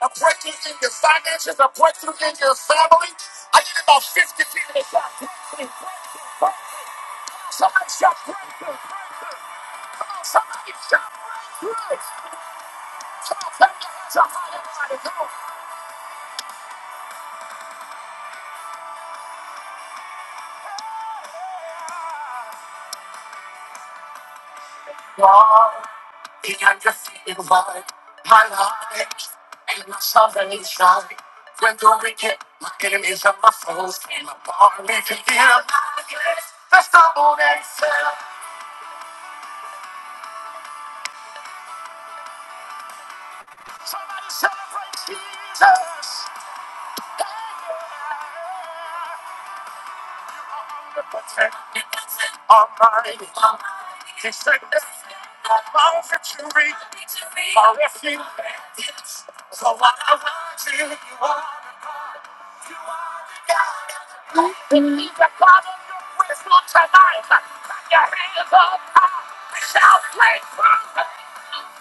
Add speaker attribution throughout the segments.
Speaker 1: A breakthrough in your finances, a breakthrough in your family. I need about 50 people to shout breakthrough, breakthrough, breakthrough. Somebody shout breakthrough, breakthrough. Come on, somebody shout breakthrough. Come on, clap your hands up high, everybody. Come on. God, the undefeated one, my life and my salvation. When the wicked, my enemies and my foes came upon me to give my grace, that's the one that fell. Celebrate Jesus, the protector, Almighty, defender, of all victory, our refuge. So I want you, are the God, you are the God. You believe that God on your wisdom tonight. Put your hands up high, shout, play,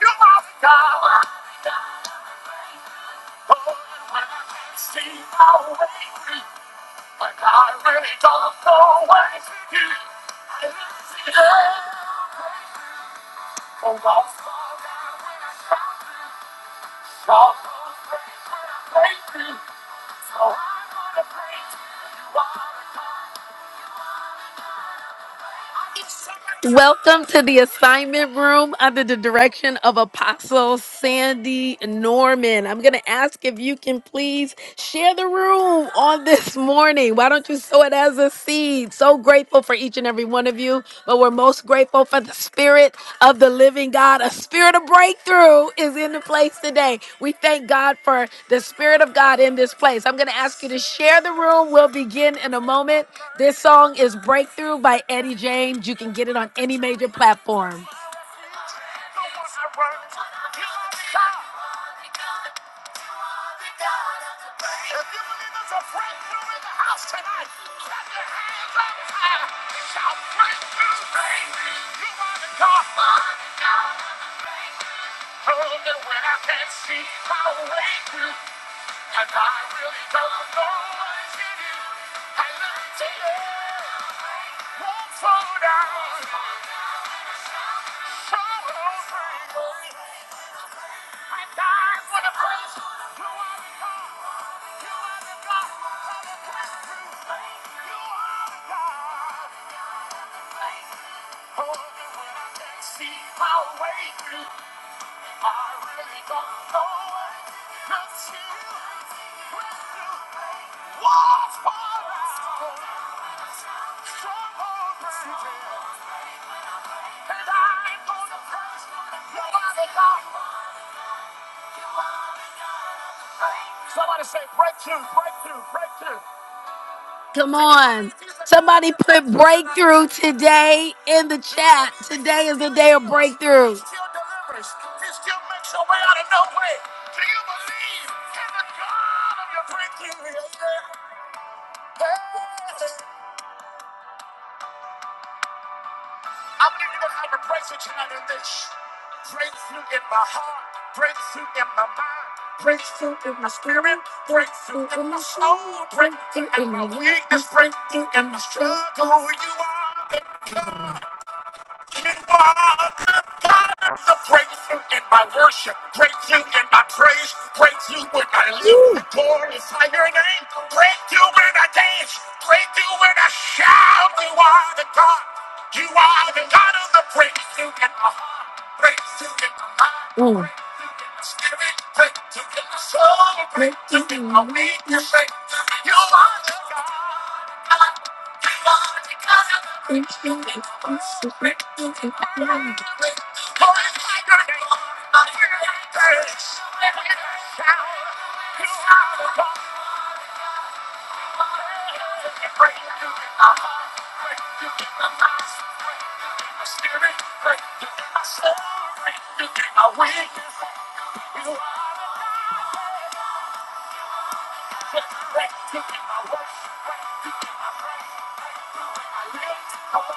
Speaker 1: You are the God. Oh, and when I can't see my way, when I really don't know where to do, I lift it up. Oh, I'll fall down when I try to, I'll go crazy when I break through. So I'm gonna pray to you all the time. Welcome to the assignment room under the direction of Apostle Sandy Norman. I'm going to ask if you can please share the room on this morning. Why don't you sow it as a seed? So grateful for each and every one of you, but we're most grateful grateful for the spirit of the living God. A spirit of breakthrough is in the place today. We thank God for the spirit of God in this place. I'm going to ask you to share the room. We'll begin in a moment. This song is Breakthrough by Eddie James. You can get it on any major platform. You You are the the God breakthrough. breakthrough. breakthrough If believe there's a breakthrough in the house tonight, clap your hands up high. and shout breakthrough, breakthrough. You are the God. Oh, and when I can't see my way through. And I really don't know what is in you. I look to you. Won't fall down. So free. I die for the praise. You are the God. You are the God of the breakthrough. You are the God. Oh, when I can't see my way through. I really don't know what it meant What's for us? And I'm gonna praise nobody got Somebody say breakthrough, breakthrough, breakthrough. Come on. Somebody put breakthrough today in the chat. Today is the day of breakthrough. You are God, to praise you in my worship, praise you in my praise, praise you when I live, glorify your name, praise you when I dance, praise you when I shout. You are the God, you are the God of the praise you in my heart, praise you in my mind, Mm. praise you in my spirit, praise you in my soul, praise you in my weakness, praise you. are the God. God, you are the God of the praise. Break through in my worship, break through in my praise, through in my lips.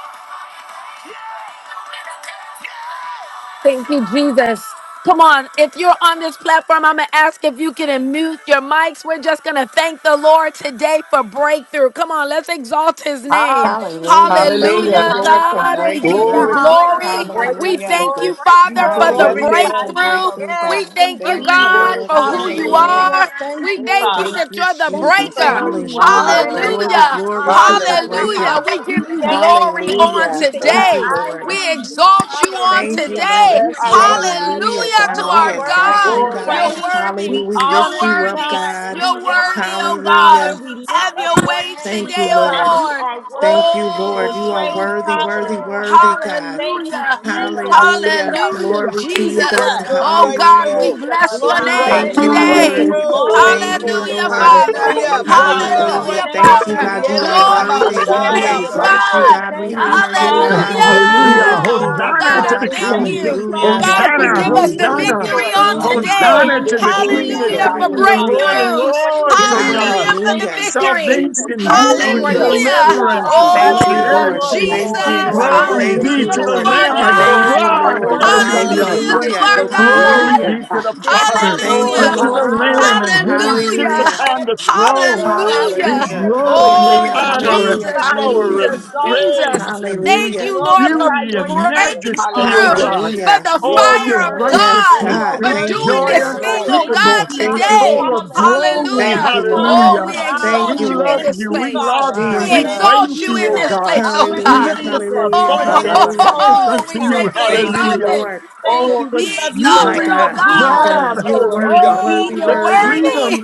Speaker 1: Thank you, Jesus. Come on, if you're on this platform, I'm gonna ask if you can unmute your mics. We're just gonna thank the Lord today for breakthrough. Come on, let's exalt his name.
Speaker 2: Hallelujah.
Speaker 3: Hallelujah. Thank you,
Speaker 1: Hallelujah,
Speaker 4: Hallelujah.
Speaker 3: Lord, for
Speaker 5: Hallelujah.
Speaker 1: God. We
Speaker 5: Thank
Speaker 1: give
Speaker 2: Hallelujah.
Speaker 5: you,
Speaker 1: you
Speaker 4: Glory
Speaker 3: breakthrough.
Speaker 4: to
Speaker 5: Jesus,
Speaker 4: God.
Speaker 5: for
Speaker 1: glory.
Speaker 2: Hallelujah.
Speaker 4: Thank you,
Speaker 1: We
Speaker 2: Thank
Speaker 5: breakthrough,
Speaker 2: you
Speaker 3: Hallelujah.
Speaker 1: thank
Speaker 2: for
Speaker 1: you,
Speaker 5: Lord.
Speaker 4: Jesus.
Speaker 5: We
Speaker 1: Father, for
Speaker 2: breakthrough.
Speaker 1: the
Speaker 4: Bless your
Speaker 3: Hallelujah
Speaker 5: glorify
Speaker 3: for
Speaker 4: name.
Speaker 5: you
Speaker 4: Jesus.
Speaker 5: for
Speaker 1: breakthrough.
Speaker 3: breakthrough,
Speaker 1: We
Speaker 2: Yes,
Speaker 3: God.
Speaker 2: the
Speaker 5: breakthrough,
Speaker 1: thank you,
Speaker 3: Thank you,
Speaker 2: breaker.
Speaker 5: Jesus.
Speaker 1: God,
Speaker 4: Glory
Speaker 3: Lord.
Speaker 4: to
Speaker 1: for
Speaker 4: your
Speaker 1: who you
Speaker 4: holy name,
Speaker 3: Hallelujah.
Speaker 5: Hallelujah.
Speaker 1: are.
Speaker 4: God.
Speaker 5: Thank
Speaker 1: We
Speaker 5: you,
Speaker 1: thank you
Speaker 4: Worthy,
Speaker 5: Father.
Speaker 3: Thank
Speaker 1: that
Speaker 3: you,
Speaker 1: you're the
Speaker 5: Thank you
Speaker 3: Jesus.
Speaker 5: for
Speaker 1: breaker.
Speaker 5: who
Speaker 4: worthy,
Speaker 5: you
Speaker 4: worthy,
Speaker 3: Hallelujah.
Speaker 5: are, Lord
Speaker 4: worthy.
Speaker 3: Glory,
Speaker 5: God.
Speaker 2: Hallelujah.
Speaker 5: We
Speaker 1: Hallelujah.
Speaker 3: glory to the
Speaker 5: glorify your
Speaker 2: Hallelujah.
Speaker 6: Hallelujah.
Speaker 5: name.
Speaker 1: Hallelujah.
Speaker 3: breaker.
Speaker 1: We
Speaker 5: We
Speaker 1: give you
Speaker 2: Hallelujah.
Speaker 5: thank you,
Speaker 1: glory
Speaker 5: Jesus.
Speaker 1: on
Speaker 5: We
Speaker 3: Hallelujah.
Speaker 5: fix
Speaker 3: Thank you,
Speaker 1: today.
Speaker 4: Oh,
Speaker 5: our eyes
Speaker 3: Lord.
Speaker 1: We
Speaker 5: on you.
Speaker 1: exalt you on
Speaker 3: Thank you,
Speaker 5: Hallelujah.
Speaker 1: today.
Speaker 3: Lord.
Speaker 5: You
Speaker 4: bless
Speaker 5: are
Speaker 4: your name.
Speaker 2: Yes,
Speaker 5: worthy,
Speaker 3: Hallelujah,
Speaker 1: Hallelujah
Speaker 5: Lord.
Speaker 1: to
Speaker 5: You
Speaker 3: God.
Speaker 5: are
Speaker 3: We
Speaker 1: our
Speaker 2: Lord.
Speaker 5: worthy to
Speaker 3: exalt you,
Speaker 1: God.
Speaker 5: be
Speaker 4: Glory to
Speaker 2: Hallelujah.
Speaker 1: You're
Speaker 3: God.
Speaker 5: praised.
Speaker 1: worthy.
Speaker 3: Hallelujah.
Speaker 5: We
Speaker 3: We
Speaker 1: You're
Speaker 5: honor
Speaker 3: lift you
Speaker 5: you,
Speaker 3: up,
Speaker 1: worthy.
Speaker 5: God.
Speaker 3: God.
Speaker 5: We
Speaker 1: You're
Speaker 4: holy
Speaker 5: worship
Speaker 1: worthy,
Speaker 5: you,
Speaker 1: oh God.
Speaker 3: Hallelujah.
Speaker 5: Father. We lift
Speaker 1: Have
Speaker 5: up
Speaker 1: your
Speaker 5: your
Speaker 1: way
Speaker 5: name.
Speaker 3: Thank you,
Speaker 1: today,
Speaker 4: God.
Speaker 5: God,
Speaker 3: Lord.
Speaker 5: you
Speaker 1: oh Lord.
Speaker 5: are
Speaker 3: Thank
Speaker 5: worthy
Speaker 3: you,
Speaker 5: to
Speaker 3: Lord.
Speaker 5: be
Speaker 3: You are
Speaker 5: praised.
Speaker 1: Oh,
Speaker 3: worthy, worthy,
Speaker 1: Oh,
Speaker 3: worthy,
Speaker 5: Hallelujah.
Speaker 3: God.
Speaker 5: Thank you,
Speaker 1: Hallelujah.
Speaker 4: God,
Speaker 5: Jesus.
Speaker 7: Hallelujah,
Speaker 3: Hallelujah.
Speaker 1: Hallelujah,
Speaker 7: hallelujah,
Speaker 3: Glory to
Speaker 7: hallelujah.
Speaker 3: you, God.
Speaker 1: Jesus.
Speaker 5: Jesus.
Speaker 7: Breakthrough,
Speaker 4: God,
Speaker 1: Oh God,
Speaker 4: God.
Speaker 3: Hallelujah.
Speaker 1: we
Speaker 7: breakthrough,
Speaker 5: Hallelujah.
Speaker 1: bless your
Speaker 5: Glory to your
Speaker 4: Hallelujah.
Speaker 1: name
Speaker 3: Thank
Speaker 5: name,
Speaker 3: you,
Speaker 7: breakthrough,
Speaker 5: God.
Speaker 8: Oh,
Speaker 2: Hallelujah.
Speaker 9: Hallelujah,
Speaker 2: Thank
Speaker 1: today.
Speaker 3: Lord.
Speaker 9: Lord.
Speaker 2: you,
Speaker 9: We
Speaker 7: breakthrough.
Speaker 5: Glory
Speaker 4: Yes,
Speaker 9: just
Speaker 2: Lord,
Speaker 5: to
Speaker 2: for
Speaker 3: Thank
Speaker 9: lift
Speaker 2: the
Speaker 5: your
Speaker 3: you,
Speaker 4: Lord.
Speaker 5: name,
Speaker 1: Hallelujah,
Speaker 9: you
Speaker 5: God.
Speaker 4: Yes,
Speaker 9: up,
Speaker 3: Lord.
Speaker 2: break-
Speaker 9: God. We
Speaker 1: Father.
Speaker 9: just
Speaker 4: Lord.
Speaker 5: Thank
Speaker 7: Hallelujah,
Speaker 9: praise
Speaker 5: you,
Speaker 9: you, oh
Speaker 5: Father.
Speaker 7: breakthrough,
Speaker 9: God.
Speaker 2: breakthrough.
Speaker 9: We
Speaker 3: Hallelujah.
Speaker 1: Hallelujah,
Speaker 5: Thank
Speaker 9: praise
Speaker 3: Thank you,
Speaker 7: breakthrough.
Speaker 1: Father.
Speaker 5: you,
Speaker 9: you,
Speaker 4: My
Speaker 3: God.
Speaker 7: Yeah,
Speaker 3: You
Speaker 5: Lord,
Speaker 7: da,
Speaker 4: God.
Speaker 3: are
Speaker 5: for
Speaker 7: da, da,
Speaker 9: God.
Speaker 5: being
Speaker 7: ba,
Speaker 1: Glory
Speaker 5: the
Speaker 4: Yes,
Speaker 1: to
Speaker 3: worthy.
Speaker 7: so,
Speaker 3: You,
Speaker 1: your
Speaker 9: Hallelujah,
Speaker 3: we
Speaker 5: God
Speaker 7: yeah,
Speaker 5: of
Speaker 9: oh
Speaker 1: name,
Speaker 5: the
Speaker 9: God.
Speaker 4: Lord.
Speaker 3: exalt you,
Speaker 7: breakthrough.
Speaker 5: breakthrough.
Speaker 1: God.
Speaker 3: God. We
Speaker 5: Thank
Speaker 9: We
Speaker 5: you,
Speaker 3: honor
Speaker 9: just
Speaker 3: you,
Speaker 9: praise
Speaker 4: Glory,
Speaker 5: Father,
Speaker 9: you, God.
Speaker 3: God.
Speaker 5: for
Speaker 9: We
Speaker 4: glory,
Speaker 9: just
Speaker 3: We
Speaker 5: being
Speaker 9: praise
Speaker 4: glory,
Speaker 5: the
Speaker 8: Hallelujah.
Speaker 2: Oh,
Speaker 9: you,
Speaker 1: Hallelujah.
Speaker 3: lift
Speaker 5: God
Speaker 3: you
Speaker 4: glory.
Speaker 2: God.
Speaker 5: of
Speaker 9: oh
Speaker 3: up,
Speaker 5: the
Speaker 1: God,
Speaker 2: Thank
Speaker 8: Hosanna
Speaker 9: God.
Speaker 1: I
Speaker 8: to
Speaker 2: you,
Speaker 8: the
Speaker 3: God.
Speaker 5: chance.
Speaker 1: thank
Speaker 9: We
Speaker 7: Hallelujah,
Speaker 2: Lord.
Speaker 5: Thank
Speaker 8: King.
Speaker 5: you,
Speaker 9: praise
Speaker 1: you.
Speaker 9: you,
Speaker 4: Yes,
Speaker 3: Hallelujah.
Speaker 5: Father,
Speaker 9: God,
Speaker 1: God,
Speaker 9: for
Speaker 1: you
Speaker 4: Lord.
Speaker 5: for
Speaker 9: your
Speaker 8: Hosanna,
Speaker 1: give
Speaker 4: Yes,
Speaker 1: us
Speaker 9: mercy
Speaker 1: the
Speaker 5: keeping
Speaker 4: Lord.
Speaker 9: and
Speaker 5: us,
Speaker 9: your
Speaker 8: Hosanna.
Speaker 3: Hallelujah.
Speaker 9: grace,
Speaker 1: victory
Speaker 5: Lord.
Speaker 9: oh
Speaker 1: on
Speaker 3: Thank
Speaker 5: Thank
Speaker 9: God.
Speaker 3: you,
Speaker 5: you,
Speaker 1: today.
Speaker 8: Hosanna
Speaker 9: We
Speaker 3: Father.
Speaker 8: to
Speaker 5: Father,
Speaker 9: thank
Speaker 8: the
Speaker 5: for
Speaker 9: you,
Speaker 8: King,
Speaker 3: Glory,
Speaker 8: the
Speaker 9: God.
Speaker 4: Jesus.
Speaker 1: Hallelujah
Speaker 3: glory,
Speaker 1: for
Speaker 5: sustaining us,
Speaker 8: King, the
Speaker 3: glory,
Speaker 5: Father.
Speaker 9: Hallelujah.
Speaker 8: Lord of
Speaker 5: Thank
Speaker 3: God.
Speaker 5: you
Speaker 1: breakthroughs.
Speaker 5: for
Speaker 8: Lords,
Speaker 5: today,
Speaker 8: oh
Speaker 9: Hallelujah.
Speaker 5: Lord.
Speaker 8: God.
Speaker 1: Hallelujah
Speaker 4: Jesus.
Speaker 1: for the
Speaker 5: Thank
Speaker 3: Hallelujah.
Speaker 5: you,
Speaker 1: victory.
Speaker 5: Jesus.
Speaker 8: Salvation,
Speaker 5: We
Speaker 9: Hallelujah.
Speaker 5: lift
Speaker 3: Thank
Speaker 5: your
Speaker 8: healing,
Speaker 3: you,
Speaker 5: name
Speaker 4: Hallelujah.
Speaker 3: Lord.
Speaker 5: up,
Speaker 1: Hallelujah.
Speaker 5: God.
Speaker 8: deliverance,
Speaker 7: hallelujah for
Speaker 2: Hallelujah.
Speaker 7: the
Speaker 5: We give
Speaker 3: Thank you,
Speaker 5: you the
Speaker 7: breakthrough.
Speaker 1: Oh,
Speaker 3: Lord.
Speaker 4: Yes,
Speaker 5: glory.
Speaker 8: prosperity.
Speaker 3: Thank you,
Speaker 4: Lord.
Speaker 5: We
Speaker 1: Jesus.
Speaker 7: Hallelujah
Speaker 3: Lord.
Speaker 7: for the
Speaker 8: Glory
Speaker 5: worship
Speaker 8: be
Speaker 3: Thank
Speaker 5: you,
Speaker 3: you,
Speaker 1: Hallelujah
Speaker 8: to
Speaker 7: victory.
Speaker 1: to
Speaker 8: the
Speaker 5: Heavenly
Speaker 3: Lord.
Speaker 1: our
Speaker 9: I
Speaker 4: Yes,
Speaker 8: Lamb
Speaker 5: Father.
Speaker 8: of
Speaker 9: brought
Speaker 4: Lord.
Speaker 3: Thank
Speaker 1: God.
Speaker 3: you,
Speaker 9: this
Speaker 4: Yes,
Speaker 5: We
Speaker 9: part
Speaker 8: God.
Speaker 9: to
Speaker 4: Lord.
Speaker 3: Lord.
Speaker 7: Hallelujah,
Speaker 9: God.
Speaker 5: worship
Speaker 7: God
Speaker 9: Thank
Speaker 5: you,
Speaker 7: of
Speaker 9: you.
Speaker 8: Hallelujah.
Speaker 7: the
Speaker 9: It's
Speaker 1: Hallelujah
Speaker 9: not
Speaker 1: to
Speaker 5: Jesus,
Speaker 9: the
Speaker 5: with
Speaker 3: Hallelujah.
Speaker 5: the
Speaker 9: thing
Speaker 1: our
Speaker 7: breakthrough.
Speaker 9: to
Speaker 5: fruit
Speaker 9: be
Speaker 5: of our
Speaker 8: Glory
Speaker 9: with
Speaker 1: God.
Speaker 8: be
Speaker 3: Hallelujah.
Speaker 5: lips.
Speaker 8: to
Speaker 9: God.
Speaker 8: the
Speaker 5: There
Speaker 8: Father,
Speaker 5: shall be
Speaker 3: Thank
Speaker 4: Glory,
Speaker 3: you,
Speaker 9: Hallelujah.
Speaker 5: praise
Speaker 8: unto
Speaker 1: Hallelujah.
Speaker 8: the
Speaker 4: glory,
Speaker 3: Lord.
Speaker 5: upon
Speaker 9: Hallelujah.
Speaker 8: Lamb,
Speaker 4: glory.
Speaker 8: and
Speaker 5: our
Speaker 8: him who
Speaker 2: Hallelujah.
Speaker 5: lips
Speaker 9: It's
Speaker 8: sits
Speaker 1: Hallelujah.
Speaker 3: Hallelujah.
Speaker 9: glory.
Speaker 8: upon the
Speaker 9: Thank
Speaker 5: every
Speaker 9: you.
Speaker 4: My
Speaker 9: Glad
Speaker 5: day,
Speaker 9: you
Speaker 8: throne.
Speaker 5: Lord
Speaker 4: God,
Speaker 9: found
Speaker 4: thank
Speaker 5: God. We
Speaker 8: be
Speaker 4: you,
Speaker 1: Hallelujah.
Speaker 7: Hallelujah,
Speaker 5: lift
Speaker 3: Hallelujah.
Speaker 5: up
Speaker 4: Lord.
Speaker 8: glory
Speaker 5: your
Speaker 8: and
Speaker 5: name.
Speaker 3: Hallelujah.
Speaker 9: it.
Speaker 1: Oh,
Speaker 5: We
Speaker 8: honor and
Speaker 3: Hallelujah.
Speaker 5: glorify
Speaker 1: Jesus,
Speaker 5: you.
Speaker 8: power
Speaker 5: We
Speaker 8: and
Speaker 3: Hallelujah.
Speaker 1: Jesus,
Speaker 9: Thank you,
Speaker 5: exalt
Speaker 9: God.
Speaker 5: you.
Speaker 8: praise
Speaker 1: Jesus.
Speaker 8: and
Speaker 5: We
Speaker 9: Thank
Speaker 1: Thank
Speaker 3: Hallelujah.
Speaker 9: you,
Speaker 1: you,
Speaker 9: Lord.
Speaker 1: Lord,
Speaker 9: We
Speaker 4: Thank
Speaker 1: for
Speaker 5: glorify
Speaker 8: beauty
Speaker 4: you,
Speaker 5: your
Speaker 9: thank
Speaker 8: and
Speaker 5: name, Lord.
Speaker 4: Jesus.
Speaker 5: You
Speaker 8: majesty,
Speaker 5: are
Speaker 8: O
Speaker 7: hallelujah.
Speaker 1: breakthrough,
Speaker 8: God.
Speaker 9: you.
Speaker 5: worthy.
Speaker 9: Thank
Speaker 1: for
Speaker 3: Hallelujah.
Speaker 1: the
Speaker 5: You
Speaker 4: Yes,
Speaker 8: Oh,
Speaker 5: are
Speaker 8: your
Speaker 1: fire of
Speaker 4: Lord.
Speaker 9: you,
Speaker 5: worthy.
Speaker 9: Lord.
Speaker 3: Yes,
Speaker 1: God,
Speaker 8: righteousness,
Speaker 5: You
Speaker 9: Oh,
Speaker 5: are
Speaker 3: God.
Speaker 1: for
Speaker 8: your
Speaker 9: praise
Speaker 3: Thank
Speaker 5: worthy.
Speaker 3: you,
Speaker 1: doing
Speaker 8: joy
Speaker 5: Yes,
Speaker 1: this
Speaker 4: Yes,
Speaker 3: Lord.
Speaker 5: Lord.
Speaker 1: thing,
Speaker 4: Lord.
Speaker 1: oh
Speaker 5: Thank you,
Speaker 9: you.
Speaker 1: God,
Speaker 8: unspeakable,
Speaker 2: Ramakataba.
Speaker 3: Thank
Speaker 5: Jesus.
Speaker 3: you,
Speaker 1: today.
Speaker 8: full
Speaker 3: Lord.
Speaker 8: of
Speaker 4: My
Speaker 9: Hallelujah, God.
Speaker 5: Hallelujah.
Speaker 8: glory.
Speaker 3: Thank
Speaker 4: God,
Speaker 3: you,
Speaker 1: Hallelujah.
Speaker 9: Hallelujah,
Speaker 3: Lord.
Speaker 4: oh
Speaker 1: Oh,
Speaker 2: Yes,
Speaker 8: Hallelujah.
Speaker 1: we
Speaker 4: God,
Speaker 9: God.
Speaker 2: God.
Speaker 5: Hallelujah.
Speaker 9: Oh,
Speaker 8: We
Speaker 3: Thank
Speaker 1: exalt
Speaker 3: you,
Speaker 9: God.
Speaker 1: you in
Speaker 8: love
Speaker 5: Thank
Speaker 3: Lord.
Speaker 1: this
Speaker 8: you.
Speaker 9: Praise
Speaker 8: We
Speaker 5: you,
Speaker 9: you,
Speaker 1: place.
Speaker 8: love
Speaker 5: Father.
Speaker 9: oh, God.
Speaker 8: you.
Speaker 4: my
Speaker 1: We
Speaker 8: We
Speaker 4: God,
Speaker 5: Thank
Speaker 3: Jesus.
Speaker 8: praise
Speaker 4: thank
Speaker 1: exalt
Speaker 9: Hallelujah,
Speaker 1: you
Speaker 5: you,
Speaker 9: oh,
Speaker 8: you,
Speaker 4: you,
Speaker 1: in
Speaker 8: O
Speaker 9: God.
Speaker 1: this
Speaker 5: Lord.
Speaker 4: Jesus.
Speaker 8: God.
Speaker 5: Thank
Speaker 1: place, oh
Speaker 9: It is
Speaker 5: you,
Speaker 8: We
Speaker 3: Hallelujah.
Speaker 8: lift
Speaker 1: God.
Speaker 2: Hallelujah.
Speaker 8: up
Speaker 9: you, oh,
Speaker 8: our
Speaker 9: God,
Speaker 5: Jesus.
Speaker 3: Hallelujah.
Speaker 9: in
Speaker 8: voice
Speaker 9: your
Speaker 4: My,
Speaker 9: name,
Speaker 4: my,
Speaker 8: as
Speaker 5: Yes,
Speaker 4: my.
Speaker 9: oh,
Speaker 3: Hallelujah.
Speaker 8: trumpets
Speaker 9: God.
Speaker 5: Holy
Speaker 1: Oh, we
Speaker 8: unto
Speaker 1: say
Speaker 8: you.
Speaker 5: Spirit.
Speaker 1: be
Speaker 5: Thank
Speaker 3: Thank
Speaker 9: Hallelujah,
Speaker 3: you,
Speaker 5: you.
Speaker 8: Hallelujah.
Speaker 1: exalted.
Speaker 3: Lord.
Speaker 9: this is
Speaker 1: Be
Speaker 5: Thank
Speaker 4: Yes,
Speaker 8: Oh,
Speaker 5: you.
Speaker 8: the
Speaker 5: We love you,
Speaker 3: My
Speaker 1: exalted,
Speaker 5: Lord.
Speaker 8: jubilee
Speaker 1: oh
Speaker 8: of
Speaker 3: God,
Speaker 9: you,
Speaker 5: We
Speaker 3: my
Speaker 9: oh,
Speaker 5: love
Speaker 8: God.
Speaker 9: God.
Speaker 3: God,
Speaker 5: you,
Speaker 3: you're
Speaker 1: God.
Speaker 5: Lord.
Speaker 3: worthy,
Speaker 8: Hallelujah.
Speaker 4: yes,
Speaker 9: Thank
Speaker 1: Oh,
Speaker 5: We
Speaker 3: worthy,
Speaker 4: Lord.
Speaker 9: you,
Speaker 1: you're
Speaker 8: The
Speaker 9: oh,
Speaker 5: love you,
Speaker 3: worthy.
Speaker 9: God.
Speaker 5: Lord.
Speaker 8: freedom,
Speaker 1: worthy.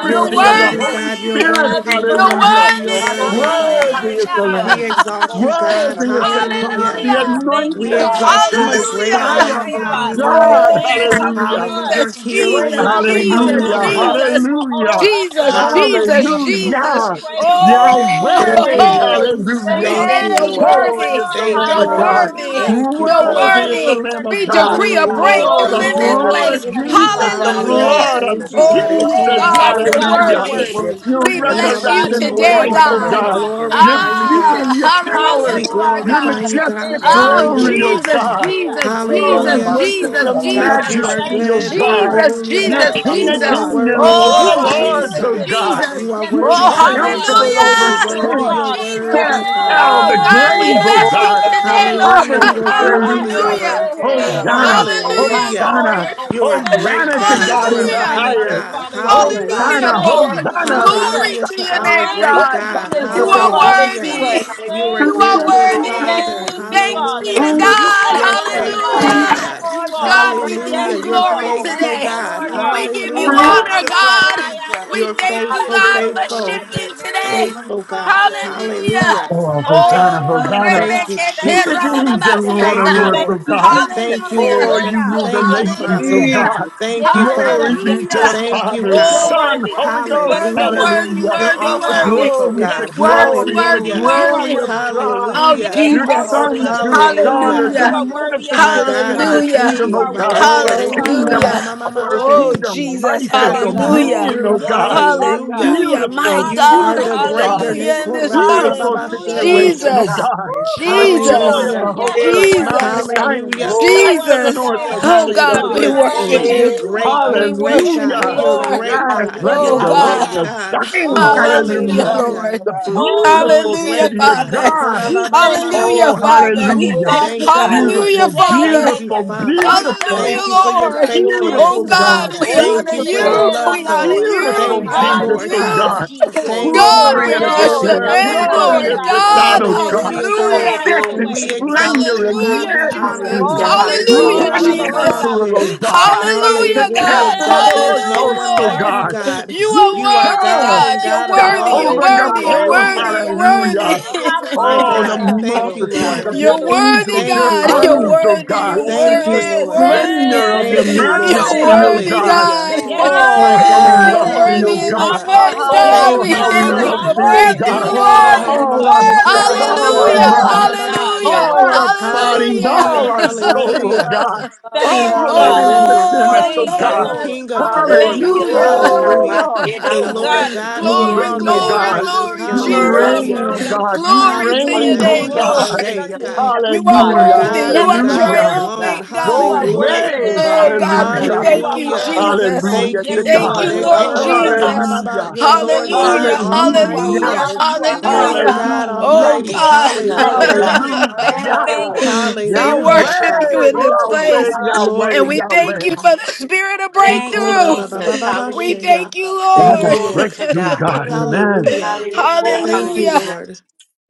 Speaker 3: You're
Speaker 4: Yes,
Speaker 1: You're
Speaker 8: of the
Speaker 4: Lord.
Speaker 3: worthy,
Speaker 5: Jesus.
Speaker 8: Holy
Speaker 3: God,
Speaker 5: We
Speaker 3: you're
Speaker 1: worthy.
Speaker 9: hallelujah,
Speaker 8: Spirit.
Speaker 5: love
Speaker 3: worthy,
Speaker 5: you,
Speaker 3: you're
Speaker 1: You're
Speaker 5: Lord.
Speaker 9: hallelujah.
Speaker 8: Hallelujah.
Speaker 3: worthy, you're
Speaker 1: worthy.
Speaker 4: Yes,
Speaker 3: worthy,
Speaker 4: Lord.
Speaker 9: Hallelujah,
Speaker 5: Hallelujah.
Speaker 3: Father.
Speaker 8: Worthy is
Speaker 2: Hallelujah.
Speaker 8: the
Speaker 9: hallelujah.
Speaker 3: We
Speaker 8: Lamb.
Speaker 3: exalt
Speaker 9: Oh,
Speaker 3: you,
Speaker 5: Hallelujah.
Speaker 9: God,
Speaker 3: God.
Speaker 9: thank
Speaker 4: My,
Speaker 8: Worthy is
Speaker 4: my, my,
Speaker 8: the
Speaker 9: you,
Speaker 4: my.
Speaker 5: Yes,
Speaker 8: Christ,
Speaker 3: Hallelujah.
Speaker 8: the
Speaker 9: Jesus.
Speaker 5: Jesus.
Speaker 1: Hallelujah.
Speaker 9: Hallelujah.
Speaker 5: Thank you,
Speaker 3: We
Speaker 8: anointed,
Speaker 9: Hallelujah.
Speaker 5: Father.
Speaker 3: exalt
Speaker 9: Hallelujah,
Speaker 2: Praise
Speaker 8: the
Speaker 3: you, the great I
Speaker 1: Hallelujah.
Speaker 9: hallelujah.
Speaker 5: Thank
Speaker 8: Messiah
Speaker 3: am.
Speaker 5: you,
Speaker 8: of
Speaker 2: Yahweh.
Speaker 5: Father.
Speaker 3: Hallelujah.
Speaker 8: God.
Speaker 9: Praise
Speaker 5: Thank
Speaker 1: Oh,
Speaker 5: you,
Speaker 8: Hallelujah.
Speaker 9: you,
Speaker 3: Hallelujah.
Speaker 5: Lord.
Speaker 3: You're
Speaker 1: Jesus,
Speaker 3: a
Speaker 5: We
Speaker 3: healer,
Speaker 5: will
Speaker 3: you're
Speaker 1: Jesus,
Speaker 3: a
Speaker 5: not keep
Speaker 3: great
Speaker 5: our
Speaker 1: Jesus,
Speaker 5: mouths
Speaker 8: Hallelujah.
Speaker 3: deliverer.
Speaker 9: hallelujah.
Speaker 5: closed.
Speaker 1: Jesus.
Speaker 5: We will open
Speaker 8: Hallelujah.
Speaker 9: Oh,
Speaker 5: up
Speaker 9: to
Speaker 4: Yes, Lord.
Speaker 5: our
Speaker 4: Yes,
Speaker 1: Jesus,
Speaker 9: God.
Speaker 4: Lord.
Speaker 3: Hallelujah.
Speaker 9: We
Speaker 5: mouths and
Speaker 1: Jesus,
Speaker 9: thank you,
Speaker 5: give you
Speaker 9: Lord.
Speaker 1: Jesus.
Speaker 5: the
Speaker 8: Hallelujah.
Speaker 5: praise
Speaker 9: Hallelujah.
Speaker 5: that is
Speaker 9: We
Speaker 5: due
Speaker 8: Yahweh.
Speaker 3: Thank
Speaker 5: your
Speaker 3: you,
Speaker 9: Thank you,
Speaker 5: name.
Speaker 3: Lord.
Speaker 1: Oh, we
Speaker 5: Thank
Speaker 9: Jesus.
Speaker 8: Hallelujah.
Speaker 5: you,
Speaker 3: Thank
Speaker 1: say
Speaker 3: you,
Speaker 9: Thank you
Speaker 2: Yes,
Speaker 1: you're
Speaker 9: for the
Speaker 3: Lord.
Speaker 5: Jesus.
Speaker 8: Holy
Speaker 9: great.
Speaker 1: worthy.
Speaker 8: is the
Speaker 2: Lord. God,
Speaker 3: Thank
Speaker 8: Lamb
Speaker 3: you,
Speaker 1: You're
Speaker 8: of God.
Speaker 3: Lord.
Speaker 1: worthy.
Speaker 9: Hallelujah.
Speaker 2: you
Speaker 5: Hallelujah.
Speaker 3: Thank you,
Speaker 2: must
Speaker 1: You're
Speaker 9: Oh,
Speaker 8: Worthy
Speaker 3: Father.
Speaker 5: Glory
Speaker 8: is the
Speaker 5: to
Speaker 9: glory
Speaker 1: worthy.
Speaker 9: to
Speaker 5: your
Speaker 8: Lamb
Speaker 9: your
Speaker 8: of
Speaker 1: We
Speaker 9: name,
Speaker 5: name,
Speaker 2: be
Speaker 8: God.
Speaker 5: God.
Speaker 1: decree
Speaker 9: oh
Speaker 1: a
Speaker 9: God.
Speaker 3: Hallelujah.
Speaker 8: Oh,
Speaker 1: breakthrough
Speaker 2: breakthrough.
Speaker 8: the
Speaker 5: Glory
Speaker 1: in
Speaker 3: Thank
Speaker 5: to
Speaker 3: you,
Speaker 1: this
Speaker 9: Glory
Speaker 5: your
Speaker 9: to
Speaker 8: blood
Speaker 5: name,
Speaker 8: of
Speaker 1: place.
Speaker 3: Lord.
Speaker 9: your
Speaker 5: Heavenly
Speaker 9: name,
Speaker 7: Hallelujah,
Speaker 9: oh
Speaker 8: Jesus,
Speaker 5: Father.
Speaker 8: the
Speaker 9: God.
Speaker 2: Oh, yeah.
Speaker 1: Hallelujah.
Speaker 3: Hallelujah.
Speaker 5: Thank
Speaker 8: blood
Speaker 9: Glory
Speaker 8: of
Speaker 5: you,
Speaker 3: Thank
Speaker 9: to
Speaker 3: you,
Speaker 9: your
Speaker 5: Jesus.
Speaker 3: God.
Speaker 9: name.
Speaker 7: hallelujah.
Speaker 1: Oh,
Speaker 3: Eko
Speaker 8: Jesus.
Speaker 2: Yes,
Speaker 3: raba
Speaker 1: God,
Speaker 5: Yes,
Speaker 3: ba ba
Speaker 1: you're
Speaker 3: ba
Speaker 5: God,
Speaker 3: ba
Speaker 9: Hallelujah.
Speaker 5: you're
Speaker 2: Yahweh.
Speaker 8: Hallelujah.
Speaker 9: Your
Speaker 1: worthy.
Speaker 5: worthy.
Speaker 9: word
Speaker 7: Yes,
Speaker 3: shete.
Speaker 7: we
Speaker 9: is
Speaker 8: Your
Speaker 1: We
Speaker 7: do.
Speaker 5: Yes,
Speaker 3: Ila
Speaker 1: bless
Speaker 3: ba
Speaker 9: we
Speaker 1: you
Speaker 5: God,
Speaker 3: ne
Speaker 8: resurrecting
Speaker 5: you're
Speaker 9: thank
Speaker 3: ko
Speaker 9: you,
Speaker 1: today,
Speaker 9: oh
Speaker 5: worthy.
Speaker 8: life,
Speaker 3: raba
Speaker 9: God.
Speaker 3: ba
Speaker 8: oh
Speaker 5: Yes,
Speaker 3: ba.
Speaker 7: Yes,
Speaker 3: We
Speaker 1: God.
Speaker 5: you
Speaker 8: God.
Speaker 7: we
Speaker 5: are.
Speaker 9: We
Speaker 7: do.
Speaker 5: Thank
Speaker 8: Your
Speaker 9: thank
Speaker 3: glorify
Speaker 5: you,
Speaker 9: you,
Speaker 3: you,
Speaker 9: oh God.
Speaker 5: Jesus.
Speaker 8: beauty,
Speaker 9: We
Speaker 3: God.
Speaker 1: Ah,
Speaker 8: your
Speaker 9: thank
Speaker 4: Glory,
Speaker 1: hallelujah
Speaker 8: power,
Speaker 3: We
Speaker 9: you
Speaker 1: to
Speaker 4: glory,
Speaker 9: enough,
Speaker 1: our
Speaker 5: Hallelujah.
Speaker 9: oh
Speaker 8: your
Speaker 9: God,
Speaker 3: glorify
Speaker 1: God.
Speaker 3: you,
Speaker 5: Yeah, yeah,
Speaker 3: God.
Speaker 9: for
Speaker 8: majestic
Speaker 9: the
Speaker 5: yeah,
Speaker 7: Yes,
Speaker 5: yeah,
Speaker 7: we
Speaker 1: Oh,
Speaker 5: yeah.
Speaker 9: great
Speaker 8: glory,
Speaker 7: do.
Speaker 9: deed
Speaker 8: oh
Speaker 3: Hallelujah.
Speaker 9: of
Speaker 1: Jesus,
Speaker 9: God.
Speaker 8: God.
Speaker 5: Hallelujah.
Speaker 4: glory,
Speaker 1: Jesus,
Speaker 4: glory,
Speaker 9: in the
Speaker 8: Oh,
Speaker 1: Jesus,
Speaker 8: we
Speaker 3: Hallelujah.
Speaker 9: lives
Speaker 7: Yes,
Speaker 9: of
Speaker 8: worship
Speaker 5: Hallelujah,
Speaker 9: God.
Speaker 1: Jesus,
Speaker 4: glory, glory, glory,
Speaker 8: your
Speaker 5: Jesus.
Speaker 3: God,
Speaker 2: Come
Speaker 1: Jesus,
Speaker 3: you
Speaker 2: on.
Speaker 7: we do.
Speaker 3: are
Speaker 8: majesty,
Speaker 5: Thank
Speaker 8: O
Speaker 5: you,
Speaker 3: good.
Speaker 8: God.
Speaker 5: Father.
Speaker 1: Jesus,
Speaker 4: glory,
Speaker 9: Hallelujah.
Speaker 3: Hallelujah.
Speaker 8: You're
Speaker 1: Jesus,
Speaker 4: glory,
Speaker 5: Thank
Speaker 8: King
Speaker 3: And
Speaker 5: you,
Speaker 8: of
Speaker 3: you
Speaker 4: glory.
Speaker 3: are
Speaker 8: kings
Speaker 1: Jesus.
Speaker 5: Father.
Speaker 8: and
Speaker 3: worthy to
Speaker 8: Lord
Speaker 3: be
Speaker 5: You
Speaker 8: of
Speaker 1: Oh,
Speaker 5: are a
Speaker 3: praised,
Speaker 8: lords,
Speaker 1: Jesus,
Speaker 5: good,
Speaker 9: Hallelujah.
Speaker 8: O
Speaker 3: God.
Speaker 5: good
Speaker 4: Yes,
Speaker 8: God.
Speaker 1: Jesus.
Speaker 5: Father.
Speaker 3: You are
Speaker 5: Yes,
Speaker 8: You
Speaker 9: Thank
Speaker 5: you
Speaker 3: worthy
Speaker 1: Oh,
Speaker 3: to
Speaker 5: are.
Speaker 3: be
Speaker 5: You
Speaker 2: Yes,
Speaker 8: triumphed
Speaker 9: you,
Speaker 5: are a
Speaker 9: Jesus. Thank
Speaker 3: exalted.
Speaker 8: over
Speaker 3: You're
Speaker 9: you,
Speaker 5: good, good
Speaker 2: Lord.
Speaker 1: hallelujah.
Speaker 3: worthy.
Speaker 9: Lord.
Speaker 8: sin,
Speaker 3: You're
Speaker 9: Thank
Speaker 5: Father. Yes.
Speaker 2: Glory,
Speaker 1: Jesus.
Speaker 3: worthy,
Speaker 8: death,
Speaker 9: you,
Speaker 8: hell,
Speaker 9: Lord.
Speaker 3: Father.
Speaker 8: the
Speaker 1: Oh,
Speaker 9: Thank
Speaker 2: glory,
Speaker 1: God,
Speaker 9: you,
Speaker 1: we
Speaker 8: grave,
Speaker 9: Lord.
Speaker 4: Yes,
Speaker 8: O
Speaker 1: bless
Speaker 4: Lord.
Speaker 9: Thank
Speaker 1: you
Speaker 8: God.
Speaker 9: you,
Speaker 4: Yes,
Speaker 1: today,
Speaker 4: Lord. Yes,
Speaker 1: Lord.
Speaker 9: Jesus.
Speaker 3: Hallelujah.
Speaker 8: Poverty,
Speaker 4: Lord.
Speaker 3: You're
Speaker 2: glory.
Speaker 5: You are
Speaker 3: worthy,
Speaker 5: a
Speaker 8: hallelujah.
Speaker 9: Hallelujah.
Speaker 5: good,
Speaker 3: Lord.
Speaker 4: Hey,
Speaker 5: good
Speaker 9: You
Speaker 4: out
Speaker 9: are
Speaker 1: Hallelujah.
Speaker 4: of
Speaker 2: Glory.
Speaker 4: my
Speaker 8: Hosanna,
Speaker 9: great,
Speaker 5: Father.
Speaker 4: God.
Speaker 9: oh
Speaker 5: Yes,
Speaker 1: Hallelujah,
Speaker 9: God.
Speaker 3: Hallelujah.
Speaker 8: Hosanna,
Speaker 9: Great,
Speaker 5: Lord.
Speaker 1: Lord.
Speaker 9: oh
Speaker 3: You're a
Speaker 9: God.
Speaker 5: Thank
Speaker 9: Great,
Speaker 5: you,
Speaker 3: great
Speaker 8: Hosanna to
Speaker 9: oh
Speaker 4: Yes,
Speaker 3: God.
Speaker 8: God
Speaker 9: God.
Speaker 5: Jesus,
Speaker 3: You're
Speaker 8: in
Speaker 3: a
Speaker 4: Lord.
Speaker 5: for
Speaker 8: the
Speaker 1: Hallelujah.
Speaker 5: being
Speaker 3: mighty
Speaker 5: a good
Speaker 8: highest.
Speaker 3: God.
Speaker 5: Father
Speaker 9: Hallelujah,
Speaker 5: to
Speaker 9: oh
Speaker 5: us.
Speaker 9: God.
Speaker 1: Hallelujah,
Speaker 8: Hosanna,
Speaker 9: We
Speaker 3: Hallelujah.
Speaker 5: Thank
Speaker 4: Yes,
Speaker 1: Lord.
Speaker 9: bless
Speaker 5: you,
Speaker 9: you,
Speaker 4: Lord. Yes,
Speaker 9: oh
Speaker 8: Hosanna,
Speaker 9: God.
Speaker 1: Glory
Speaker 5: Jesus.
Speaker 3: Hallelujah
Speaker 1: to
Speaker 3: to
Speaker 9: We
Speaker 1: your
Speaker 8: Hosanna,
Speaker 3: our
Speaker 1: name,
Speaker 9: honor
Speaker 5: Thank you
Speaker 3: great
Speaker 9: you,
Speaker 1: God.
Speaker 5: for
Speaker 3: God.
Speaker 5: being a
Speaker 9: Jesus.
Speaker 8: Hosanna to
Speaker 1: You
Speaker 5: good
Speaker 4: Lord.
Speaker 1: are
Speaker 8: God.
Speaker 5: father to
Speaker 3: Hallelujah.
Speaker 1: worthy.
Speaker 9: Hallelujah,
Speaker 5: us.
Speaker 3: You are a
Speaker 5: Thank
Speaker 1: You
Speaker 9: hallelujah.
Speaker 1: are
Speaker 3: good,
Speaker 4: Yes,
Speaker 5: you.
Speaker 9: We
Speaker 3: good
Speaker 4: Lord.
Speaker 1: worthy.
Speaker 3: Father.
Speaker 9: Glorify
Speaker 5: Thank
Speaker 9: you, oh
Speaker 5: you,
Speaker 9: God.
Speaker 1: Thanks
Speaker 5: Father.
Speaker 1: be to
Speaker 9: We
Speaker 3: Hallelujah.
Speaker 9: lift
Speaker 5: You
Speaker 1: God.
Speaker 5: are
Speaker 9: you
Speaker 3: You're
Speaker 9: up,
Speaker 5: worthy,
Speaker 4: God.
Speaker 9: one
Speaker 3: faithful,
Speaker 2: Thank
Speaker 5: Lord.
Speaker 1: Hallelujah.
Speaker 2: you,
Speaker 9: God.
Speaker 5: Yes,
Speaker 3: God.
Speaker 2: Lord,
Speaker 5: you
Speaker 2: for
Speaker 5: are.
Speaker 1: God, we
Speaker 9: Oh
Speaker 2: strength.
Speaker 1: give
Speaker 9: God,
Speaker 3: Hallelujah.
Speaker 5: Yes,
Speaker 1: you
Speaker 9: we
Speaker 5: you
Speaker 3: You're
Speaker 1: glory
Speaker 5: are.
Speaker 2: Thank you,
Speaker 3: faithful,
Speaker 1: today.
Speaker 9: glorify,
Speaker 5: Yes,
Speaker 9: oh
Speaker 3: God.
Speaker 2: Lord.
Speaker 5: you
Speaker 2: Thank
Speaker 9: God.
Speaker 5: are.
Speaker 1: We
Speaker 4: Mm,
Speaker 2: you,
Speaker 1: give
Speaker 9: We
Speaker 5: A
Speaker 1: you
Speaker 2: Lord.
Speaker 5: rock
Speaker 3: Hallelujah.
Speaker 5: will
Speaker 1: honor,
Speaker 5: not
Speaker 9: magnify
Speaker 1: God.
Speaker 5: cry out
Speaker 9: Jesus.
Speaker 5: for
Speaker 1: We
Speaker 5: me,
Speaker 3: You're
Speaker 1: thank
Speaker 5: God.
Speaker 1: you,
Speaker 5: I
Speaker 3: faithful,
Speaker 1: God,
Speaker 9: Hallelujah,
Speaker 1: for
Speaker 3: faithful,
Speaker 5: glorify your
Speaker 1: shifting
Speaker 9: hallelujah.
Speaker 1: today.
Speaker 5: name.
Speaker 3: faithful,
Speaker 9: Praise you,
Speaker 3: God.
Speaker 9: Lord, for your truth.
Speaker 1: Hallelujah.
Speaker 3: Hallelujah.
Speaker 5: Hallelujah.
Speaker 8: Oh,
Speaker 9: Praise
Speaker 8: Hosanna,
Speaker 9: you,
Speaker 1: Oh,
Speaker 9: love,
Speaker 4: mm,
Speaker 9: oh
Speaker 8: Hosanna.
Speaker 5: Hallelujah.
Speaker 9: God.
Speaker 3: Thank you,
Speaker 1: Rebecca,
Speaker 5: Thank
Speaker 8: Sing the
Speaker 5: you,
Speaker 3: Jesus.
Speaker 9: Hallelujah,
Speaker 8: kings
Speaker 5: Jesus.
Speaker 8: and Lord of
Speaker 3: Thank you,
Speaker 8: lords,
Speaker 5: Thank
Speaker 9: hallelujah.
Speaker 8: O
Speaker 3: Lord.
Speaker 5: you,
Speaker 8: God.
Speaker 2: Hallelujah.
Speaker 3: Thank
Speaker 5: Jesus.
Speaker 3: you,
Speaker 1: Hallelujah.
Speaker 8: Oh,
Speaker 5: Yes,
Speaker 3: Lord.
Speaker 8: you
Speaker 2: Hallelujah.
Speaker 8: rule
Speaker 9: Hallelujah.
Speaker 5: yes,
Speaker 8: the
Speaker 3: Thank you,
Speaker 5: yes, yes,
Speaker 8: nations, O
Speaker 5: yes.
Speaker 3: Father.
Speaker 1: Hallelujah.
Speaker 8: God.
Speaker 4: Jesus.
Speaker 3: Thank you,
Speaker 5: Yes,
Speaker 9: The
Speaker 5: yes,
Speaker 8: Glory
Speaker 3: Father.
Speaker 8: be
Speaker 5: yes,
Speaker 8: to
Speaker 1: Hallelujah.
Speaker 8: the
Speaker 5: yes, yes.
Speaker 3: Thank you,
Speaker 8: Father,
Speaker 9: Lord,
Speaker 5: You're
Speaker 3: God.
Speaker 9: thank
Speaker 8: Son,
Speaker 1: Oh,
Speaker 9: you.
Speaker 5: worthy.
Speaker 8: Holy
Speaker 1: worthy,
Speaker 8: Ghost,
Speaker 5: Yes,
Speaker 1: worthy,
Speaker 5: you're
Speaker 3: Hallelujah.
Speaker 5: worthy.
Speaker 1: worthy,
Speaker 8: hallelujah.
Speaker 3: You're
Speaker 1: worthy,
Speaker 3: all
Speaker 5: You're
Speaker 8: The
Speaker 9: You
Speaker 5: worthy.
Speaker 1: worthy.
Speaker 3: powerful,
Speaker 9: are the
Speaker 8: glory,
Speaker 4: Yes,
Speaker 5: Yes,
Speaker 8: the
Speaker 9: Lord.
Speaker 3: God.
Speaker 5: you
Speaker 9: You
Speaker 5: are
Speaker 1: Words,
Speaker 4: Lord.
Speaker 8: glory,
Speaker 5: worthy,
Speaker 4: Yes.
Speaker 8: the
Speaker 1: worthy,
Speaker 5: Lord.
Speaker 3: Hallelujah.
Speaker 9: are
Speaker 5: You
Speaker 9: so
Speaker 5: are
Speaker 8: glory
Speaker 1: worthy.
Speaker 8: of
Speaker 5: worthy,
Speaker 9: good.
Speaker 5: Lord.
Speaker 8: God.
Speaker 1: Oh,
Speaker 5: Yes,
Speaker 3: Hallelujah.
Speaker 5: you
Speaker 2: Thank
Speaker 8: Your
Speaker 4: Bless your
Speaker 5: are
Speaker 1: Jesus.
Speaker 4: holy
Speaker 5: worthy
Speaker 9: Hallelujah,
Speaker 5: of
Speaker 8: sons,
Speaker 5: the
Speaker 8: your
Speaker 4: name.
Speaker 5: praise.
Speaker 8: daughters,
Speaker 2: God.
Speaker 3: Hallelujah.
Speaker 5: You
Speaker 8: the
Speaker 1: Hallelujah.
Speaker 5: are
Speaker 9: hallelujah.
Speaker 5: worthy of the
Speaker 3: My
Speaker 8: manifestation
Speaker 5: honor,
Speaker 3: God,
Speaker 8: of
Speaker 3: my
Speaker 8: your
Speaker 5: God.
Speaker 1: Hallelujah.
Speaker 5: You
Speaker 8: kingdom, O
Speaker 9: Glory
Speaker 3: King,
Speaker 5: are
Speaker 3: my
Speaker 9: to
Speaker 8: God.
Speaker 9: your
Speaker 4: Bless
Speaker 5: worthy
Speaker 3: Lord.
Speaker 4: your
Speaker 5: of
Speaker 9: name.
Speaker 5: the
Speaker 4: holy
Speaker 5: honor,
Speaker 3: Eko
Speaker 4: name.
Speaker 8: Kingdom,
Speaker 1: Hallelujah.
Speaker 5: God.
Speaker 8: or
Speaker 9: Glory
Speaker 1: Oh,
Speaker 9: to
Speaker 3: rabamamamashe.
Speaker 8: kingdom,
Speaker 5: Hallelujah.
Speaker 9: you.
Speaker 5: Yes,
Speaker 1: Jesus.
Speaker 8: might
Speaker 5: you
Speaker 8: and
Speaker 3: God,
Speaker 5: are
Speaker 3: you
Speaker 4: Yeah,
Speaker 5: God.
Speaker 3: come
Speaker 1: Hallelujah.
Speaker 4: Lord.
Speaker 8: dominion,
Speaker 3: through.
Speaker 8: O
Speaker 4: Yeah,
Speaker 9: Continue
Speaker 5: Yes,
Speaker 4: Lord.
Speaker 8: God.
Speaker 5: you
Speaker 9: to
Speaker 5: are
Speaker 3: Hallelujah.
Speaker 5: God.
Speaker 1: Hallelujah. My
Speaker 8: Beautiful,
Speaker 3: You
Speaker 1: God.
Speaker 3: are the
Speaker 8: beautiful
Speaker 5: Hallelujah,
Speaker 8: God.
Speaker 3: breaker.
Speaker 5: Jesus.
Speaker 1: Hallelujah in
Speaker 3: Neko
Speaker 1: this
Speaker 9: worship.
Speaker 1: place.
Speaker 8: Beautiful
Speaker 9: Continue
Speaker 4: Yeah, out
Speaker 5: Hallelujah,
Speaker 9: to
Speaker 4: of my
Speaker 9: praise
Speaker 3: rababababashete.
Speaker 8: situation,
Speaker 9: you,
Speaker 5: Jesus.
Speaker 4: God.
Speaker 8: oh
Speaker 9: God.
Speaker 1: Jesus.
Speaker 8: God.
Speaker 4: Yes,
Speaker 5: Woo,
Speaker 8: The
Speaker 5: thank you,
Speaker 2: Oh,
Speaker 9: Hallelujah,
Speaker 8: joy
Speaker 1: Jesus.
Speaker 8: of
Speaker 9: oh
Speaker 5: Father.
Speaker 8: the
Speaker 3: Hallelujah.
Speaker 2: Holy
Speaker 8: whole
Speaker 9: God.
Speaker 5: Yes,
Speaker 2: Spirit,
Speaker 8: earth,
Speaker 5: you're
Speaker 2: have your
Speaker 5: worthy.
Speaker 8: Mount
Speaker 1: Jesus.
Speaker 9: Thank
Speaker 2: way.
Speaker 9: you.
Speaker 8: Zion,
Speaker 5: Yes,
Speaker 3: Hallelujah.
Speaker 4: Lord.
Speaker 5: you're
Speaker 8: side
Speaker 2: Have
Speaker 8: to
Speaker 2: your
Speaker 8: the
Speaker 5: worthy,
Speaker 1: Jesus.
Speaker 8: north,
Speaker 2: way,
Speaker 5: God.
Speaker 8: the
Speaker 9: Thank
Speaker 1: Oh
Speaker 2: Holy
Speaker 5: Yes,
Speaker 8: city
Speaker 5: you
Speaker 9: you,
Speaker 8: of
Speaker 1: God,
Speaker 8: the
Speaker 1: we
Speaker 5: are.
Speaker 8: great
Speaker 3: Hallelujah.
Speaker 2: Spirit.
Speaker 1: worship
Speaker 8: king.
Speaker 9: thank
Speaker 4: Glory.
Speaker 1: you.
Speaker 3: You're
Speaker 5: Yes,
Speaker 9: you,
Speaker 5: you
Speaker 3: great.
Speaker 4: Yes,
Speaker 5: are.
Speaker 3: You're
Speaker 1: We
Speaker 9: Jesus.
Speaker 3: great,
Speaker 5: Yes,
Speaker 1: worship
Speaker 4: Lord.
Speaker 1: you,
Speaker 3: God.
Speaker 5: you
Speaker 8: Hallelujah.
Speaker 9: Thank
Speaker 3: You're a
Speaker 9: you,
Speaker 1: Lord.
Speaker 5: are.
Speaker 9: Lord.
Speaker 3: great,
Speaker 8: Yes,
Speaker 3: God.
Speaker 5: Yes,
Speaker 8: let's
Speaker 9: Hallelujah,
Speaker 3: You're
Speaker 1: Oh
Speaker 5: you
Speaker 3: a
Speaker 8: go
Speaker 5: are,
Speaker 8: up
Speaker 1: God.
Speaker 3: great
Speaker 8: to
Speaker 9: hallelujah.
Speaker 5: God.
Speaker 3: God.
Speaker 4: Yeah,
Speaker 8: Zion.
Speaker 5: Oh,
Speaker 4: yeah,
Speaker 9: Glory
Speaker 5: God, we
Speaker 9: to
Speaker 4: yeah,
Speaker 1: Hallelujah,
Speaker 8: Hallelujah.
Speaker 9: God.
Speaker 5: thank
Speaker 4: God.
Speaker 5: you.
Speaker 1: Lord.
Speaker 3: Hallelujah.
Speaker 8: The
Speaker 4: Bye-bye.
Speaker 5: Oh,
Speaker 9: Glory to
Speaker 5: Lord,
Speaker 3: You're a
Speaker 5: we
Speaker 8: beautiful
Speaker 9: God.
Speaker 1: Hallelujah,
Speaker 5: thank
Speaker 3: great
Speaker 8: city
Speaker 5: you,
Speaker 8: of
Speaker 3: God. Hey,
Speaker 1: Father.
Speaker 5: Jesus.
Speaker 8: God.
Speaker 9: Glory
Speaker 5: We
Speaker 9: to
Speaker 5: thank
Speaker 9: God.
Speaker 5: you.
Speaker 1: Hallelujah,
Speaker 8: Oh,
Speaker 3: karababamamashete, God.
Speaker 1: Father.
Speaker 5: We
Speaker 8: hallelujah.
Speaker 9: Glory
Speaker 5: thank
Speaker 2: Hallelujah.
Speaker 5: you,
Speaker 9: to
Speaker 3: Thank you,
Speaker 9: God.
Speaker 5: God.
Speaker 1: Hallelujah,
Speaker 3: Lord.
Speaker 8: Beautiful,
Speaker 5: Yeah, yeah,
Speaker 1: Father.
Speaker 5: yeah,
Speaker 3: Thank you,
Speaker 5: yeah.
Speaker 8: beautiful,
Speaker 9: Glory
Speaker 2: Jesus,
Speaker 9: to
Speaker 3: Father.
Speaker 5: Yes,
Speaker 9: God.
Speaker 5: God,
Speaker 8: beautiful,
Speaker 5: we
Speaker 1: Hallelujah,
Speaker 4: Thank
Speaker 3: Thank you
Speaker 4: you,
Speaker 3: for
Speaker 5: thank
Speaker 3: your
Speaker 4: Jesus.
Speaker 1: Lord.
Speaker 2: Jesus.
Speaker 5: you.
Speaker 9: Glory
Speaker 5: Thank
Speaker 9: to
Speaker 3: faithfulness,
Speaker 8: beautiful
Speaker 1: Oh
Speaker 5: you,
Speaker 9: God.
Speaker 3: God.
Speaker 8: God.
Speaker 1: God,
Speaker 5: Father.
Speaker 1: we
Speaker 3: Thank
Speaker 1: honor
Speaker 3: you for
Speaker 8: Beautiful.
Speaker 3: your
Speaker 1: you.
Speaker 5: Thank
Speaker 3: love,
Speaker 5: you,
Speaker 2: Oshetekelamahaya.
Speaker 1: We honor
Speaker 3: God.
Speaker 5: Lord.
Speaker 4: Thank,
Speaker 1: you.
Speaker 8: Beautiful
Speaker 1: We
Speaker 3: Thank you,
Speaker 9: Magnify,
Speaker 1: honor
Speaker 9: oh
Speaker 8: Jesus,
Speaker 3: Lord
Speaker 8: oh
Speaker 9: God.
Speaker 1: you.
Speaker 5: Hallelujah,
Speaker 3: God.
Speaker 8: God.
Speaker 5: Jesus.
Speaker 3: Thank
Speaker 9: Oh,
Speaker 3: you,
Speaker 9: God,
Speaker 1: God, we
Speaker 8: Glorious
Speaker 3: Lord.
Speaker 9: give
Speaker 8: with
Speaker 9: it
Speaker 3: You're
Speaker 5: Yes,
Speaker 1: bless
Speaker 2: Kando
Speaker 9: over
Speaker 1: your
Speaker 8: thee,
Speaker 5: Lord, we
Speaker 3: worthy,
Speaker 1: name, Lord
Speaker 2: shatakahaya.
Speaker 8: glorious
Speaker 3: God.
Speaker 5: glorify
Speaker 8: with
Speaker 5: you.
Speaker 4: thank
Speaker 9: to-
Speaker 8: thou,
Speaker 4: you,
Speaker 1: God.
Speaker 5: We
Speaker 8: oh
Speaker 5: thank you.
Speaker 8: God.
Speaker 5: It
Speaker 3: Hallelujah,
Speaker 5: could have
Speaker 3: God.
Speaker 9: Oh,
Speaker 5: went
Speaker 1: Hallelujah.
Speaker 8: Death
Speaker 5: another
Speaker 3: And
Speaker 9: glory
Speaker 8: and
Speaker 5: way.
Speaker 3: we
Speaker 9: to the King.
Speaker 3: exalt
Speaker 5: It
Speaker 8: splendor
Speaker 3: you,
Speaker 8: and
Speaker 5: could have
Speaker 3: God.
Speaker 5: went
Speaker 1: Hallelujah,
Speaker 3: We
Speaker 5: another
Speaker 1: Jesus.
Speaker 3: honor
Speaker 5: way.
Speaker 3: you,
Speaker 8: majesty.
Speaker 9: Hallelujah,
Speaker 3: God.
Speaker 5: It
Speaker 2: Glory,
Speaker 5: could
Speaker 4: thank
Speaker 5: have
Speaker 9: hallelujah,
Speaker 4: you,
Speaker 1: Hallelujah,
Speaker 5: went
Speaker 2: glory,
Speaker 8: Mighty
Speaker 5: another way,
Speaker 9: hallelujah,
Speaker 2: glory.
Speaker 1: Jesus.
Speaker 5: God. We,
Speaker 8: conqueror, O
Speaker 5: we
Speaker 3: Ekorabamamamashe.
Speaker 8: God.
Speaker 5: glorify you.
Speaker 8: The
Speaker 1: Hallelujah,
Speaker 9: hallelujah,
Speaker 4: thank
Speaker 3: Hallelujah,
Speaker 1: God.
Speaker 4: you.
Speaker 8: captain of
Speaker 9: Jesus.
Speaker 3: God.
Speaker 8: the
Speaker 3: There's
Speaker 8: Lord's
Speaker 3: no
Speaker 1: Hallelujah,
Speaker 8: hosts,
Speaker 3: one
Speaker 8: O
Speaker 3: like
Speaker 1: Lord.
Speaker 3: you,
Speaker 5: Yes.
Speaker 8: God.
Speaker 9: Oh,
Speaker 3: God.
Speaker 1: You are
Speaker 3: You
Speaker 8: Jesus,
Speaker 3: are
Speaker 1: worthy,
Speaker 3: God and
Speaker 1: God. You're
Speaker 3: God
Speaker 5: Yes.
Speaker 9: all
Speaker 1: worthy.
Speaker 9: right,
Speaker 1: You're
Speaker 3: alone.
Speaker 8: Jehovah
Speaker 9: all
Speaker 1: worthy.
Speaker 9: right.
Speaker 4: Hallelujah.
Speaker 1: You're
Speaker 8: Gabor,
Speaker 1: worthy.
Speaker 3: Hallelujah.
Speaker 1: You're
Speaker 5: Hallelujah.
Speaker 9: Thank you,
Speaker 8: hallelujah.
Speaker 1: worthy.
Speaker 9: Lord.
Speaker 2: Yes,
Speaker 3: My
Speaker 4: Hallelujah.
Speaker 8: Oh,
Speaker 5: Hallelujah,
Speaker 8: the
Speaker 2: Lord.
Speaker 3: God.
Speaker 5: God.
Speaker 9: Thank you,
Speaker 3: Thank
Speaker 5: It
Speaker 3: you,
Speaker 9: Lord.
Speaker 5: could have
Speaker 8: multitudes of
Speaker 5: went
Speaker 3: Lord.
Speaker 8: your
Speaker 1: You're
Speaker 5: another
Speaker 9: Hallelujah.
Speaker 5: way, God.
Speaker 1: worthy,
Speaker 8: angels,
Speaker 3: Thank
Speaker 8: your
Speaker 3: you,
Speaker 1: God.
Speaker 4: Lord,
Speaker 1: You're
Speaker 3: Lord.
Speaker 5: Woo!
Speaker 8: armies,
Speaker 9: Oh,
Speaker 8: oh
Speaker 5: Thank
Speaker 1: worthy.
Speaker 5: you,
Speaker 9: we
Speaker 8: God.
Speaker 4: I
Speaker 1: You're
Speaker 7: Yes,
Speaker 9: thank
Speaker 7: he
Speaker 9: you.
Speaker 3: Thank
Speaker 5: Jesus.
Speaker 1: worthy.
Speaker 8: The
Speaker 3: you,
Speaker 1: You're
Speaker 9: Lord.
Speaker 7: is.
Speaker 3: Lord.
Speaker 7: Yes, he
Speaker 9: We
Speaker 1: worthy.
Speaker 8: splendor of
Speaker 7: is.
Speaker 5: Yes,
Speaker 7: He's
Speaker 8: your
Speaker 9: Bless
Speaker 3: Thank
Speaker 9: your
Speaker 3: you,
Speaker 5: Jesus.
Speaker 1: You're
Speaker 9: name,
Speaker 3: Lord.
Speaker 4: thank
Speaker 7: worthy.
Speaker 8: majesty,
Speaker 9: God.
Speaker 4: you.
Speaker 8: oh
Speaker 1: worthy,
Speaker 5: Hallelujah.
Speaker 8: God.
Speaker 3: Hallelujah.
Speaker 1: God.
Speaker 7: He's
Speaker 9: Oh,
Speaker 5: Yeah,
Speaker 9: we
Speaker 5: yeah, yeah,
Speaker 8: Oh,
Speaker 3: My
Speaker 5: yeah,
Speaker 8: how
Speaker 9: worship
Speaker 8: we
Speaker 5: yeah,
Speaker 9: you,
Speaker 3: God,
Speaker 5: yeah,
Speaker 8: love
Speaker 1: You're
Speaker 7: worthy.
Speaker 5: yeah.
Speaker 4: Yes,
Speaker 9: God.
Speaker 8: thee,
Speaker 4: God.
Speaker 8: oh
Speaker 1: worthy in
Speaker 8: God.
Speaker 1: this
Speaker 3: hallelujah.
Speaker 2: Oh,
Speaker 1: place,
Speaker 5: Hallelujah.
Speaker 1: God.
Speaker 9: Hallelujah,
Speaker 8: Oh,
Speaker 7: Glory
Speaker 3: Thank
Speaker 1: We
Speaker 7: and
Speaker 3: you,
Speaker 8: how
Speaker 2: hallelujah,
Speaker 8: we
Speaker 1: thank
Speaker 4: Yes,
Speaker 7: honor.
Speaker 1: you
Speaker 2: Holy
Speaker 9: hallelujah.
Speaker 8: love
Speaker 7: He's
Speaker 1: for
Speaker 3: Father.
Speaker 4: God.
Speaker 8: thee, oh
Speaker 2: Spirit.
Speaker 7: worthy.
Speaker 3: He
Speaker 7: He's
Speaker 8: God.
Speaker 1: breakthrough,
Speaker 5: Hallelujah.
Speaker 9: Oh,
Speaker 2: Hey,
Speaker 3: korra
Speaker 2: la-
Speaker 5: Thank
Speaker 7: worthy.
Speaker 1: Lord.
Speaker 3: mama
Speaker 5: you,
Speaker 7: He's
Speaker 8: All our
Speaker 3: mashe
Speaker 5: Father.
Speaker 7: worthy.
Speaker 8: hearts,
Speaker 3: tela
Speaker 9: God,
Speaker 4: Yes,
Speaker 9: I
Speaker 2: of
Speaker 3: bane
Speaker 8: all
Speaker 9: see
Speaker 8: our
Speaker 2: the
Speaker 4: God.
Speaker 5: Woo!
Speaker 1: Hallelujah.
Speaker 3: korra
Speaker 7: Hallelujah.
Speaker 3: ba
Speaker 2: blood, of-
Speaker 3: ba
Speaker 5: Father
Speaker 8: minds,
Speaker 9: it.
Speaker 3: ba
Speaker 5: God,
Speaker 7: He's
Speaker 5: you're
Speaker 1: Hallelujah.
Speaker 3: bashe.
Speaker 8: all
Speaker 5: worthy.
Speaker 8: our
Speaker 7: worthy.
Speaker 9: Oh,
Speaker 2: through
Speaker 4: Worthy,
Speaker 2: the
Speaker 8: bodies,
Speaker 1: Hallelujah.
Speaker 2: blood,
Speaker 3: Hallelujah,
Speaker 8: all
Speaker 9: break
Speaker 5: Thank
Speaker 8: our
Speaker 9: your
Speaker 5: you,
Speaker 2: the blood,
Speaker 9: heart
Speaker 8: soul,
Speaker 2: the
Speaker 9: to
Speaker 5: Jesus.
Speaker 8: oh
Speaker 3: hallelujah,
Speaker 9: God.
Speaker 2: blood, the
Speaker 8: God.
Speaker 2: blood.
Speaker 5: Thank you,
Speaker 8: All that is
Speaker 9: Thanksgiving
Speaker 5: Father.
Speaker 4: worthy.
Speaker 9: in our
Speaker 3: hallelujah.
Speaker 8: within us,
Speaker 9: heart
Speaker 1: oh,
Speaker 9: to
Speaker 8: oh
Speaker 5: Thank you,
Speaker 9: God.
Speaker 3: You're
Speaker 8: God.
Speaker 1: Lord.
Speaker 5: Lord.
Speaker 3: King of
Speaker 5: Thank
Speaker 3: glory.
Speaker 5: you,
Speaker 9: Hallelujah, oh
Speaker 5: Lord.
Speaker 1: Hallelujah.
Speaker 9: God,
Speaker 4: Oh,
Speaker 9: right
Speaker 3: Hallelujah.
Speaker 8: Hallelujah.
Speaker 9: here, I
Speaker 3: The
Speaker 9: know
Speaker 5: Oh,
Speaker 9: that
Speaker 3: Lord
Speaker 5: God,
Speaker 9: it's
Speaker 3: God,
Speaker 8: You
Speaker 4: Rapashigate.
Speaker 5: glory
Speaker 1: glory,
Speaker 5: to
Speaker 8: reign,
Speaker 3: strong
Speaker 5: your
Speaker 8: oh
Speaker 3: and
Speaker 9: Oh, we
Speaker 1: glory,
Speaker 5: name.
Speaker 8: God.
Speaker 3: mighty.
Speaker 9: thank
Speaker 1: glory,
Speaker 9: you,
Speaker 8: You
Speaker 9: Lord.
Speaker 4: Worthy,
Speaker 1: Jesus.
Speaker 5: Glory
Speaker 8: reign,
Speaker 5: to
Speaker 8: oh
Speaker 4: worthy.
Speaker 9: Hallelujah.
Speaker 5: your
Speaker 3: Hallelujah.
Speaker 8: God.
Speaker 5: name,
Speaker 8: You
Speaker 5: God.
Speaker 3: Hall-
Speaker 1: Glory to
Speaker 3: You are
Speaker 8: reign,
Speaker 1: your
Speaker 3: the
Speaker 8: oh
Speaker 1: name,
Speaker 9: Hallelujah,
Speaker 3: Ancient
Speaker 4: I'm
Speaker 5: Glory
Speaker 3: of
Speaker 8: God.
Speaker 5: to
Speaker 1: Lord.
Speaker 5: your
Speaker 3: Days,
Speaker 9: hallelujah.
Speaker 5: name,
Speaker 3: God.
Speaker 4: Worthy,
Speaker 5: Heavenly
Speaker 1: You are
Speaker 3: You
Speaker 9: Oh,
Speaker 3: are
Speaker 5: Father.
Speaker 8: Hallelujah.
Speaker 1: worthy.
Speaker 3: God
Speaker 9: glory
Speaker 1: You
Speaker 5: Yes,
Speaker 9: to
Speaker 3: and
Speaker 1: are
Speaker 9: your
Speaker 5: you're
Speaker 3: God
Speaker 5: worthy.
Speaker 9: name,
Speaker 8: Hallelujah.
Speaker 9: oh
Speaker 3: alone.
Speaker 1: triumphant,
Speaker 9: God.
Speaker 5: You
Speaker 1: God.
Speaker 5: are
Speaker 9: Glory
Speaker 5: worthy of
Speaker 3: Hallelujah.
Speaker 5: the
Speaker 9: to
Speaker 8: Glory.
Speaker 1: Oh
Speaker 9: God.
Speaker 5: praise.
Speaker 2: Yeah,
Speaker 1: God,
Speaker 2: la-
Speaker 1: we
Speaker 8: Hallelujah.
Speaker 5: You
Speaker 1: thank
Speaker 2: la-
Speaker 5: are
Speaker 9: Hallelujah,
Speaker 1: you,
Speaker 2: la-
Speaker 3: Hallelujah.
Speaker 9: God.
Speaker 5: worthy
Speaker 2: la-
Speaker 5: of
Speaker 4: worthy,
Speaker 5: the
Speaker 1: Jesus.
Speaker 9: Oh,
Speaker 5: praise.
Speaker 4: powerful.
Speaker 8: Hallelujah
Speaker 3: Thank you,
Speaker 8: to
Speaker 5: Yes,
Speaker 9: thank you
Speaker 5: you
Speaker 1: Thank
Speaker 9: for
Speaker 3: Lord.
Speaker 5: are.
Speaker 8: God.
Speaker 1: you,
Speaker 9: your
Speaker 5: You're
Speaker 1: Lord
Speaker 4: Mighty,
Speaker 9: love,
Speaker 5: worthy
Speaker 9: oh
Speaker 5: of the
Speaker 9: God.
Speaker 1: Jesus.
Speaker 5: honor.
Speaker 3: Ekorababababa.
Speaker 8: Hallelujah.
Speaker 3: Your
Speaker 9: Thank
Speaker 5: You're
Speaker 9: you,
Speaker 3: Lord
Speaker 9: oh
Speaker 3: God
Speaker 1: Hallelujah,
Speaker 9: God, for
Speaker 5: worthy.
Speaker 9: your
Speaker 5: You are
Speaker 9: keeping
Speaker 8: Hallelujah.
Speaker 3: Almighty.
Speaker 1: hallelujah,
Speaker 5: worthy.
Speaker 9: mercy,
Speaker 2: Hallelujah,
Speaker 5: You are
Speaker 9: oh God.
Speaker 4: mighty
Speaker 3: Lord
Speaker 1: hallelujah.
Speaker 5: holy.
Speaker 2: hallelujah.
Speaker 4: God.
Speaker 3: God
Speaker 9: Thank
Speaker 5: You
Speaker 8: Hallelujah.
Speaker 9: you
Speaker 1: Oh
Speaker 5: are
Speaker 9: for
Speaker 3: Almighty.
Speaker 1: God,
Speaker 5: holy and
Speaker 9: keeping
Speaker 5: you
Speaker 9: us,
Speaker 5: are
Speaker 9: oh God.
Speaker 3: Hallelujah.
Speaker 5: worthy.
Speaker 8: Hallelujah.
Speaker 4: Mighty
Speaker 9: Thank you,
Speaker 5: Thank
Speaker 4: God.
Speaker 5: you,
Speaker 9: Lord.
Speaker 5: Jesus.
Speaker 1: we
Speaker 9: Thank you,
Speaker 8: Yahweh.
Speaker 3: Hallelujah,
Speaker 1: worship
Speaker 9: God.
Speaker 1: you in
Speaker 3: Father.
Speaker 1: this
Speaker 9: Thank
Speaker 5: Oh,
Speaker 4: Mighty
Speaker 5: thank
Speaker 8: Yahweh.
Speaker 5: you,
Speaker 1: place.
Speaker 5: God.
Speaker 4: God.
Speaker 8: Yahweh.
Speaker 1: And we
Speaker 3: Glory.
Speaker 1: thank
Speaker 9: you,
Speaker 8: Yahweh.
Speaker 1: you for
Speaker 9: God.
Speaker 1: the spirit of
Speaker 4: Yea,
Speaker 9: Thank you,
Speaker 1: breakthrough.
Speaker 4: Kobano.
Speaker 9: Jesus.
Speaker 4: Oh,
Speaker 1: We
Speaker 3: Ekorababababashe.
Speaker 9: Hallelujah.
Speaker 1: thank
Speaker 4: God.
Speaker 1: you,
Speaker 3: Thank
Speaker 8: Let us
Speaker 3: you,
Speaker 1: Lord.
Speaker 9: Glory
Speaker 8: break
Speaker 3: Lord.
Speaker 9: to
Speaker 8: through
Speaker 9: God.
Speaker 8: God. Amen.
Speaker 4: Yeramase.
Speaker 3: Hallelujah.
Speaker 4: Yea,
Speaker 9: Hallelujah.
Speaker 3: Thank you,
Speaker 1: Hallelujah.
Speaker 9: Hallelujah.
Speaker 3: Lord.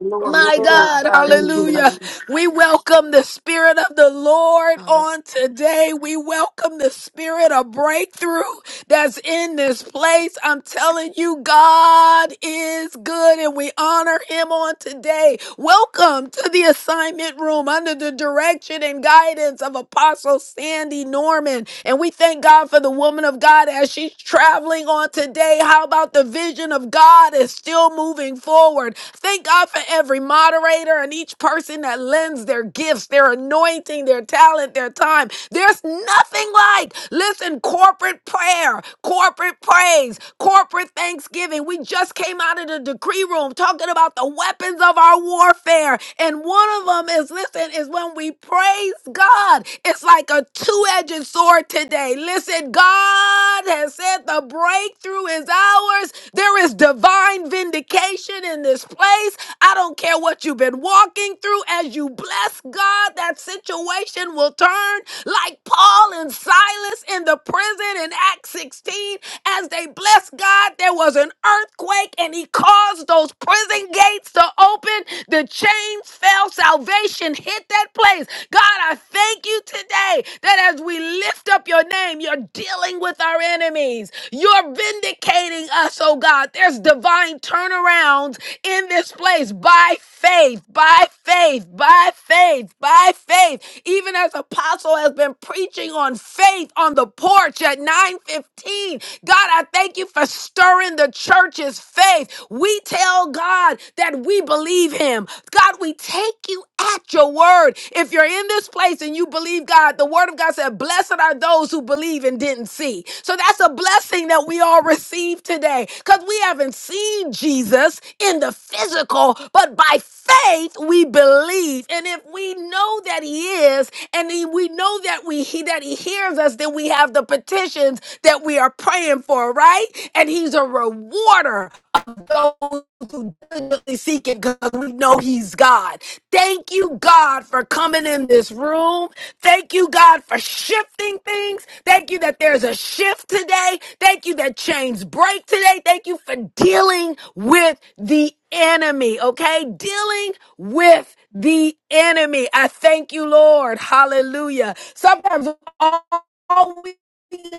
Speaker 9: Glory
Speaker 1: My
Speaker 9: to
Speaker 4: Oh,
Speaker 9: God.
Speaker 1: God,
Speaker 4: God.
Speaker 3: Thank you,
Speaker 9: Hallelujah.
Speaker 1: hallelujah.
Speaker 3: Lord.
Speaker 1: We welcome the Spirit of the Lord
Speaker 3: Hallelujah.
Speaker 1: on today. We welcome the Spirit of breakthrough that's in this place. I'm telling you, God is good and we honor Him on today. Welcome to the assignment room under the direction and guidance of Apostle Sandy Norman. And we thank God for the woman of God as she's traveling on today. How about the vision of God is still moving forward? Thank God for every every moderator and each person that lends their gifts, their anointing, their talent, their time. There's nothing like, listen, corporate prayer, corporate praise, corporate thanksgiving. We just came out of the decree room talking about the weapons of our warfare. And one of them is, listen, is when we praise God. It's like a two edged sword today. Listen, God has said the breakthrough is ours. There is divine vindication in this place. I don't don't care what you've been walking through. As you bless God, that situation will turn like Paul and Silas in the prison in Acts 16. As they blessed God, there was an earthquake and he caused those prison gates to open. The chains fell, salvation hit that place. God, I thank you today that as we lift up your name, you're dealing with our enemies. You're vindicating us, oh God. There's divine turnarounds in this place by by faith, by faith, by faith, by faith. Even as Apostle has been preaching on faith on the porch at 9:15. God, I thank you for stirring the church's faith. We tell God that we believe him. God, we take you at your word. If you're in this place and you believe God, the word of God said, Blessed are those who believe and didn't see. So that's a blessing that we all receive today because we haven't seen Jesus in the physical, but by faith we believe. And if we know that he is, and he- we know that we he, that he hears us, then we have the petitions that we are praying for, right? And he's a rewarder of those who diligently seek it because we know he's God. Thank you, God, for coming in this room. Thank you, God, for shifting things. Thank you that there's a shift today. Thank you that chains break today. Thank you for dealing with the enemy. Okay dealing with the enemy. I thank you, Lord. Hallelujah. Sometimes all all we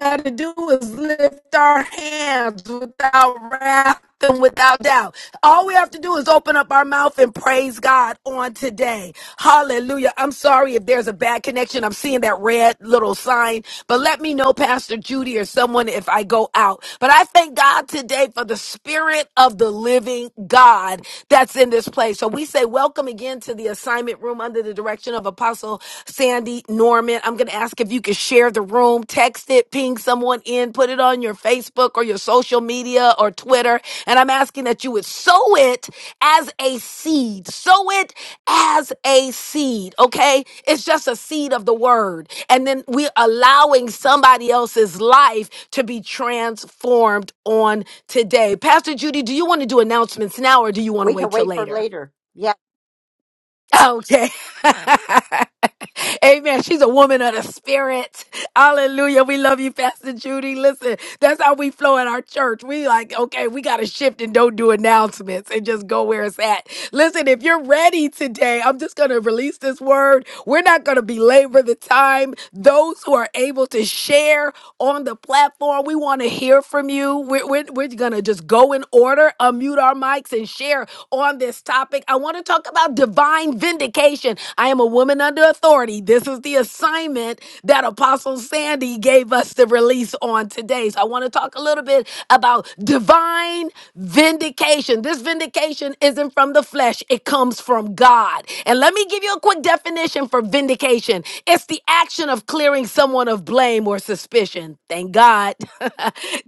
Speaker 1: got to do is lift our hands without wrath and without doubt. All we have to do is open up our mouth and praise God on today. Hallelujah. I'm sorry if there's a bad connection. I'm seeing that red little sign, but let me know, Pastor Judy or someone, if I go out. But I thank God today for the spirit of the living God that's in this place replay. So we say welcome again to the assignment room under the direction of Apostle Sandy Norman. I'm going to ask if you could share the room, text it, ping someone in, put it on your Facebook or your social media or Twitter. And I'm asking that you would sow it as a seed. Sow it as a seed, okay? It's just a seed of the word. And then we're allowing somebody else's life to be transformed on today. Pastor Judy, do you want to do announcements now or do you want to
Speaker 2: We can
Speaker 1: wait till
Speaker 2: wait for
Speaker 1: later?
Speaker 2: later.
Speaker 1: Okay. Amen. She's a woman of the spirit. Hallelujah. We love you, Pastor Judy. Listen, that's how we flow at our church. We like, okay, we got to shift and don't do announcements and just go where it's at. Listen, if you're ready today, I'm just going to release this word. We're not going to belabor the time. Those who are able to share on the platform, we want to hear from you. We're, we're, we're going to just go in order, unmute our mics, and share on this topic. I want to talk. Talk about divine vindication. I am a woman under authority. This is the assignment that Apostle Sandy gave us to release on today. So I want to talk a little bit about divine vindication. This vindication isn't from the flesh, it comes from God. And let me give you a quick definition for vindication it's the action of clearing someone of blame or suspicion. Thank God.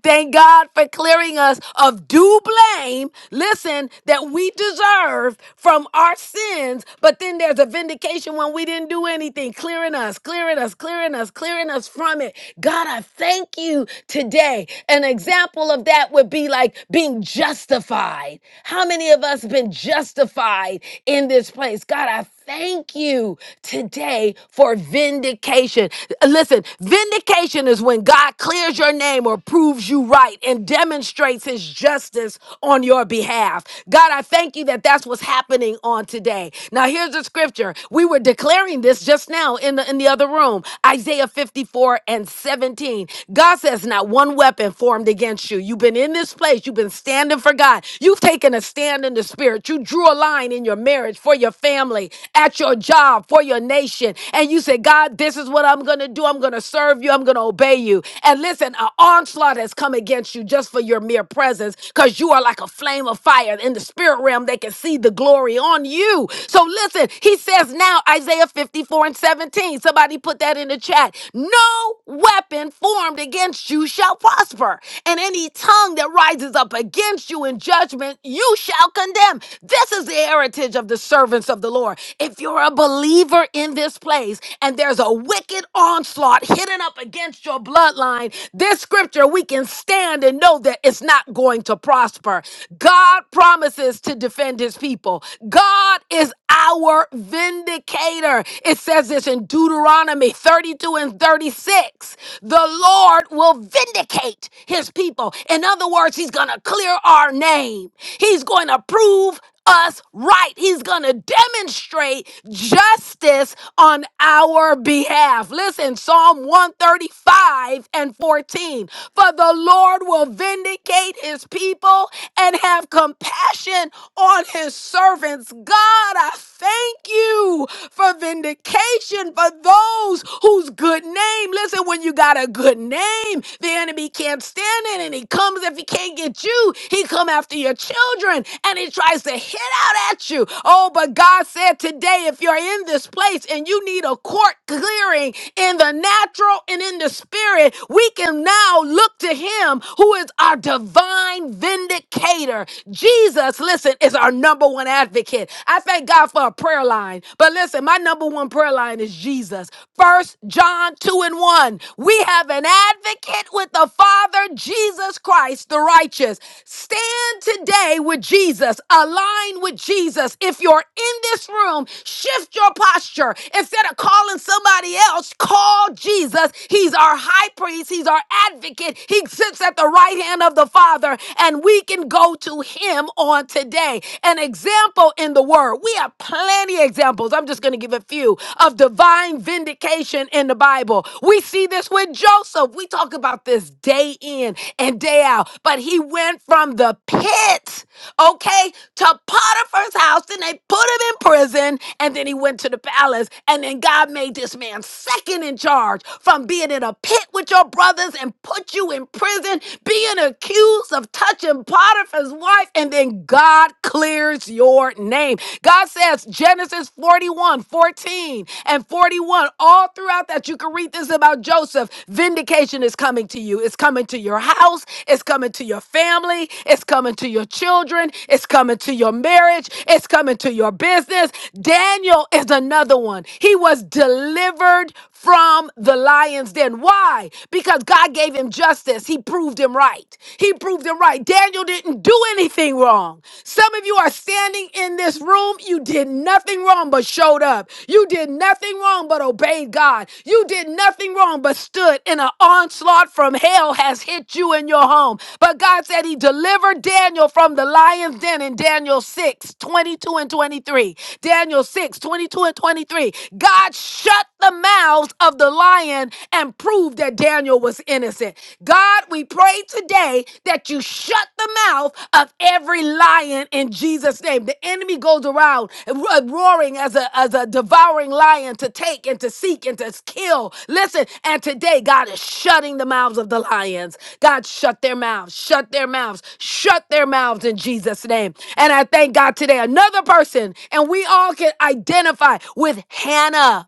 Speaker 1: Thank God for clearing us of due blame. Listen, that we deserve served from our sins, but then there's a vindication when we didn't do anything, clearing us, clearing us, clearing us, clearing us from it. God, I thank you today. An example of that would be like being justified. How many of us been justified in this place? God, I Thank you today for vindication. Listen, vindication is when God clears your name or proves you right and demonstrates his justice on your behalf. God, I thank you that that's what's happening on today. Now, here's the scripture. We were declaring this just now in the, in the other room Isaiah 54 and 17. God says, Not one weapon formed against you. You've been in this place, you've been standing for God, you've taken a stand in the spirit spirit. You drew a line in your marriage, for your family, at your job, for your nation. And you said, God, this is what I'm going to do. I'm going to serve you. I'm going to obey you. And listen, an onslaught has come against you just for your mere presence because you are like a flame of fire. In the spirit realm, they can see the glory on you. So listen, he says now, Isaiah 54 and 17. Somebody put that in the chat. No weapon formed against you shall prosper. And any tongue that rises up up against you in judgment, you shall condemn. This is the heritage of the servants of the Lord. If you're a believer in this place and there's a wicked onslaught hidden up against your bloodline, this scripture we can stand and know that it's not going to prosper. God promises to defend his people. God is our vindicator. It says this in Deuteronomy 32 and 36. The Lord will vindicate his people. In other words, he's going to clear our name. He's going to prove us right. He's going to demonstrate justice on our behalf. Listen, Psalm 135 and 14. For the Lord will vindicate his people and have compassion on his servants. God, I thank you for vindication for those whose good good name. Listen, when you got a good name, the enemy can't stand it, and he comes if he can't get you, he come after your children, and he tries to hit out at you. Oh, but God said today, if you're in this place and you need a court clearing in the natural and in the spirit, we can now look to him who is our divine vindicator. Jesus, listen, is our number one advocate. I thank God for a prayer line. But listen, my number my number one prayer line is Jesus. First John 2 and 1. We have an advocate with the Father, Jesus Christ, the righteous. Stand today with Jesus. Align with Jesus. If you're in this room, shift your posture. Instead of calling somebody else, call Jesus. He's our high priest, he's our advocate. He sits at the right hand of the Father, and we can go to him on today. An example in the Word. We have plenty of examples. I'm just going to give a few of divine vindication in the Bible. We see this with Joseph. We talk about this day in and day out, but he went from the pit, okay, to Potiphar's house. Then they put him in prison, and then he went to the palace. And then God made this man second in charge from being in a pit with your brothers and put you in prison, being accused of touching Potiphar's his wife, and then God clears your name. God says, Genesis 41 14 and 41, all throughout that, you can read this about Joseph. Vindication is coming to you, it's coming to your house, it's coming to your family, it's coming to your children, it's coming to your marriage, it's coming to your business. Daniel is another one. He was delivered from the lion's den. Why? Because God gave him justice. He proved proved him right. He proved him right. Daniel didn't do anything wrong. Some of you are standing in this room. You did nothing wrong but showed up. You did nothing wrong but obeyed God. You did nothing wrong but stood in an onslaught from hell has hit you in your home. But God said he delivered Daniel from the lion's den in Daniel 6 22 and 23. Daniel 6 22 and 23. God shut the mouths of the lion and prove that Daniel was innocent. God, we pray today that you shut the mouth of every lion in Jesus' name. The enemy goes around ro- uh, roaring as a, as a devouring lion to take and to seek and to kill. Listen, and today God is shutting the mouths of the lions. God, shut their mouths, shut their mouths, shut their mouths in Jesus' name. And I thank God today, another person, and we all can identify with Hannah.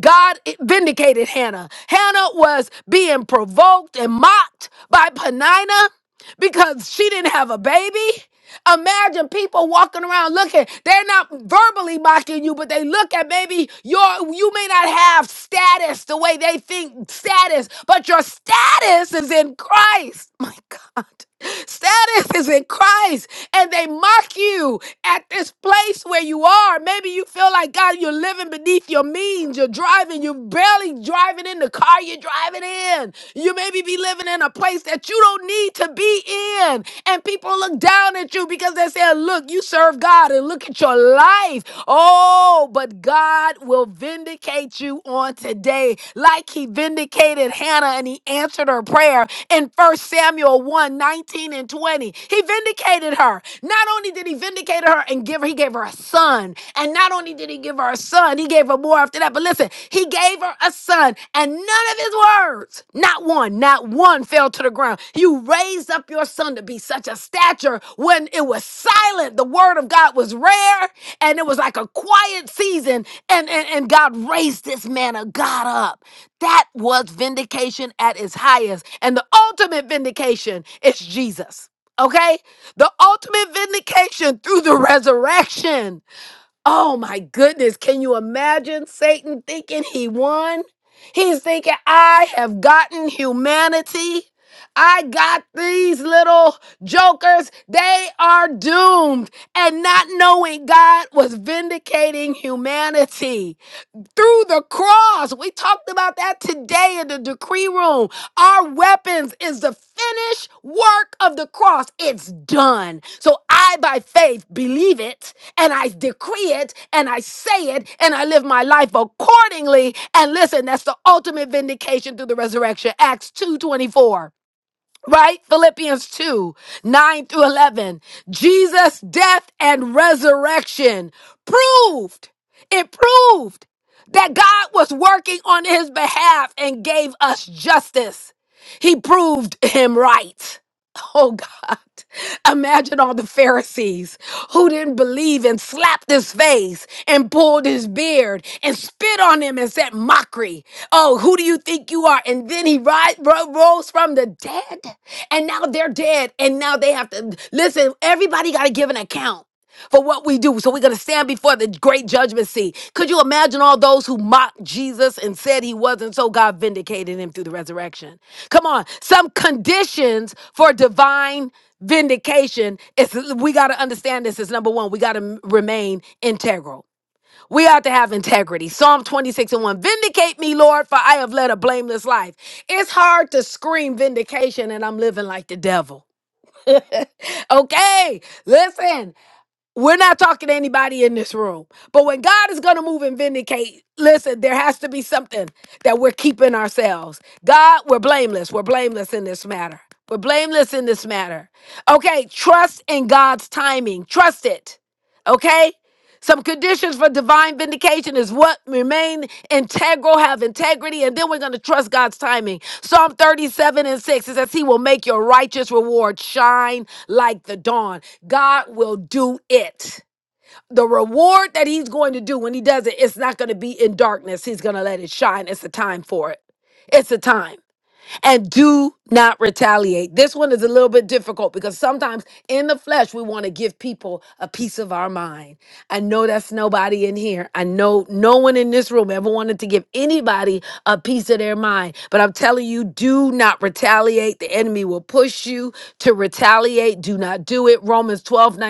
Speaker 1: God vindicated Hannah. Hannah was being provoked and mocked by Penina because she didn't have a baby. Imagine people walking around looking. They're not verbally mocking you, but they look at maybe your you may not have status the way they think status, but your status is in Christ. My God. Status is in Christ, and they mock you at this place where you are. Maybe you feel like God, you're living beneath your means. You're driving, you're barely driving in the car you're driving in. You maybe be living in a place that you don't need to be in, and people look down at you because they say, Look, you serve God, and look at your life life. Oh, but God will vindicate you on today, like he vindicated Hannah and he answered her prayer in First Samuel one 19 and 20. He vindicated her. Not only did he vindicate her and give her, he gave her a son. And not only did he give her a son, he gave her more after that. But listen, he gave her a son. And and none of his words, not one, not one fell to the ground. You raised up your son to be such a stature when it was silent. The word of God was rare and it was like a quiet season. And, and, and God raised this man of God up. That was vindication at its highest. And the ultimate vindication is Jesus. Okay? The ultimate vindication through the resurrection. Oh my goodness, can you imagine Satan thinking he won? He's thinking, I have gotten humanity. I got these little jokers. They are doomed. And not knowing God was vindicating humanity through the cross. We talked about that today in the decree room. Our weapons is the finished work of the cross. It's done. So I, by faith, believe it and I decree it and I say it and I live my life accordingly. And listen, that's the ultimate vindication through the resurrection. Acts two twenty four right? Philippians 2 9 through 11. Jesus' death and resurrection proved, it proved that God was working on his behalf and gave us justice. He proved him right. Oh God, imagine all the Pharisees who didn't believe and slapped his face and pulled his beard and spit on him and said, Mockery. Oh, who do you think you are? And then he ri- ro- rose from the dead. And now they're dead. And now they have to listen, everybody got to give an account for what we do. So we're going to stand before the great judgment seat. Could you imagine all those who mocked Jesus and said he wasn't? So God vindicated him through the resurrection. Come on, some conditions for divine vindication is we got to understand this is number one, we got to remain integral. We ought to have integrity. Psalm 26 and 1. Vindicate me, Lord, for I have led a blameless life. It's hard to scream vindication and I'm living like the devil. Okay, listen. We're not talking to anybody in this room. But when God is going to move and vindicate, listen, there has to be something that we're keeping ourselves. God, we're blameless. We're blameless in this matter. We're blameless in this matter. Okay, trust in God's timing. Trust it. Okay? Some conditions for divine vindication is what remain integral, have integrity, and then we're going to trust God's timing. Psalm 37 and 6 it says, He will make your righteous reward shine like the dawn. God will do it. The reward that He's going to do when He does it, it's not going to be in darkness. He's going to let it shine. It's the time for it. It's the time and do not retaliate. This one is a little bit difficult because sometimes in the flesh, we want to give people a piece of our mind. I know that's nobody in here. I know no one in this room ever wanted to give anybody a piece of their mind. But I'm telling you, do not retaliate. The enemy will push you to retaliate. Do not do it. Romans 12 19.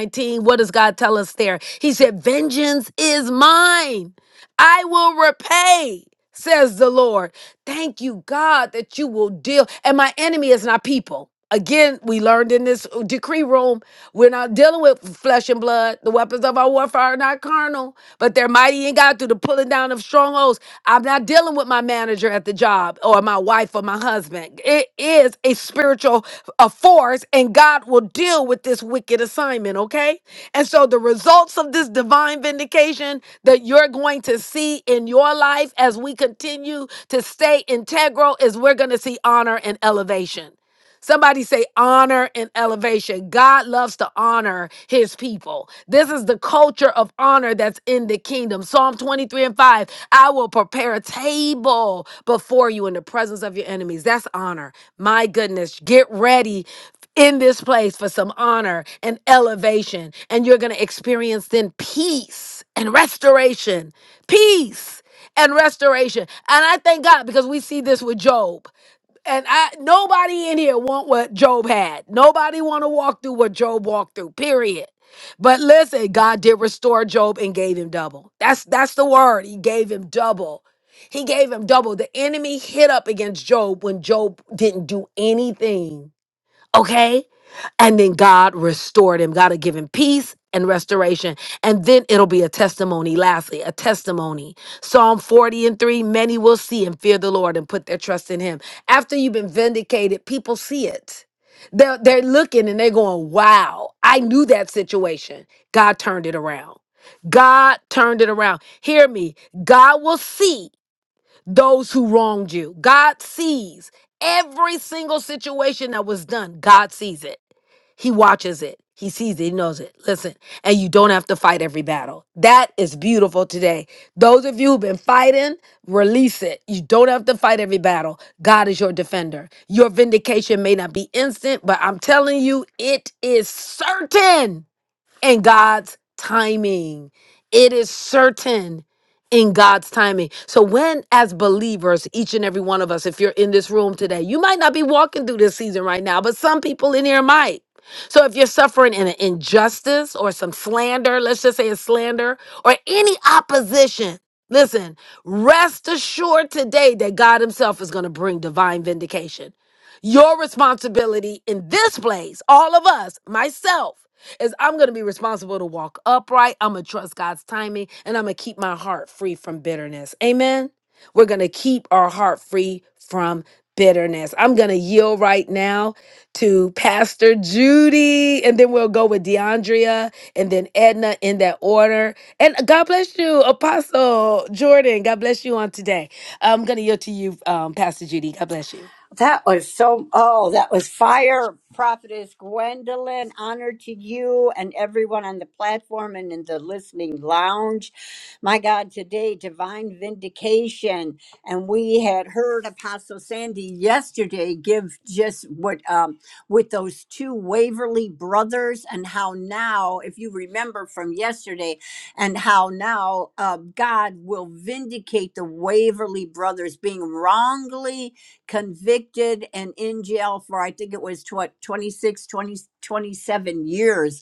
Speaker 1: What does God tell us there? He said, Vengeance is mine. I will repay, says the Lord. Thank you, God, that you will deal. And my enemy is not people. Again, we learned in this uh, decree room, we're not dealing with flesh and blood. The weapons of our warfare are not carnal, but they're mighty in God through the pulling down of strongholds. I'm not dealing with my manager at the job or my wife or my husband it is a spiritual uh, force, and God will deal with this wicked assignment, okay? And so the results of this divine vindication that you're going to see in your life as we continue to stay integral is we're going to see honor and elevation. Somebody say honor and elevation. God loves to honor his people. This is the culture of honor that's in the kingdom. Psalm 23 and 5 I will prepare a table before you in the presence of your enemies. That's honor. My goodness, get ready in this place for some honor and elevation, and you're going to experience then peace and restoration. Peace and restoration. And I thank God because we see this with Job and I nobody in here want what Job had. Nobody want to walk through what Job walked through. Period. But listen, God did restore Job and gave him double. That's that's the word. He gave him double. He gave him double. The enemy hit up against Job when Job didn't do anything. Okay? And then God restored him. God had given peace and restoration. And then it'll be a testimony. Lastly, a testimony. Psalm 40 and 3 Many will see and fear the Lord and put their trust in him. After you've been vindicated, people see it. They're, they're looking and they're going, wow, I knew that situation. God turned it around. God turned it around. Hear me. God will see those who wronged you. God sees every single situation that was done. God sees it. He watches it. He sees it. He knows it. Listen, and you don't have to fight every battle. That is beautiful today. Those of you who've been fighting, release it. You don't have to fight every battle. God is your defender. Your vindication may not be instant, but I'm telling you, it is certain in God's timing. It is certain in God's timing. So, when as believers, each and every one of us, if you're in this room today, you might not be walking through this season right now, but some people in here might. So, if you're suffering an injustice or some slander, let's just say a slander or any opposition, listen, rest assured today that God Himself is going to bring divine vindication. Your responsibility in this place, all of us, myself, is I'm going to be responsible to walk upright. I'm going to trust God's timing and I'm going to keep my heart free from bitterness. Amen. We're going to keep our heart free from bitterness. I'm going to yield right now to Pastor Judy and then we'll go with DeAndrea and then Edna in that order. And God bless you, Apostle Jordan. God bless you on today. I'm going to yield to you, um, Pastor Judy. God bless you.
Speaker 2: That was so, oh, that was fire, Prophetess Gwendolyn. Honor to you and everyone on the platform and in the listening lounge. My God, today, divine vindication. And we had heard Apostle Sandy yesterday give just what, um, with those two Waverly brothers, and how now, if you remember from yesterday, and how now uh, God will vindicate the Waverly brothers being wrongly convicted and in jail for I think it was what 26, 20 27 years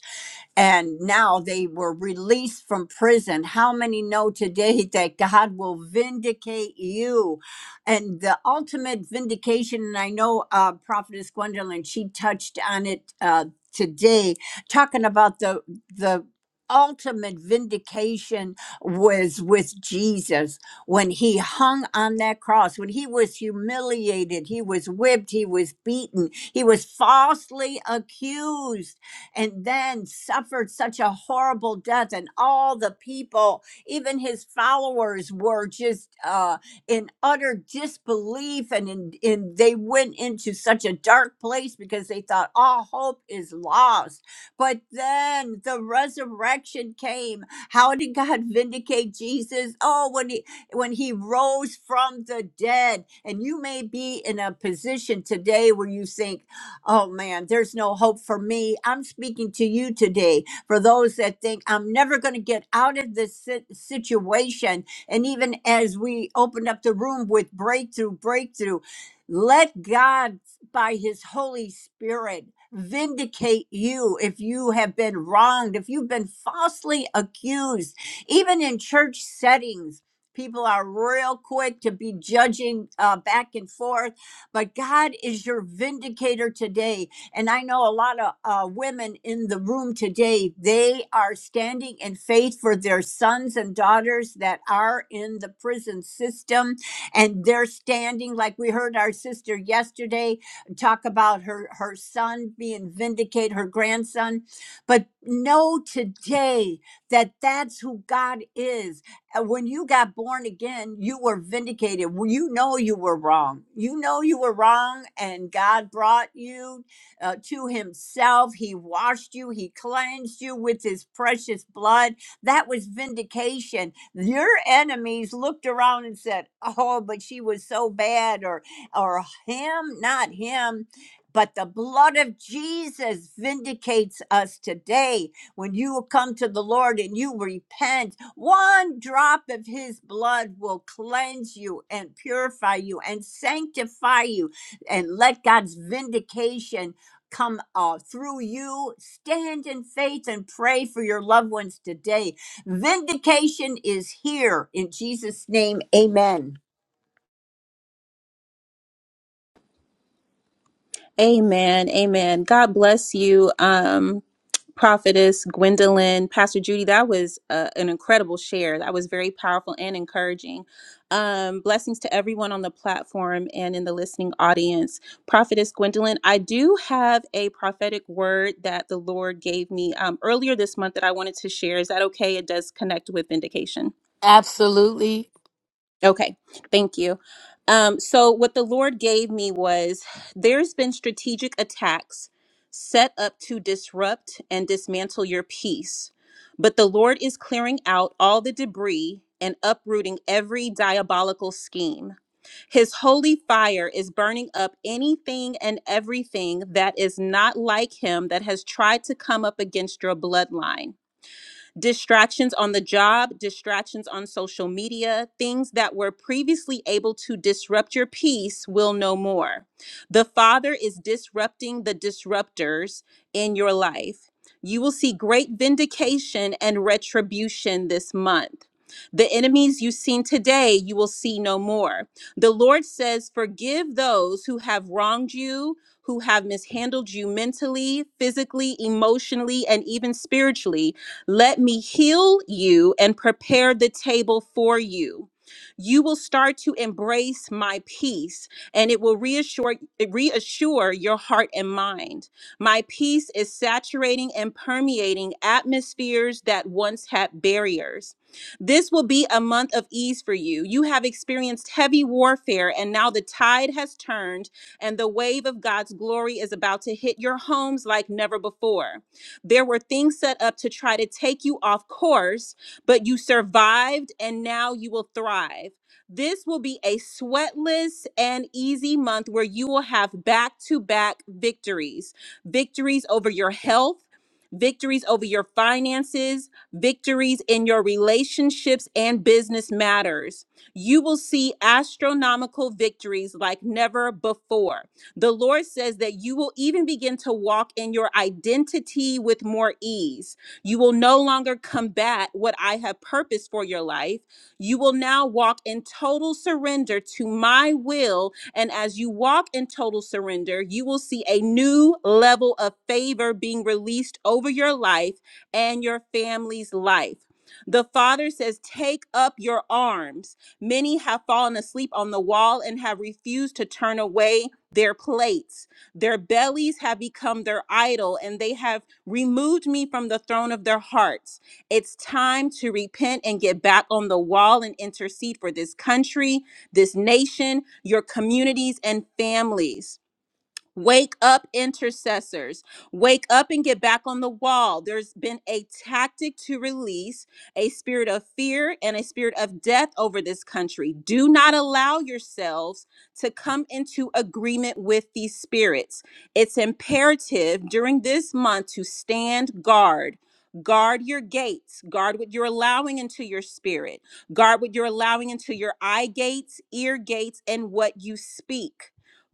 Speaker 2: and now they were released from prison. How many know today that God will vindicate you? And the ultimate vindication, and I know uh, Prophetess Gwendolyn, she touched on it uh, today, talking about the the ultimate vindication was with Jesus when he hung on that cross when he was humiliated he was whipped he was beaten he was falsely accused and then suffered such a horrible death. And all the people, even his followers, were just uh, in utter disbelief. And, in, and they went into such a dark place because they thought all hope is lost. But then the resurrection came. How did God vindicate Jesus? Oh, when he when he rose from the dead. And you may be in a position today where you think, Oh man, there's no hope for me. I'm speaking to you today for those that think I'm never going to get out of this si- situation. And even as we opened up the room with breakthrough, breakthrough, let God, by His Holy Spirit, vindicate you if you have been wronged, if you've been falsely accused, even in church settings. People are real quick to be judging uh, back and forth but God is your vindicator today. And I know a lot of uh, women in the room today, they are standing in faith for their sons and daughters that are in the prison system. And they're standing, like we heard our sister yesterday talk about her, her son being vindicated, her grandson. But know today that that's who God is uh, when you got born again, you were vindicated. Well, You know you were wrong. You know you were wrong, and God brought you uh, to Himself. He washed you, He cleansed you with His precious blood. That was vindication. Your enemies looked around and said, Oh, but she was so bad, or, or him, not him. But the blood of Jesus vindicates us today when you come to the Lord and you repent, one drop of his blood will cleanse you and purify you and sanctify you and let God's vindication come uh, through you. Stand in faith and pray for your loved ones today. Vindication is here in Jesus' name. Amen.
Speaker 5: Amen. Amen. God bless you, um, Prophetess Gwendolyn, Pastor Judy. That was uh, an incredible share. That was very powerful and encouraging. Um, blessings to everyone on the platform and in the listening audience. Prophetess Gwendolyn, I do have a prophetic word that the Lord gave me um, earlier this month that I wanted to share. Is that okay? It does connect with vindication.
Speaker 1: Absolutely.
Speaker 5: Okay, thank you. Um, so, what the Lord gave me was there's been strategic attacks set up to disrupt and dismantle your peace, but the Lord is clearing out all the debris and uprooting every diabolical scheme. His holy fire is burning up anything and everything that is not like Him that has tried to come up against your bloodline distractions on the job, distractions on social media, things that were previously able to disrupt your peace will no more. The Father is disrupting the disruptors in your life. You will see great vindication and retribution this month. The enemies you've seen today, you will see no more. The Lord says, Forgive those who have wronged you, who have mishandled you mentally, physically, emotionally, and even spiritually let me heal you and prepare the table for you. You will start to embrace my peace, and it will reassure reassure your heart and mind. My peace is saturating and permeating atmospheres that once had barriers. This will be a month of ease for you. You have experienced heavy warfare, and now the tide has turned, and the wave of God's glory is about to hit your homes like never before. There were things set up to try to take you off course, but you survived and now you will thrive. This will be a sweatless and easy month where you will have back to back victories victories over your health, victories over your finances, victories in your relationships and business matters. You will see astronomical victories like never before. The Lord says that you will even begin to walk in your identity with more ease. You will no longer combat what I have purposed for your life. You will now walk in total surrender to my will. And as you walk in total surrender, you will see a new level of favor being released over your life and your family's life. The Father says, Take up your arms. Many have fallen asleep on the wall and have refused to turn away their plates. Their bellies have become their idol, and they have removed me from the throne of their hearts. It's time to repent and get back on the wall and intercede for this country, this nation, your communities, and families. Wake up, intercessors. Wake up and get back on the wall. There's been a tactic to release a spirit of fear and a spirit of death over this country. Do not allow yourselves to come into agreement with these spirits. It's imperative during this month to stand guard. Guard your gates. Guard what you're allowing into your spirit. Guard what you're allowing into your eye gates, ear gates, and what you speak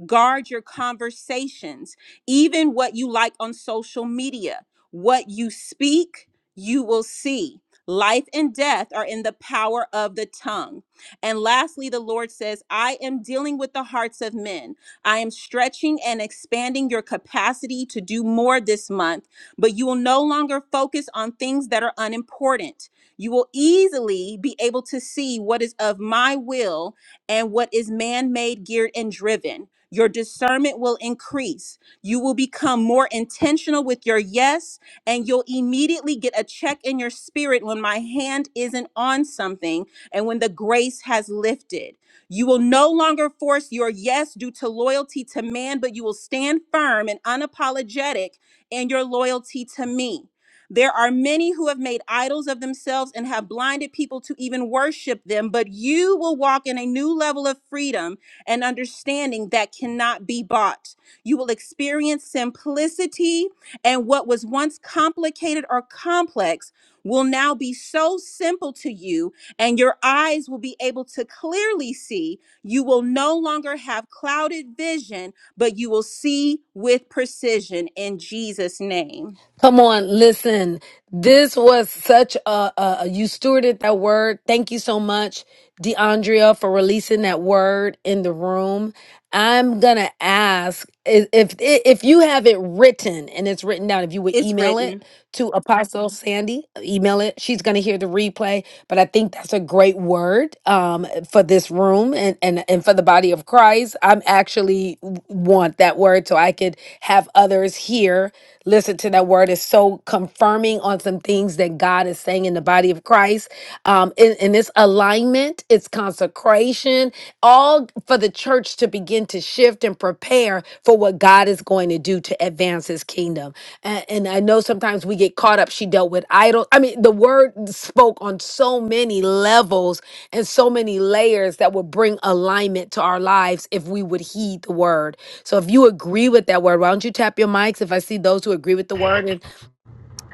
Speaker 5: Guard your conversations, even what you like on social media. What you speak, you will see. Life and death are in the power of the tongue. And lastly, the Lord says, I am dealing with the hearts of men. I am stretching and expanding your capacity to do more this month, but you will no longer focus on things that are unimportant. You will easily be able to see what is of my will and what is man made, geared, and driven. Your discernment will increase. You will become more intentional with your yes, and you'll immediately get a check in your spirit when my hand isn't on something and when the grace has lifted. You will no longer force your yes due to loyalty to man, but you will stand firm and unapologetic in your loyalty to me. There are many who have made idols of themselves and have blinded people to even worship them, but you will walk in a new level of freedom and understanding that cannot be bought. You will experience simplicity, and what was once complicated or complex will now be so simple to you, and your eyes will be able to clearly see. You will no longer have clouded vision, but you will see with precision in Jesus' name.
Speaker 1: Come on, listen. This was such a, a a- you stewarded that word. Thank you so much, DeAndrea, for releasing that word in the room. I'm gonna ask i- if if you have it written and it's written down. If you would
Speaker 5: It's
Speaker 1: email it
Speaker 5: written.
Speaker 1: to Apostle Sandy. Email it. She's going to hear the replay. But I think that's a great word um, for this room and, and, and for the body of Christ. I'm actually w- want that word so I could have others here listen to that word. It's so confirming on some things that God is saying in the the body of Christ. Um, and, and it's alignment, it's consecration, all for the church to begin to shift and prepare for what God is going to do to advance his kingdom. And, and I know sometimes we get caught up. She dealt with idol. I mean, the word spoke on so many levels and so many layers that would bring alignment to our lives if we would heed the word. So if you agree with that word, why don't you tap your mics if I see those who agree with the word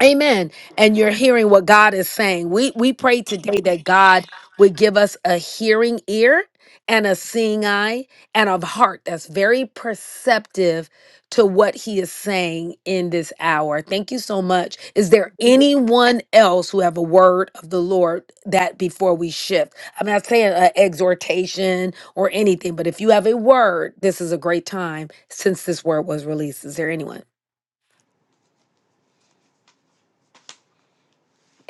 Speaker 1: Amen. And you're hearing what God is saying. We we pray today that God would give us a hearing ear and a seeing eye and a heart that's very perceptive to what he is saying in this hour. Thank you so much. Is there anyone else who have a word of the Lord that before we shift? I'm not saying an exhortation or anything, but if you have a word, this is a great time since this word was released. Is there anyone?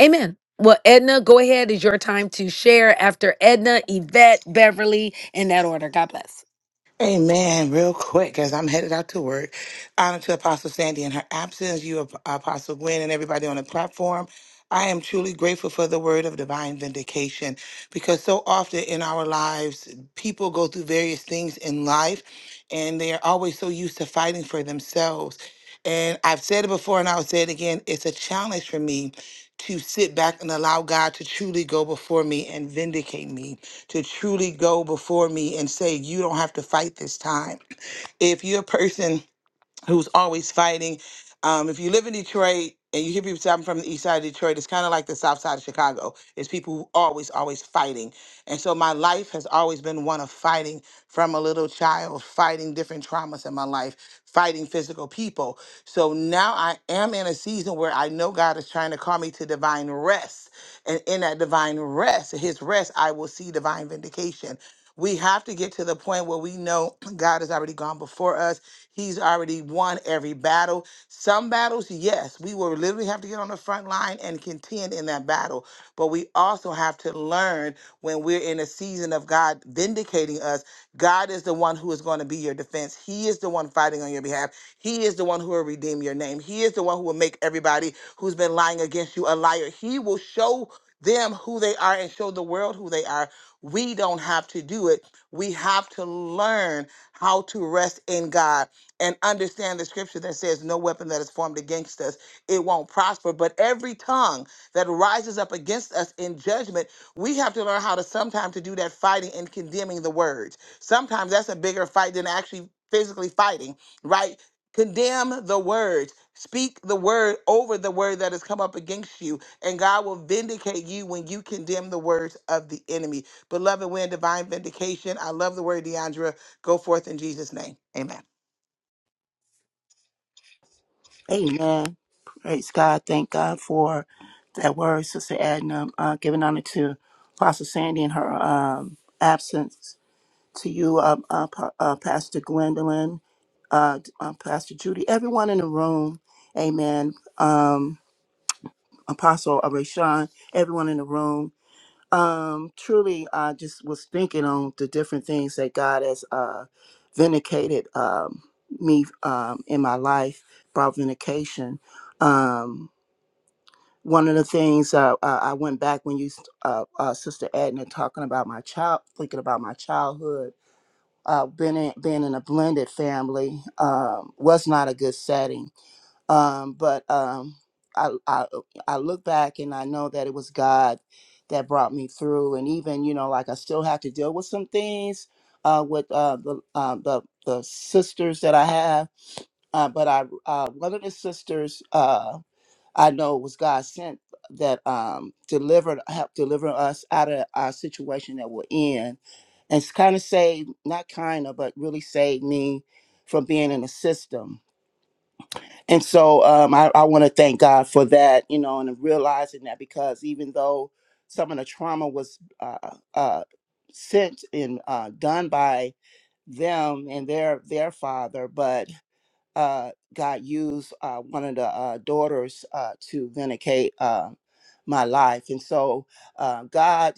Speaker 1: Amen. Well, Edna, go ahead. It's your time to share after Edna, Yvette, Beverly, in that order. God bless.
Speaker 10: Amen. Real quick, as I'm headed out to work, honor to Apostle Sandy in her absence, you, Ap- Apostle Gwen, and everybody on the platform. I am truly grateful for the word of divine vindication because so often in our lives, people go through various things in life and they are always so used to fighting for themselves. And I've said it before and I'll say it again it's a challenge for me to sit back and allow God to truly go before me and vindicate me to truly go before me and say, You don't have to fight this time. If you're a person who's always fighting, um, if you live in Detroit and you hear people say, I'm from the east side of Detroit, it's kind of like the south side of Chicago. It's people who always, always fighting. And so my life has always been one of fighting from a little child, fighting different traumas in my life, fighting physical people. So now I am in a season where I know God is trying to call me to divine rest and in that divine rest, his rest, I will see divine vindication. We have to get to the point where we know God has already gone before us. He's already won every battle. Some battles, yes, we will literally have to get on the front line and contend in that battle. But we also have to learn when we're in a season of God vindicating us, God is the one who is going to be your defense. He is the one fighting on your behalf. He is the one who will redeem your name. He is the one who will make everybody who's been lying against you a liar. He will show them who they are and show the world who they are. We don't have to do it. We have to learn how to rest in God and understand the scripture that says, No weapon that is formed against us, it won't prosper. But every tongue that rises up against us in judgment, we have to learn how to sometimes to do that fighting and condemning the words. Sometimes that's a bigger fight than actually physically fighting, right? Condemn the words. Speak the word over the word that has come up against you and God will vindicate you when you condemn the words of the enemy. Beloved, we're in divine vindication. I love the word, Deandra. Go forth in Jesus' name. Amen.
Speaker 4: Amen. To Gwendolyn, uh, um, Pastor Judy, everyone in the room. Amen. Um, Apostle Areshan, everyone in the room. Um, truly, I just was thinking on the different things that God has uh, vindicated um, me um, in my life, brought vindication. Um, one of the things uh, uh, I went back when you, uh, uh, Sister Edna, talking about my child, thinking about my childhood, uh, being in, being in a blended family um, was not a good setting um, but um, I, I I look back and I know that it was God that brought me through, and even you know, like I still have to deal with some things uh, with uh, the, uh, the the sisters that I have, uh, but I uh, one of the sisters uh, I know was God sent that um, delivered helped deliver us out of our situation that we're in, and it's kind of saved not kind of but really saved me from being in the system and so um, I, I want to thank God for that, you know, and realizing that because even though some of the trauma was uh, uh, sent and uh, done by them and their their father, uh, God used uh, one of the uh, daughters uh, to vindicate uh, my life. And so uh, God,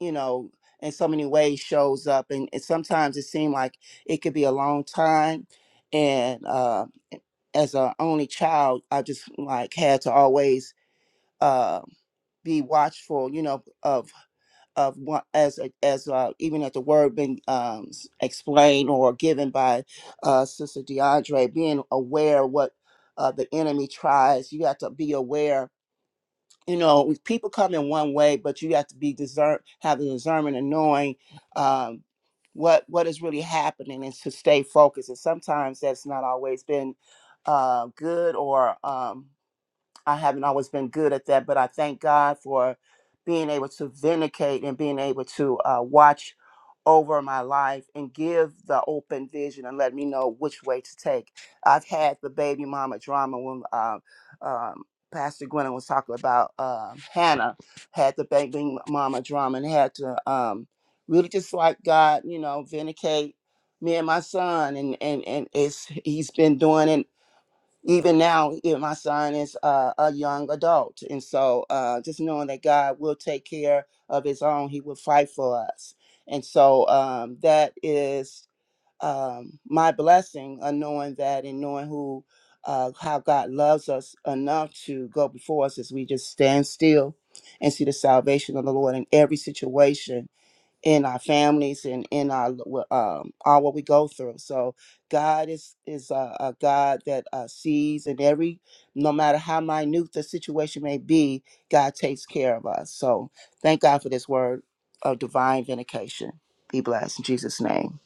Speaker 4: you know, in so many ways shows up. And, and sometimes it seemed like it could be a long time. And uh, as an only child, I just like had to always uh, be watchful, you know, of of one as a- as uh, even at the word being um, s- explained or given by uh, Sister DeAndre, being aware what uh, the enemy tries, you have to be aware. You know, people come in one way, but you have to be discern, have the discernment and knowing um, what what is really happening, and to stay focused. And sometimes that's not always been uh, good or um, I haven't always been good at that, but I thank God for being able to vindicate and being able to uh, watch over my life and give the open vision and let me know which way to take. I've had the baby mama drama when um, um, Pastor Gwen was talking about um Hannah had the baby mama drama and had to um, really just like God, you know, vindicate me and my son and and and it's he's been doing it even now you my son is uh, a young adult and so uh, just knowing that god will take care of his own he will fight for us and so um, that is um, my blessing of knowing that and knowing who uh, how god loves us enough to go before us as we just stand still and see the salvation of the lord in every situation in our families and in our um, all what we go through. So God is is a, a God that uh, sees, and every no matter how minute the situation may be, God takes care of us. So thank God for this word of divine vindication. Be blessed in Jesus' name.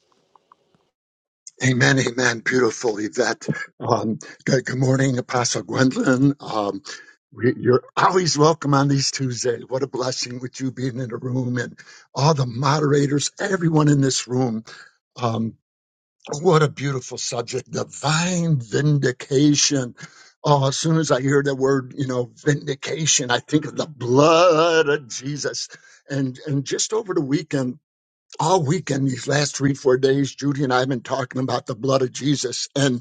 Speaker 8: Amen, amen. Beautiful, Yvette. Um, good, good morning, Apostle Gwendolyn. Um, we- you're always welcome on these Tuesdays. What a blessing with you being in the room and all the moderators, everyone in this room. Um, what a beautiful subject, divine vindication. Oh, as soon as I hear the word, you know, vindication, I think of the blood of Jesus. And and just over the weekend, all weekend, these last three, four days, Judy and I have been talking about the blood of Jesus. And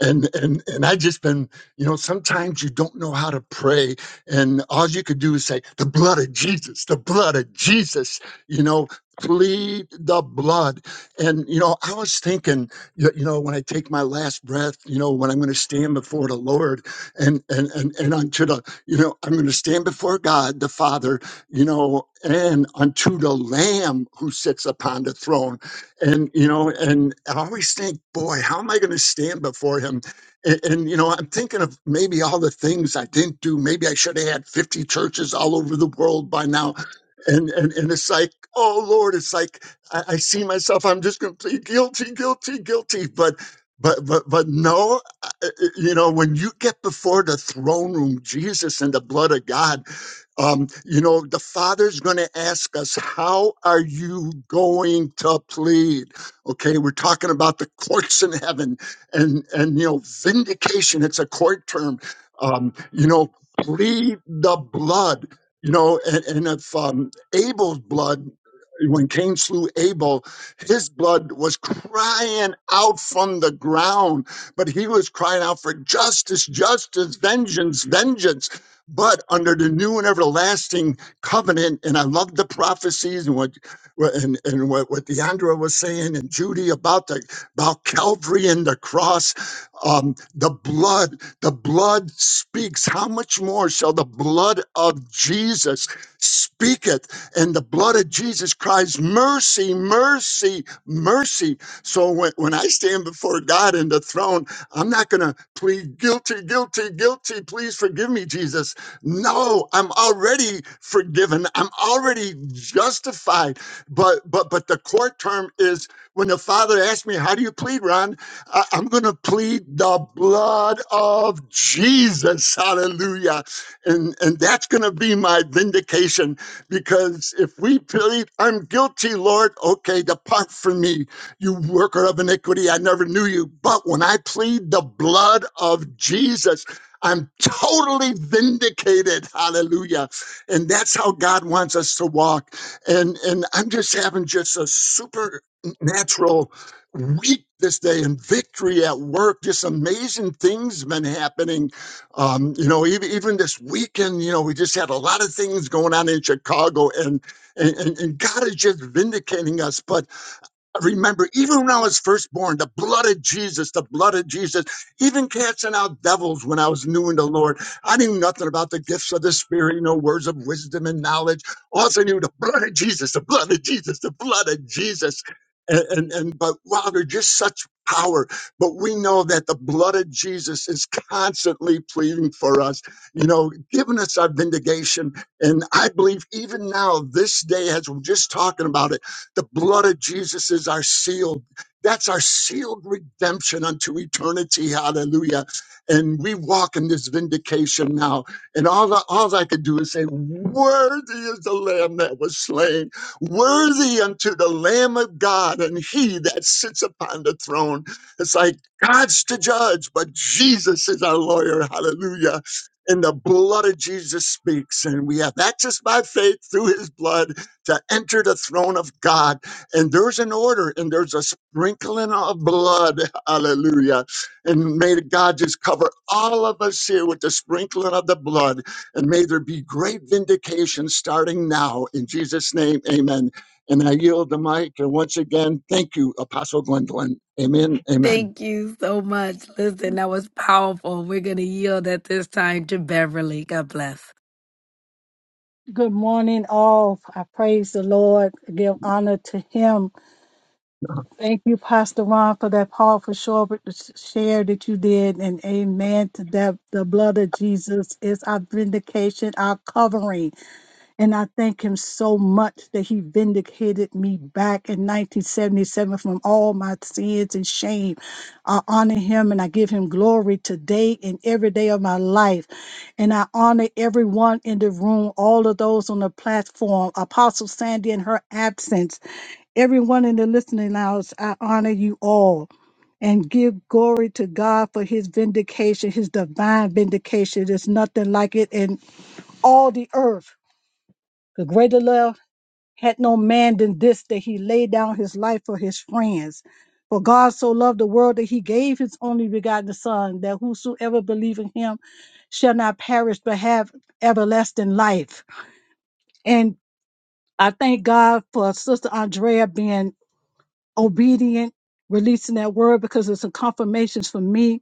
Speaker 8: and and and I just been, you know, sometimes you don't know how to pray, and all you could do is say, "The blood of Jesus, the blood of Jesus," you know, plead the blood. And you know, I was thinking, you you know, when I take my last breath, you know, when I'm going to stand before the Lord, and and and and unto the, you know, I'm going to stand before God the Father, you know, and unto the Lamb who sits upon the throne and you know and i always think boy how am i going to stand before him and, and you know i'm thinking of maybe all the things i didn't do maybe i should have had 50 churches all over the world by now and and, and it's like oh lord it's like i, I see myself i'm just going to plead guilty guilty guilty but but but but no uh, uh, you know when you get before the throne room jesus and the blood of god um, you know, the Father's going to ask us, How are you going to plead? Okay, we're talking about the courts in heaven and, and you know, vindication, it's a court term. Um, you know, plead the blood, you know, and, and if um, Abel's blood, when Cain slew Abel, his blood was crying out from the ground, but he was crying out for justice, justice, vengeance, vengeance but under the new and everlasting covenant, and I love the prophecies and what what- and, and what, what Deandra was saying and Judy about the about Calvary and the cross, um, the blood, the blood speaks. How much more shall the blood of Jesus speaketh? And the blood of Jesus cries, Mercy, mercy, mercy. So when, when I stand before God in the throne, I'm not going to plead guilty, guilty, guilty. Please forgive me, Jesus. No, I'm already forgiven. I'm already justified. But but but the court term is when the father asked me, "How do you plead, Ron?" I, I'm going to plead the blood of Jesus. Hallelujah. And and that's going to be my vindication. Because if we plead, I'm guilty, Lord, okay, depart from me, you worker of iniquity, I never knew you. But when I plead the blood of Jesus, I'm totally vindicated. Hallelujah. And that's how God wants us to walk. And and I'm just having just a supernatural week this day and victory at work. Just amazing things been happening um, you know, even even this weekend, you know, we just had a lot of things going on in Chicago, and and, and and God is just vindicating us. But I remember even when I was first born, the blood of Jesus, the blood of Jesus, even casting out devils when I was new in the Lord. I knew nothing about the gifts of the Spirit, you know, words of wisdom and knowledge. Also knew the blood of Jesus, the blood of Jesus, the blood of Jesus. And, and, and but wow, they're just such power. But we know that the blood of Jesus is constantly pleading for us, you know, giving us our vindication. And I believe even now, this day, as we're just talking about it, the blood of Jesus is our seal. That's our sealed redemption unto eternity. Hallelujah. And we walk in this vindication now. And all, I- all I could do is say, Worthy is the Lamb that was slain, worthy unto the Lamb of God, and he that sits upon the throne. It's like God's to judge, but Jesus is our lawyer. Hallelujah and the blood of Jesus speaks, and we have access by faith through his blood to enter the throne of God. And there's an order and there's a sprinkling of blood. Hallelujah. And may God just cover all of us here with the sprinkling of the blood. And may there be great vindication starting now. In Jesus' name, amen. And I yield the mic. And once again, thank you, Apostle Gwendolyn. Amen. Amen.
Speaker 1: Thank you so much. Listen, that was powerful. We're going to yield at this time to Beverly. God bless.
Speaker 11: Good morning, all. I praise the Lord, give honor to Him. Thank you, Pastor Ron, for that powerful short share that you did, and amen to that. The blood of Jesus is our vindication, our covering. And I thank him so much that he vindicated me back in 1977 from all my sins and shame. I honor him and I give him glory today and every day of my life. And I honor everyone in the room, all of those on the platform, Apostle Sandy in her absence, everyone in the listening lounge. I honor you all. And give glory to God for his vindication, his divine vindication. There's nothing like it in all the earth. The greater love had no man than this that he laid down his life for his friends. For God so loved the world that he gave his only begotten Son, that whosoever believe in him shall not perish but have everlasting life. And I thank God for Sister Andrea being obedient, releasing that word because it's a confirmation for me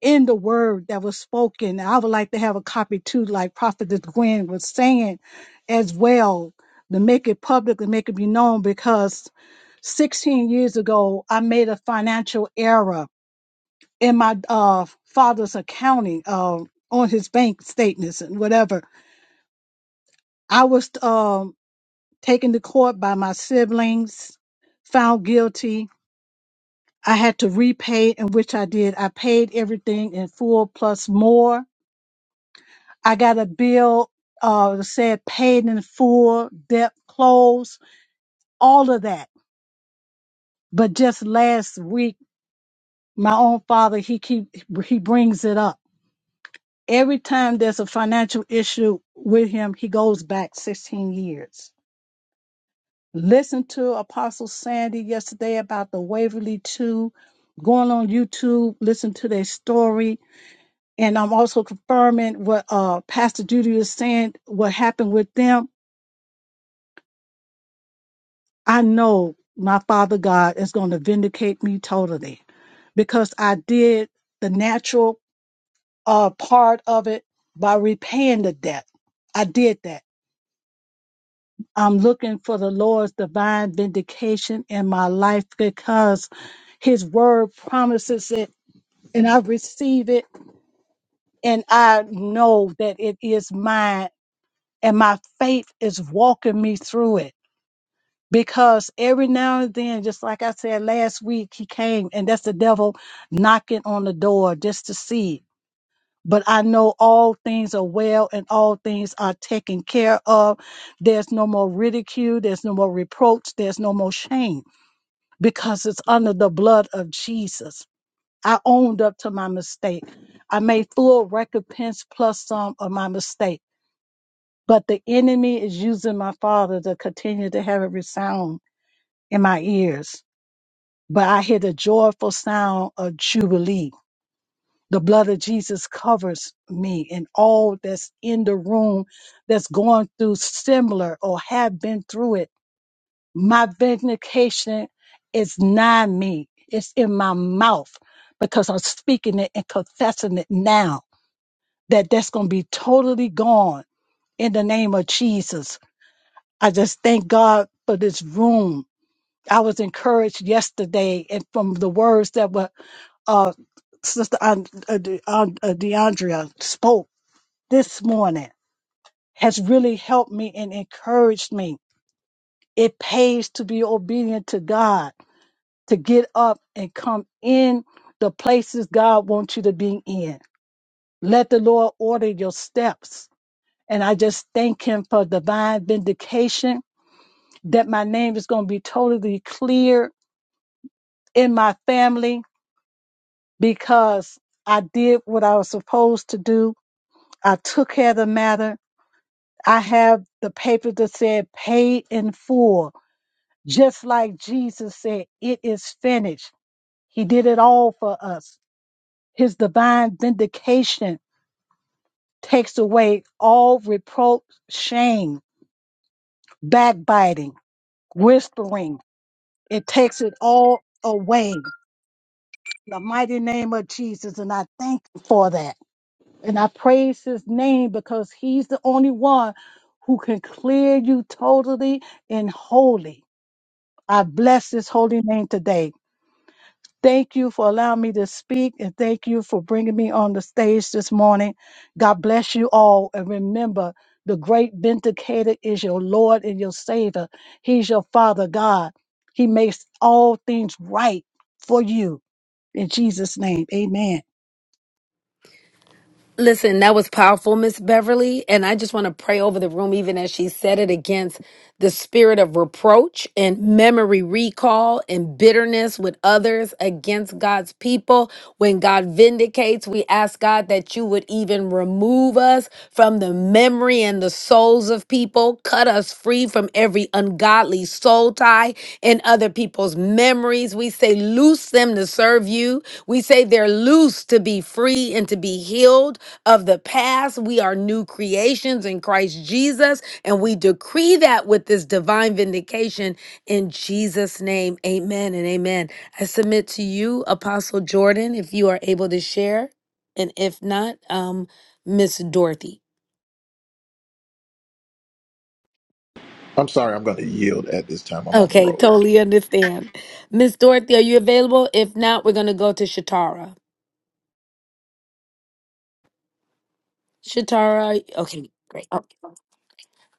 Speaker 11: in the word that was spoken. I would like to have a copy too, like Prophetess Gwen was saying as well, to make it public and make it be known because 16 years ago, I made a financial error in my uh, father's accounting uh, on his bank statements and whatever. I was um, taken to court by my siblings, found guilty. I had to repay, in which I did. I paid everything in full plus more I got a bill uh, that said paid in full, debt closed, all of that. But just last week, my own father, he keep he brings it up every time there's a financial issue with him. He goes back 16 years. Listen to Apostle Sandy yesterday about the Waverly Two. Going on YouTube, listen to their story, and I'm also confirming what uh, Pastor Judy is saying. What happened with them? I know my Father God is going to vindicate me totally because I did the natural uh, part of it by repaying the debt. I did that. I'm looking for the Lord's divine vindication in my life because His word promises it and I receive it and I know that it is mine and my faith is walking me through it. because every now and then, just like I said last week, he came, and that's the devil knocking on the door just to see. But I know all things are well and all things are taken care of. There's no more ridicule, there's no more reproach, there's no more shame because it's under the blood of Jesus. I owned up to my mistake. I made full recompense plus some of my mistake. But the enemy is using my father to continue to have it resound in my ears but I hear the joyful sound of Jubilee. The blood of Jesus covers me and all that's in the room that's going through similar or have been through it. My vindication is not me, it's in my mouth because I'm speaking it and confessing it now that that's going to be totally gone in the name of Jesus. I just thank God for this room. I was encouraged yesterday and from the words that were uh, Sister and, uh, De- and- uh, DeAndrea spoke this morning has really helped me and encouraged me. It pays to be obedient to God, to get up and come in the places God wants you to be in. Let the Lord order your steps. And I just thank Him for divine vindication that my name is going to be totally clear in my family because I did what I was supposed to do. I took care of the matter I have the paper that said paid in full, just like Jesus said, it is finished. He did it all for us. His divine vindication takes away all reproach, shame, backbiting, whispering. It takes it all away. In the mighty name of Jesus. And I thank you for that. And I praise his name because he's the only one who can clear you totally and wholly I bless his holy name today. Thank you for allowing me to speak and thank you for bringing me on the stage this morning. God bless you all. And remember, the great vindicator is your Lord and your Savior. He's your Father God. He makes all things right for you. In Jesus' name, amen.
Speaker 1: Listen, that was powerful, Miss Beverly. And I just want to pray over the room, even as she said it, against the spirit of reproach and memory recall and bitterness with others against God's people. When God vindicates, we ask God that you would even remove us from the memory and the souls of people, cut us free from every ungodly soul tie in other people's memories. We say, loose them to serve you. We say they're loose to be free and to be healed of the past. We are new creations in Christ Jesus, and we decree that with this divine vindication in Jesus' name. Amen and amen. I submit to you, Apostle Jordan, if you are able to share, and if not, um, Miss Dorothy.
Speaker 12: I'm sorry, I'm going to yield at this time. I'm on the
Speaker 1: Okay,
Speaker 12: road.
Speaker 1: totally understand. Miss Dorothy, are you available? If not, we're going to go to Shatara. Shatara, okay, great.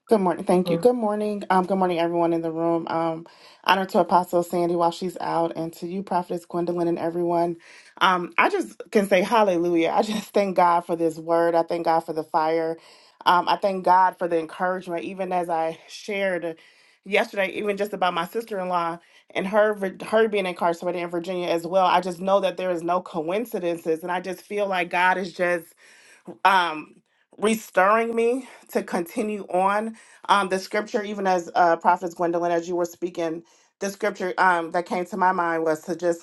Speaker 3: Good morning. Thank you. Good morning. Um, good morning, everyone in the room. Um, honor to Apostle Sandy while she's out, and to you, Prophetess Gwendolyn, and everyone. Um, I just can say hallelujah. I just thank God for this word. I thank God for the fire. Um, I thank God for the encouragement, even as I shared yesterday, even just about my sister in law and her her being incarcerated in Virginia as well. I just know that there is no coincidences, and I just feel like God is just um, restoring me to continue on. Um, the scripture, even as uh, Prophet Gwendolyn, as you were speaking, the scripture um, that came to my mind was to just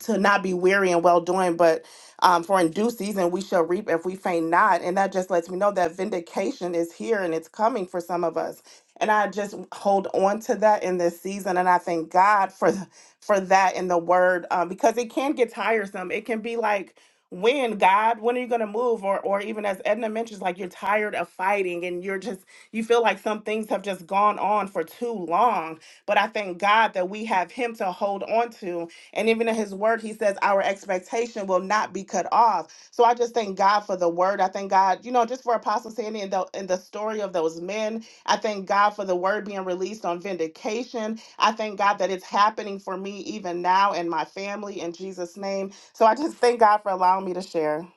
Speaker 3: to not be weary and well doing, but um, for in due season we shall reap if we faint not. And that just lets me know that vindication is here and it's coming for some of us. And I just hold on to that in this season, and I thank God for th- for that in the Word um, because it can get tiresome. It can be like, when God, when are you going to move? Or or even as Edna mentions, like you're tired of fighting and you're just you feel like some things have just gone on for too long. But I thank God that we have Him to hold on to and even in his word, he says our expectation will not be cut off. So I just thank God for the word. I thank God, you know, just for Apostle Sandy and the, and the story of those men. I thank God for the word being released on vindication. I thank God that it's happening for me even now and my family in Jesus' name. So I just thank God for allowing me to share.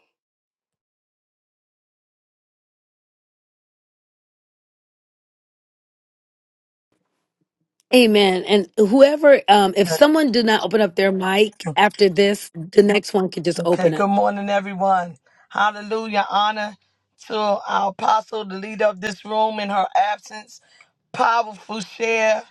Speaker 1: Amen. And whoever, um, if someone did not open up their mic after this, the next one can just
Speaker 7: Okay,
Speaker 1: open up.
Speaker 7: good morning, everyone. Hallelujah. Honor to our apostle, the leader of this room in her absence. Powerful share.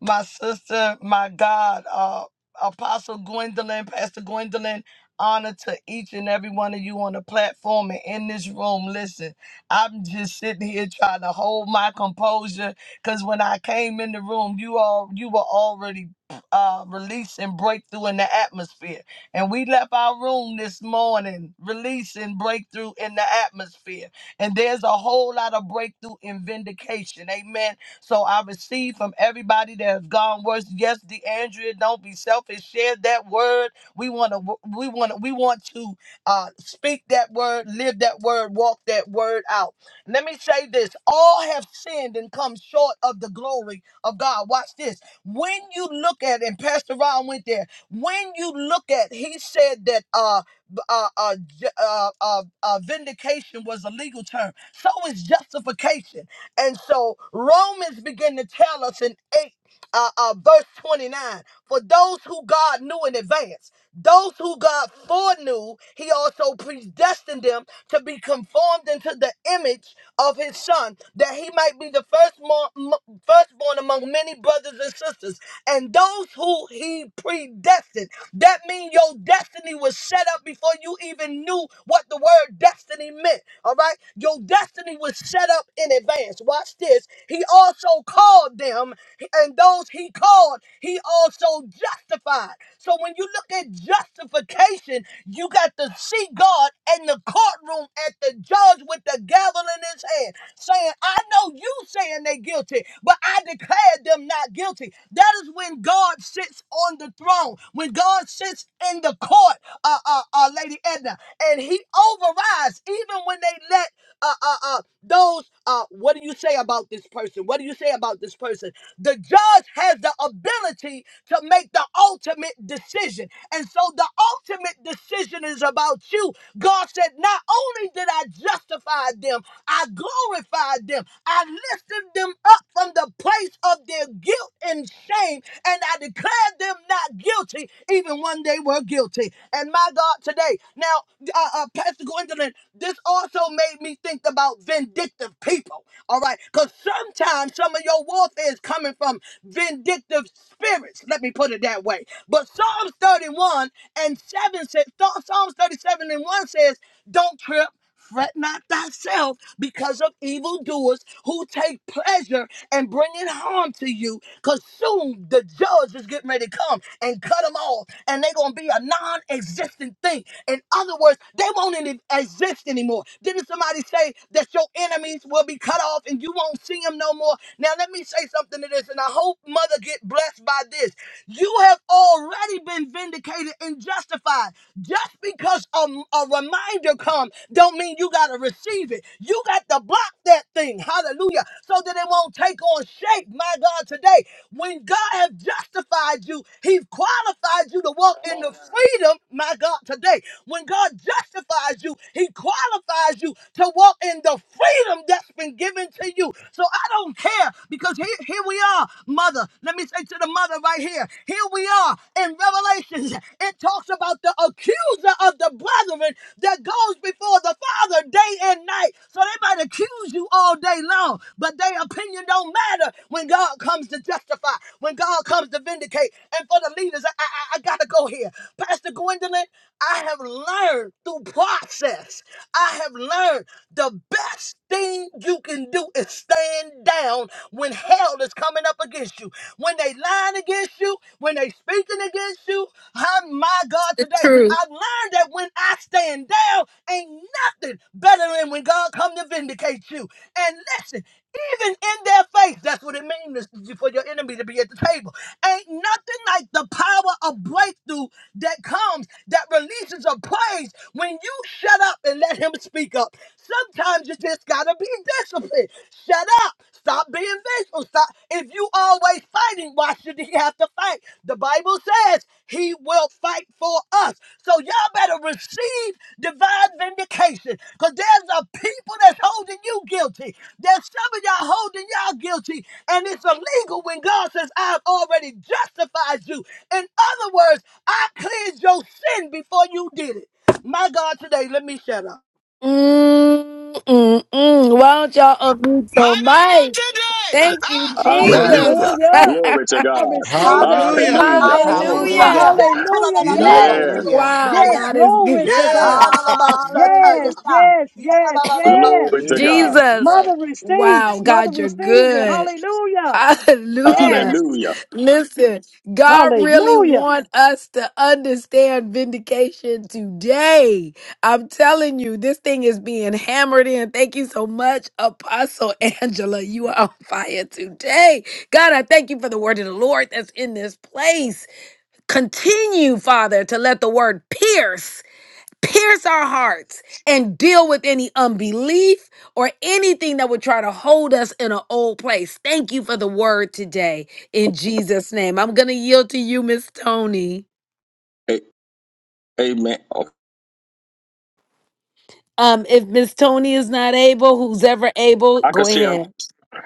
Speaker 7: my sister, my God, uh, Apostle Gwendolyn, Pastor Gwendolyn, honor to each and every one of you on the platform and in this room. Listen, I'm just sitting here trying to hold my composure because when I came in the room, you all you were already uh releasing breakthrough in the atmosphere. And we left our room this morning releasing breakthrough in the atmosphere. And there's a whole lot of breakthrough in vindication. Amen so I receive from everybody that has gone worse. Yes, DeAndrea, don't be selfish. Share that word. We want to. We want. to. We want to uh, speak that word, live that word, walk that word out. Let me say this: all have sinned and come short of the glory of God. Watch this. When you look at, and Pastor Ron went there. When you look at, he said that. Uh, b- uh, uh, ju- uh, uh, uh, vindication was a legal term. So is justification. And so Romans begin to tell us in 8, uh, uh, verse 29, for those who God knew in advance, those who God foreknew, he also predestined them to be conformed into the image of his son, that he might be the firstborn, m- firstborn among many brothers and sisters. And those who he predestined, that means your destiny was set up before you even knew what the word destiny meant. All right. Your destiny was set up in advance. Watch this. He also called them, and those he called, he also justified. So when you look at justification, you got to see God in the courtroom at the judge with the gavel in his hand, saying, I know you saying they guilty, but I declared them not guilty. That is when God sits on the throne, when God sits in the court, uh, uh, uh, Lady Edna and he overrides even when they let uh, uh, uh, those, uh, what do you say about this person? What do you say about this person? The judge has the ability to make the ultimate decision. And so the ultimate decision is about you. God said, Not only did I justify them, I glorified them, I lifted them up from the place of their guilt and shame, and I declared them not guilty, even when they were guilty. And my God, today, now, uh uh. Pastor Gwendolyn, this also made me think about vindictive people. All right. Because sometimes some of your warfare is coming from vindictive spirits. Let me put it that way. But Psalms 31 and 7 says, Psalms 37 and 1 says, don't trip. Fret not thyself because of evildoers who take pleasure in bringing harm to you. Because soon the judge is getting ready to come and cut them off, and they're going to be a non existent thing. In other words, they won't any- exist anymore. Didn't somebody say that your enemies will be cut off and you won't see them no more? Now, let me say something to this, and I hope Mother get blessed by this. You have already already been vindicated and justified. Just because a, a reminder come, don't mean you got to receive it. You got to block that thing. Hallelujah. So that it won't take on shape. My God, today, when God has justified you, He's qualified you to walk in the freedom. My God, today, when God justifies you, He qualifies you to walk in the freedom that's been given to you. So I don't care because here, here we are, mother. Let me say to the mother right here. Here we are in Revelations. It talks about the accuser of the brethren that goes before the Father day and night. So they might accuse you all day long, but their opinion don't matter when God comes to justify, when God comes to vindicate. And for the leaders, I, I, I gotta go here. Pastor Gwendolyn, I have learned through process. I have learned the best best thing you can do is stand down when hell is coming up against you. When they lying against you, when they speaking against you. Oh my God,
Speaker 1: The
Speaker 7: today
Speaker 1: truth.
Speaker 7: I've learned that when I stand down, ain't nothing better than when God come to vindicate you. And listen, even in their face, that's what it means is for your enemy to be at the table. Ain't nothing like the power of breakthrough that comes that releases a praise when you shut up and let him speak up. Sometimes you just gotta be disciplined. Shut up. Stop being vengeful. Stop. If you always fighting, why should he have to fight? The Bible says he will fight for us. So y'all better receive divine vindication because there's a people that's holding you guilty. There's some of y'all holding y'all guilty, and it's illegal when God says, I've already justified you. In other words, I cleansed your sin before you did it. My God, today, let me shut up.
Speaker 1: Mm, mm, mm. Why don't y'all unmute
Speaker 10: My
Speaker 1: your
Speaker 10: God,
Speaker 1: mic?
Speaker 10: today.
Speaker 1: Thank you,
Speaker 10: Ah, my
Speaker 8: Yes,
Speaker 10: God.
Speaker 1: Jesus.
Speaker 13: Hallelujah.
Speaker 11: Hallelujah.
Speaker 13: Glory to
Speaker 11: I
Speaker 13: God.
Speaker 11: receive that. Thank
Speaker 12: Hallelujah.
Speaker 11: you,
Speaker 13: Hallelujah.
Speaker 2: Hallelujah.
Speaker 11: Apostle
Speaker 12: Glory
Speaker 11: Angela.
Speaker 12: to
Speaker 1: Hallelujah.
Speaker 3: Hallelujah.
Speaker 12: God.
Speaker 11: Hallelujah. Yes.
Speaker 13: Yeah.
Speaker 12: Yidabas.
Speaker 3: Hallelujah.
Speaker 1: Wow,
Speaker 11: Yes.
Speaker 1: God is
Speaker 11: Glory
Speaker 1: good.
Speaker 11: to God.
Speaker 12: Yes.
Speaker 11: Yes.
Speaker 2: Hallelujah.
Speaker 11: Yes. Yes. Yes.
Speaker 13: Glory to God.
Speaker 12: Yidabos.
Speaker 1: Jesus.
Speaker 11: Mother
Speaker 1: Wow,
Speaker 11: receives. Mother
Speaker 1: God, you're
Speaker 11: receives it.
Speaker 1: good.
Speaker 11: Hallelujah.
Speaker 1: Hallelujah.
Speaker 11: Yes.
Speaker 13: Hallelujah.
Speaker 1: Listen, God really
Speaker 11: Hallelujah.
Speaker 1: want us to understand vindication today. I'm telling you, this thing is being hammered in. Thank you so much, Apostle Angela. You are on fire today. God, I thank you for the word of the Lord that's in this place. Continue, Father, to let the word pierce pierce our hearts and deal with any unbelief or anything that would try to hold us in an old place. Thank you for the word today in Jesus' name. I'm going to yield to you, Miss Tony.
Speaker 13: A- a-
Speaker 1: Um, if Miss Tony is not able, who's ever able,
Speaker 13: I can
Speaker 1: go
Speaker 13: share.
Speaker 1: ahead.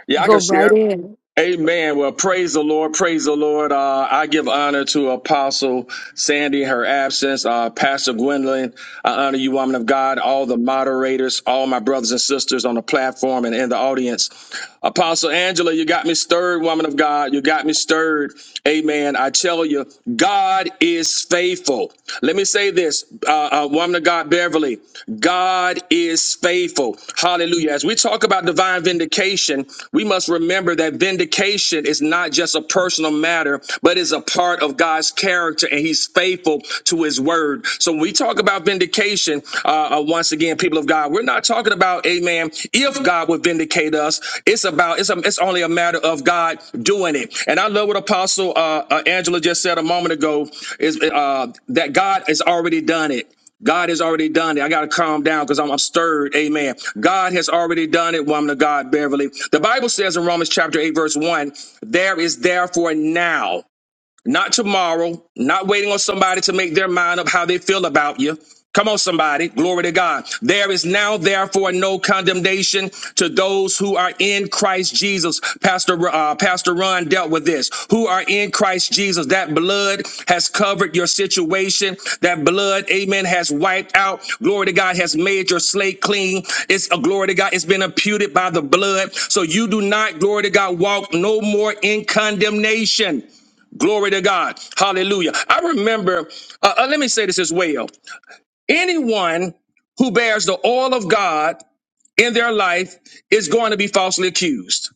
Speaker 13: Yeah, I can
Speaker 1: Go right
Speaker 13: share.
Speaker 1: in.
Speaker 13: Amen. Well, praise the Lord. Praise the Lord. Lord, uh, I give honor to Apostle Sandy, her absence, uh, Pastor Gwendolyn. I honor you, woman of God, all the moderators, all my brothers and sisters on the platform and in the audience. Apostle Angela, you got me stirred, woman of God. You got me stirred. Amen. I tell you, God is faithful. Let me say this, uh, uh, woman of God, Beverly, God is faithful. Hallelujah. As we talk about divine vindication, we must remember that vindication is not just a personal matter, but is a part of God's character and he's faithful to his word. So when we talk about vindication, uh, uh, once again, people of God, we're not talking about, amen, if God would vindicate us. It's about, it's, a, it's only a matter of God doing it. And I love what Apostle uh, uh, Angela just said a moment ago is uh, that God has already done it. God has already done it. I got to calm down because I'm, I'm stirred. Amen. God has already done it, woman of God, Beverly. The Bible says in Romans chapter 8, verse 1, there is therefore now. Not tomorrow, not waiting on somebody to make their mind up how they feel about you. Come on, somebody. Glory to God. There is now, therefore, no condemnation to those who are in Christ Jesus. Pastor, uh, Pastor Ron dealt with this. Who are in Christ Jesus. That blood has covered your situation. That blood, amen, has wiped out. Glory to God has made your slate clean. It's a glory to God. It's been imputed by the blood. So you do not, glory to God, walk no more in condemnation. Glory to God. Hallelujah. I remember, uh, uh, let me say this as well. Anyone who bears the oil of God in their life is going to be falsely accused.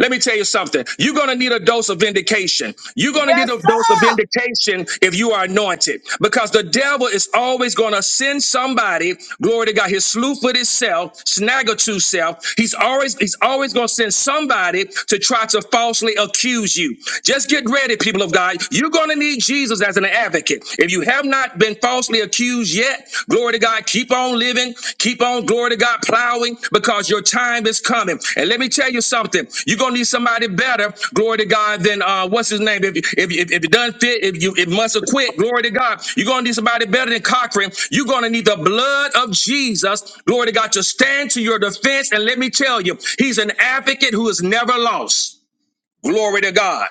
Speaker 13: Let me tell you something. You're going to need a dose of vindication. You're going to
Speaker 7: Yes,
Speaker 13: need a dose of
Speaker 7: sir.
Speaker 13: vindication if you are anointed because the devil is always going to send somebody, glory to God, his slew footed self, snagger self. He's always, he's always going to send somebody to try to falsely accuse you. Just get ready, people of God. You're going to need Jesus as an advocate. If you have not been falsely accused, yet. Glory to God. Keep on living. Keep on, glory to God, plowing because your time is coming. And let me tell you something. You're going to need somebody better, glory to God, than uh, what's his name? If, if, if, if it doesn't fit, if you it must have quit, glory to God. You're going to need somebody better than Cochran. You're going to need the blood of Jesus, glory to God, to stand to your defense. And let me tell you, he's an advocate who is never lost. Glory to God.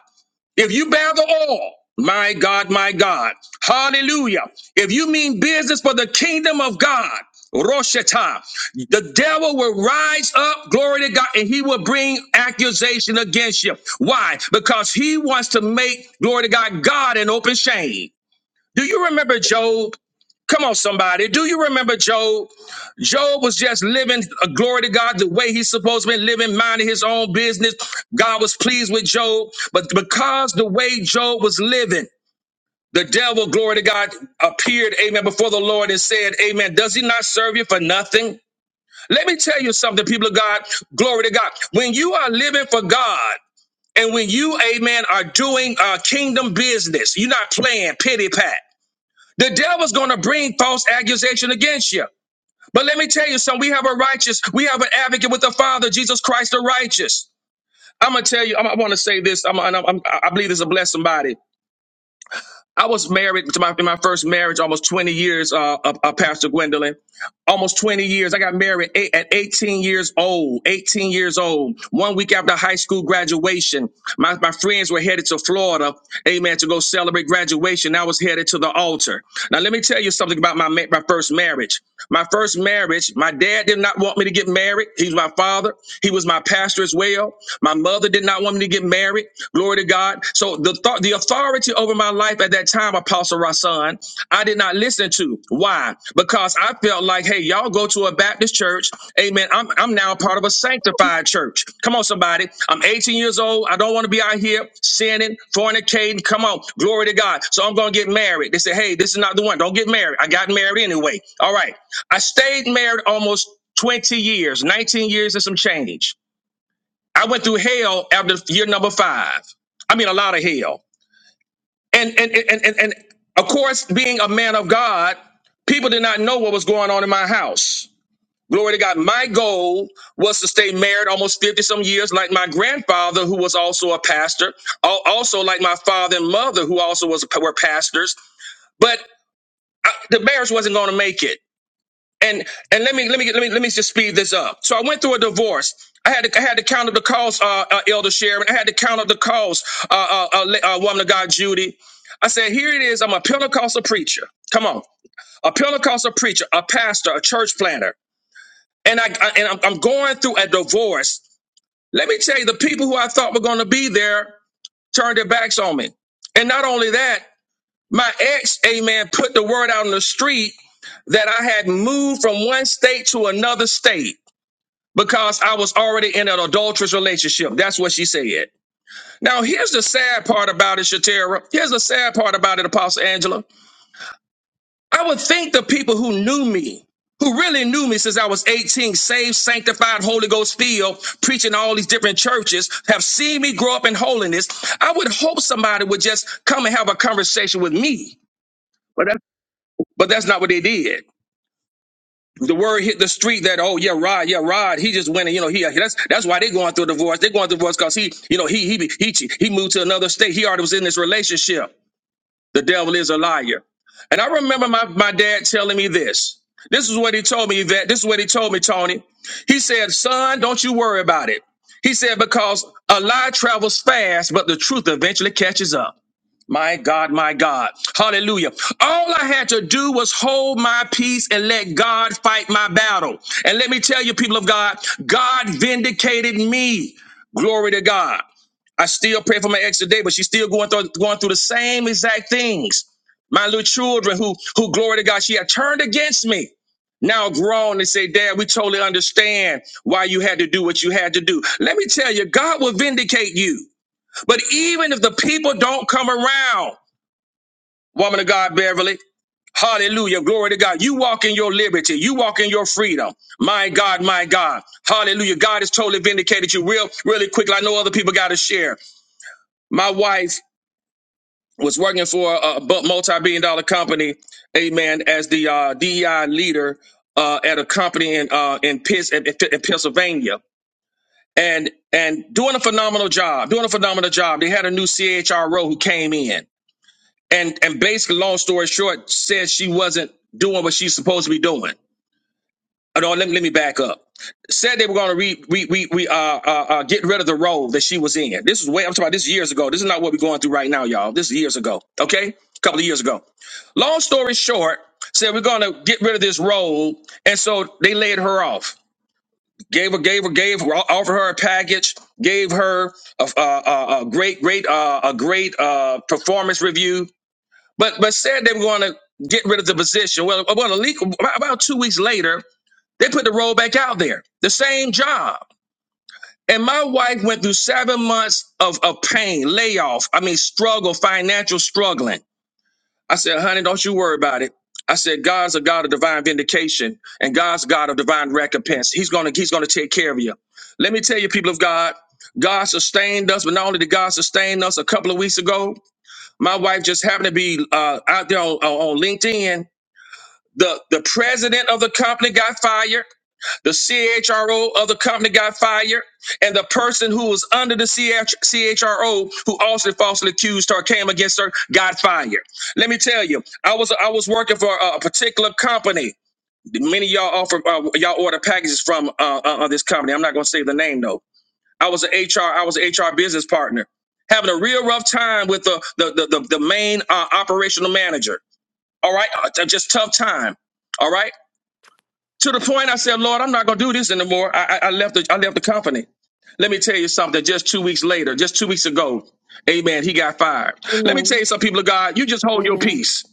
Speaker 13: If you bear the all, my God, my God, hallelujah. If you mean business for the kingdom of God, Roshata, the devil will rise up, glory to God, and he will bring accusation against you. Why? Because he wants to make, glory to God, God an open shame. Do you remember Job? Come on, somebody. Do you remember Job? Job was just living a glory to God the way he's supposed to be living, minding his own business. God was pleased with Job. But because the way Job was living, the devil, glory to God, appeared, amen, before the Lord and said, Amen. Does he not serve you for nothing? Let me tell you something, people of God. Glory to God. When you are living for God, and when you, amen, are doing uh, kingdom business, you're not playing pity pat. The devil's going to bring false accusation against you. But let me tell you something. We have a righteous, we have an advocate with the Father, Jesus Christ the righteous. I'm going to tell you, I'm, I want to say this. I'm, I'm, i I believe this will bless somebody. I was married to my in my first marriage almost 20 years, uh, uh, uh, Pastor Gwendolyn. Almost 20 years. I got married eight, at 18 years old. 18 years old. One week after high school graduation, my, my friends were headed to Florida, amen, to go celebrate graduation. I was headed to the altar. Now, let me tell you something about my, ma- my first marriage. My first marriage, my dad did not want me to get married. He was my father. He was my pastor as well. My mother did not want me to get married. Glory to God. So the, thought the authority over my life at that time, Apostle Rasan, I did not listen to. Why? Because I felt like, hey, y'all go to a Baptist church. Amen. I'm, I'm now part of a sanctified church. Come on, somebody. I'm 18 years old. I don't want to be out here sinning, fornicating. Come on. Glory to God. So I'm going to get married. They say, hey, this is not the one. Don't get married. I got married anyway. All right. I stayed married almost 20 years, 19 years and some change. I went through hell after year number five. I mean, a lot of hell and and and and, and of course, being a man of God, people did not know what was going on in my house. Glory to God. My goal was to stay married almost 50 some years, like my grandfather, who was also a pastor, al- also like my father and mother, who also was were pastors. But the marriage wasn't going to make it and and let me let me let me let me just speed this up. So I went through a divorce. I had to I had to count up the calls, uh, uh, Elder Sharon. I had to count up the calls, uh, uh, uh, la- uh, woman of God, Judy. I said, here it is. I'm a Pentecostal preacher. Come on, a Pentecostal preacher, a pastor, a church planner, and I, I and I'm, I'm going through a divorce. Let me tell you, the people who I thought were going to be there turned their backs on me. And not only that, my ex, amen, put the word out on the street that I had moved from one state to another state because I was already in an adulterous relationship. That's what she said. Now, here's the sad part about it, Shatera. Here's the sad part about it, Apostle Angela. I would think the people who knew me, who really knew me since I was 18, saved, sanctified, Holy Ghost filled, preaching all these different churches, have seen me grow up in holiness. I would hope somebody would just come and have a conversation with me. But that's not what they did. The word hit the street that oh yeah Rod yeah Rod he just went and you know he that's that's why they going through a divorce they going through a divorce because he you know he he he che- he moved to another state he already was in this relationship the devil is a liar and I remember my my dad telling me this this is what he told me that this is what he told me Tony he said son don't you worry about it he said because a lie travels fast but the truth eventually catches up my God, my God. Hallelujah. All I had to do was hold my peace and let God fight my battle. And let me tell you, people of God, God vindicated me. Glory to God. I still pray for my ex today, but she's still going through going through the same exact things. My little children who who glory to God, she had turned against me. Now grown they say, Dad, we totally understand why you had to do what you had to do. Let me tell you, God will vindicate you. But even if the people don't come around, woman of God, Beverly. Hallelujah. Glory to God. You walk in your liberty. You walk in your freedom. My God, my God. Hallelujah. God has totally vindicated you real, really quickly. I know other people got to share. My wife was working for a multi billion dollar company, amen, as the uh, DEI leader uh, at a company in, uh, in, Pitts, in, in Pennsylvania. And, and doing a phenomenal job, doing a phenomenal job. They had a new CHRO who came in. and and basically, long story short, said she wasn't doing what she's supposed to be doing. Uh, No, let me let me back up. Said they were going to re, re, re, re uh, uh, uh, get rid of the role that she was in. This is way I'm talking about. This is years ago. This is not what we're going through right now, y'all. This is years ago. Okay, a couple of years ago. Long story short, said we're going to get rid of this role, and so they laid her off. Gave her, gave her, gave her, offered her a package. Gave her a, a, a, a great, great, uh, a great uh, performance review but but said they were going to get rid of the position. Well, about a week, about two weeks later, they put the role back out there. The same job. And my wife went through seven months of, of pain, layoff, I mean, struggle, financial struggling. I said, honey, don't you worry about it. I said, God's a God of divine vindication and God's God of divine recompense. He's gonna, He's gonna take care of you. Let me tell you, people of God, God sustained us, but not only did God sustain us a couple of weeks ago, my wife just happened to be uh, out there on, on on LinkedIn. The the president of the company got fired. The CHRO of the company got fired, and the person who was under the CH- CHRO, who also falsely accused her, came against her, got fired. Let me tell you, I was I was working for a, a particular company. Many of y'all offer uh, y'all order packages from uh, uh, uh, this company. I'm not going to say the name though. I was an HR, I was an HR business partner, having a real rough time with the the the, the, the main uh, operational manager. All right, Uh, t- just tough time. All right, to the point I said, Lord, I'm not gonna do this anymore. I, I, I left the I left the company. Let me tell you something. Just two weeks later, just two weeks ago, Amen. He got fired. Let me tell you, some people of God, you just hold your
Speaker 1: Amen.
Speaker 13: peace.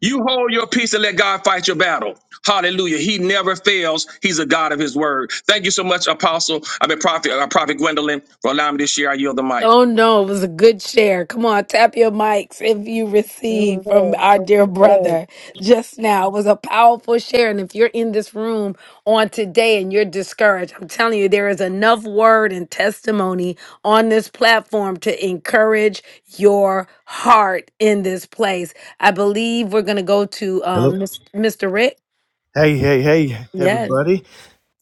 Speaker 13: You hold your peace and let God fight your battle. Hallelujah. He never fails. He's a God of his word. Thank you so much, Apostle. I've been Prophet, uh, Prophet Gwendolyn, for allowing me to share. I yield the mic.
Speaker 1: Oh no, it was a good share. Come on, tap your mics if you receive from
Speaker 11: Hallelujah.
Speaker 1: our dear
Speaker 11: Yes.
Speaker 1: brother just now. It was a powerful share. And if you're in this room on today and you're discouraged, I'm telling you, there is enough word and testimony on this platform to encourage your heart in this place. I believe we're going to go to
Speaker 14: Hello.
Speaker 1: um, Mr. Rick.
Speaker 14: Hey, hey, hey,
Speaker 1: Yes.
Speaker 14: everybody.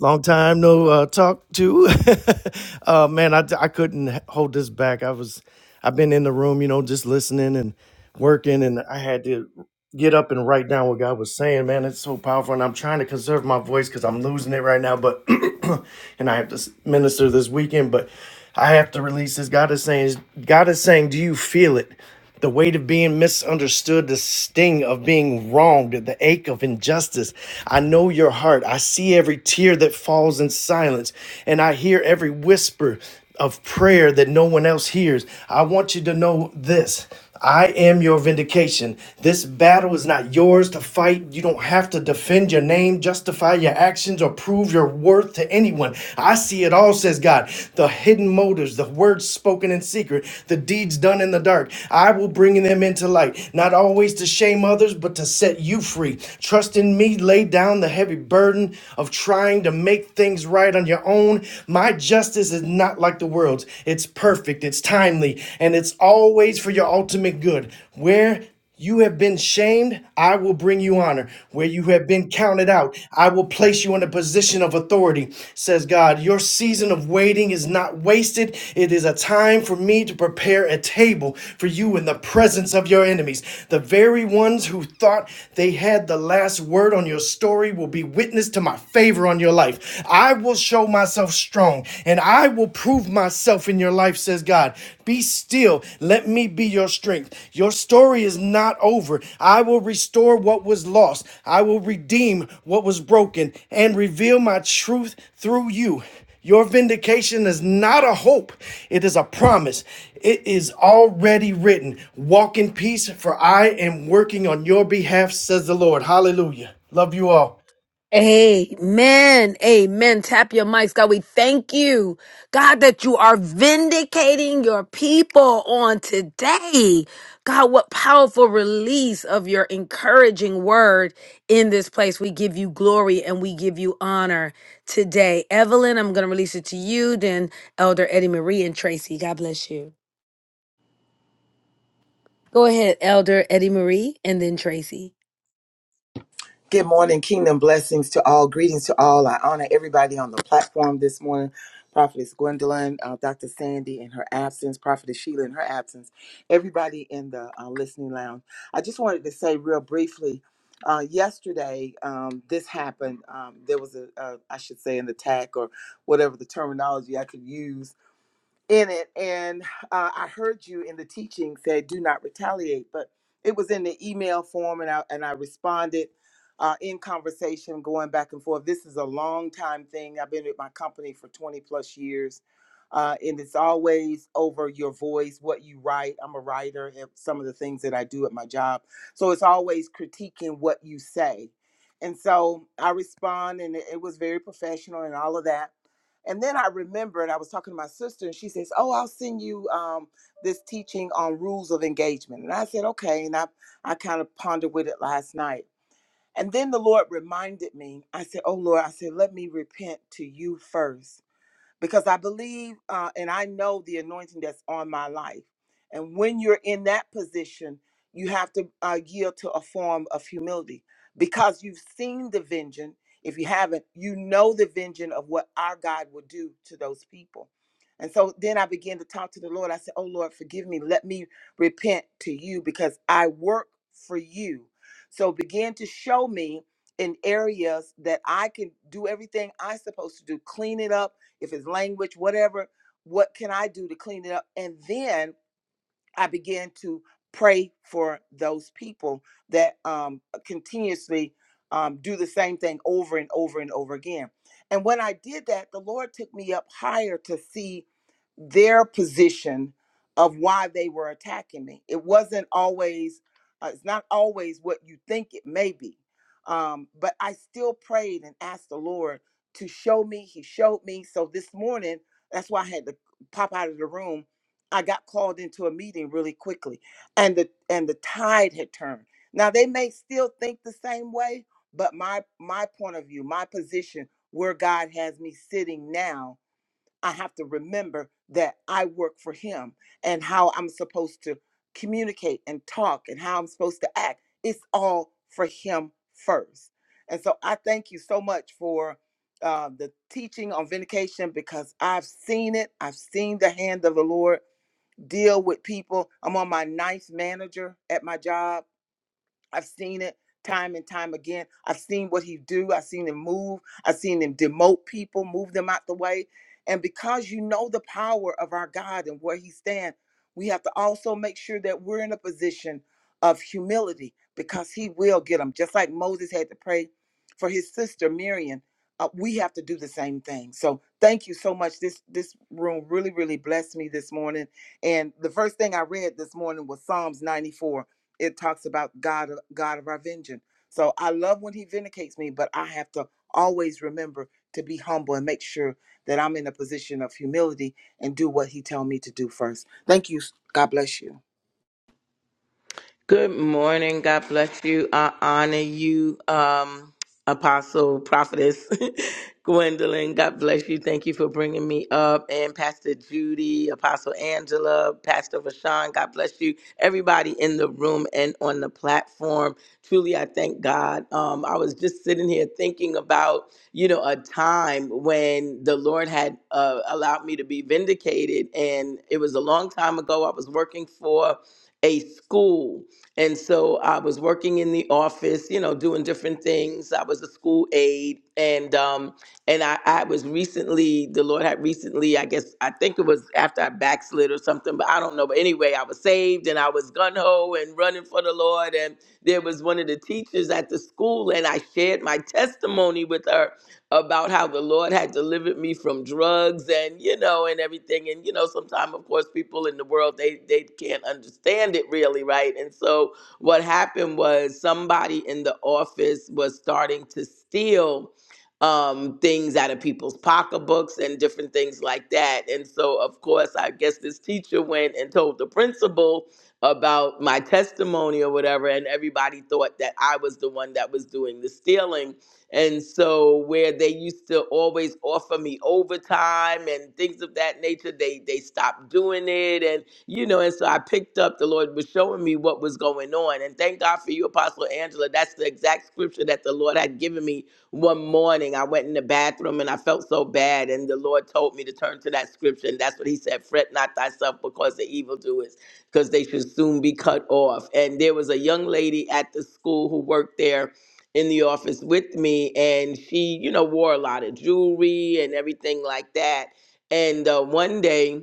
Speaker 14: Long time no uh, talk to. uh, man, I, I couldn't h- hold this back. I was, I've been in the room, you know, just listening and working, and I had to get up and write down what God was saying, man. It's so powerful. And I'm trying to conserve my voice because I'm losing it right now. But, and I have to minister this weekend, but I have to release this. God is saying, God is saying, do you feel it? The weight of being misunderstood, the sting of being wronged, the ache of injustice. I know your heart. I see every tear that falls in silence, and I hear every whisper of prayer that no one else hears. I want you to know this. I am your vindication. This battle is not yours to fight. You don't have to defend your name, justify your actions, or prove your worth to anyone. I see it all, says God. The hidden motives, the words spoken in secret, the deeds done in the dark. I will bring them into light, not always to shame others, but to set you free. Trust in me, lay down the heavy burden of trying to make things right on your own. My justice is not like the world's. It's it's perfect, it's timely, and it's always for your ultimate good. Where you have been shamed, I will bring you honor. Where you have been counted out, I will place you in a position of authority, says God. Your season of waiting is not wasted. It is a time for me to prepare a table for you in the presence of your enemies. The very ones who thought they had the last word on your story will be witness to my favor on your life. I will show myself strong and I will prove myself in your life, says God. Be still. Let me be your strength. Your story is not over. I will restore what was lost, I will redeem what was broken and reveal my truth through you. Your vindication is not a hope, it is a promise. It is already written. Walk in peace, for I am working on your behalf, says the Lord. Hallelujah. Love you all.
Speaker 1: Amen. Amen. Tap your mics. God, we thank you, God, that you are vindicating your people on today. God, what powerful release of your encouraging word in this place. We give you glory and we give you honor today. Evelyn, I'm going to release it to you, then Elder Eddie Marie and Tracy. God bless you. Go ahead, Elder Eddie Marie, and then Tracy.
Speaker 6: Good morning, kingdom blessings to all. Greetings to all. I honor everybody on the platform this morning. Prophetess Gwendolyn, uh, Dr. Sandy in her absence, Prophetess Sheila in her absence, everybody in the uh, listening lounge. I just wanted to say real briefly uh, yesterday, um, this happened. Um, there was a, a, I should say, an attack or whatever the terminology I could use in it and uh, i heard you in the teaching say do not retaliate but it was in the email form and i, and I responded uh, in conversation going back and forth this is a long time thing i've been with my company for 20 plus years uh, and it's always over your voice what you write i'm a writer and some of the things that i do at my job so it's always critiquing what you say and so i respond and it it was very professional and all of that and then I remembered I was talking to my sister, and she says, "Oh, I'll send you um, this teaching on rules of engagement." And I said, "Okay." And I I kind of pondered with it last night. And then the Lord reminded me. I said, "Oh Lord," I said, "Let me repent to you first." because I believe uh, and I know the anointing that's on my life. And when you're in that position, you have to uh, yield to a form of humility because you've seen the vengeance. If you haven't, you know the vengeance of what our God will do to those people. And so then I began to talk to the Lord. I said, Oh Lord, forgive me. Let me repent to you because I work for you. So begin to show me in areas that I can do everything I'm supposed to do, clean it up if it's language, whatever, what can I do to clean it up? And then I began to pray for those people that um, continuously um, do the same thing over and over and over again. And when I did that, the Lord took me up higher to see their position of why they were attacking me. It wasn't always, uh, it's not always what you think it may be. Um, but I still prayed and asked the Lord to show me. He showed me. So this morning, that's why I had to pop out of the room I got called into a meeting really quickly and the and the tide had turned. Now they may still think the same way, but my my point of view, my position where God has me sitting now, I have to remember that I work for him and how I'm supposed to communicate and talk and how I'm supposed to act. It's all for him first. And so I thank you so much for uh, the teaching on vindication because I've seen it. I've seen the hand of the Lord deal with people. I'm on my ninth manager at my job I've seen it time and time again. I've seen what he do. I've seen him move. I've seen him demote people, move them out the way. And because you know the power of our God and where he stands, we have to also make sure that we're in a position of humility because he will get them. Just like Moses had to pray for his sister Miriam, uh, we have to do the same thing. So thank you so much. This this room really really blessed me this morning. And the first thing I read this morning was Psalms 94 it talks about God, God of our vengeance. So I love when He vindicates me, but I have to always remember to be humble and make sure that I'm in a position of humility and do what He tell me to do first. Thank you. God bless you.
Speaker 15: Good morning. God bless you. I honor you, um, Apostle, Prophetess Gwendolyn. God bless you. Thank you for bringing me up. And Pastor Judy, Apostle Angela, Pastor Rashawn. God bless you. Everybody in the room and on the platform. Truly, I thank God. Um, I was just sitting here thinking about, you know, a time when the Lord had uh, allowed me to be vindicated. And it was a long time ago. I was working for a school and so I was working in the office, you know, doing different things. I was a school aide, and um, and I, I was recently, the Lord had recently, I guess, I think it was after I backslid or something, but I don't know. But anyway, I was saved, and I was gun ho and running for the Lord. And there was one of the teachers at the school, and I shared my testimony with her, about how the Lord had delivered me from drugs and you know and everything and you know sometimes of course people in the world they they can't understand it really right and so what happened was somebody in the office was starting to steal um, things out of people's pocketbooks and different things like that and so of course I guess this teacher went and told the principal about my testimony or whatever and everybody thought that I was the one that was doing the stealing and so where they used to always offer me overtime and things of that nature, they they stopped doing it. And you know, and so I picked up the Lord was showing me what was going on. And thank God for you, Apostle Angela. That's the exact scripture that the Lord had given me one morning. I went in the bathroom and I felt so bad. And the Lord told me to turn to that scripture. And that's what he said, fret not thyself because the evildoers, because they should soon be cut off. And there was a young lady at the school who worked there in the office with me, and she, you know, wore a lot of jewelry and everything like that. And uh, one day,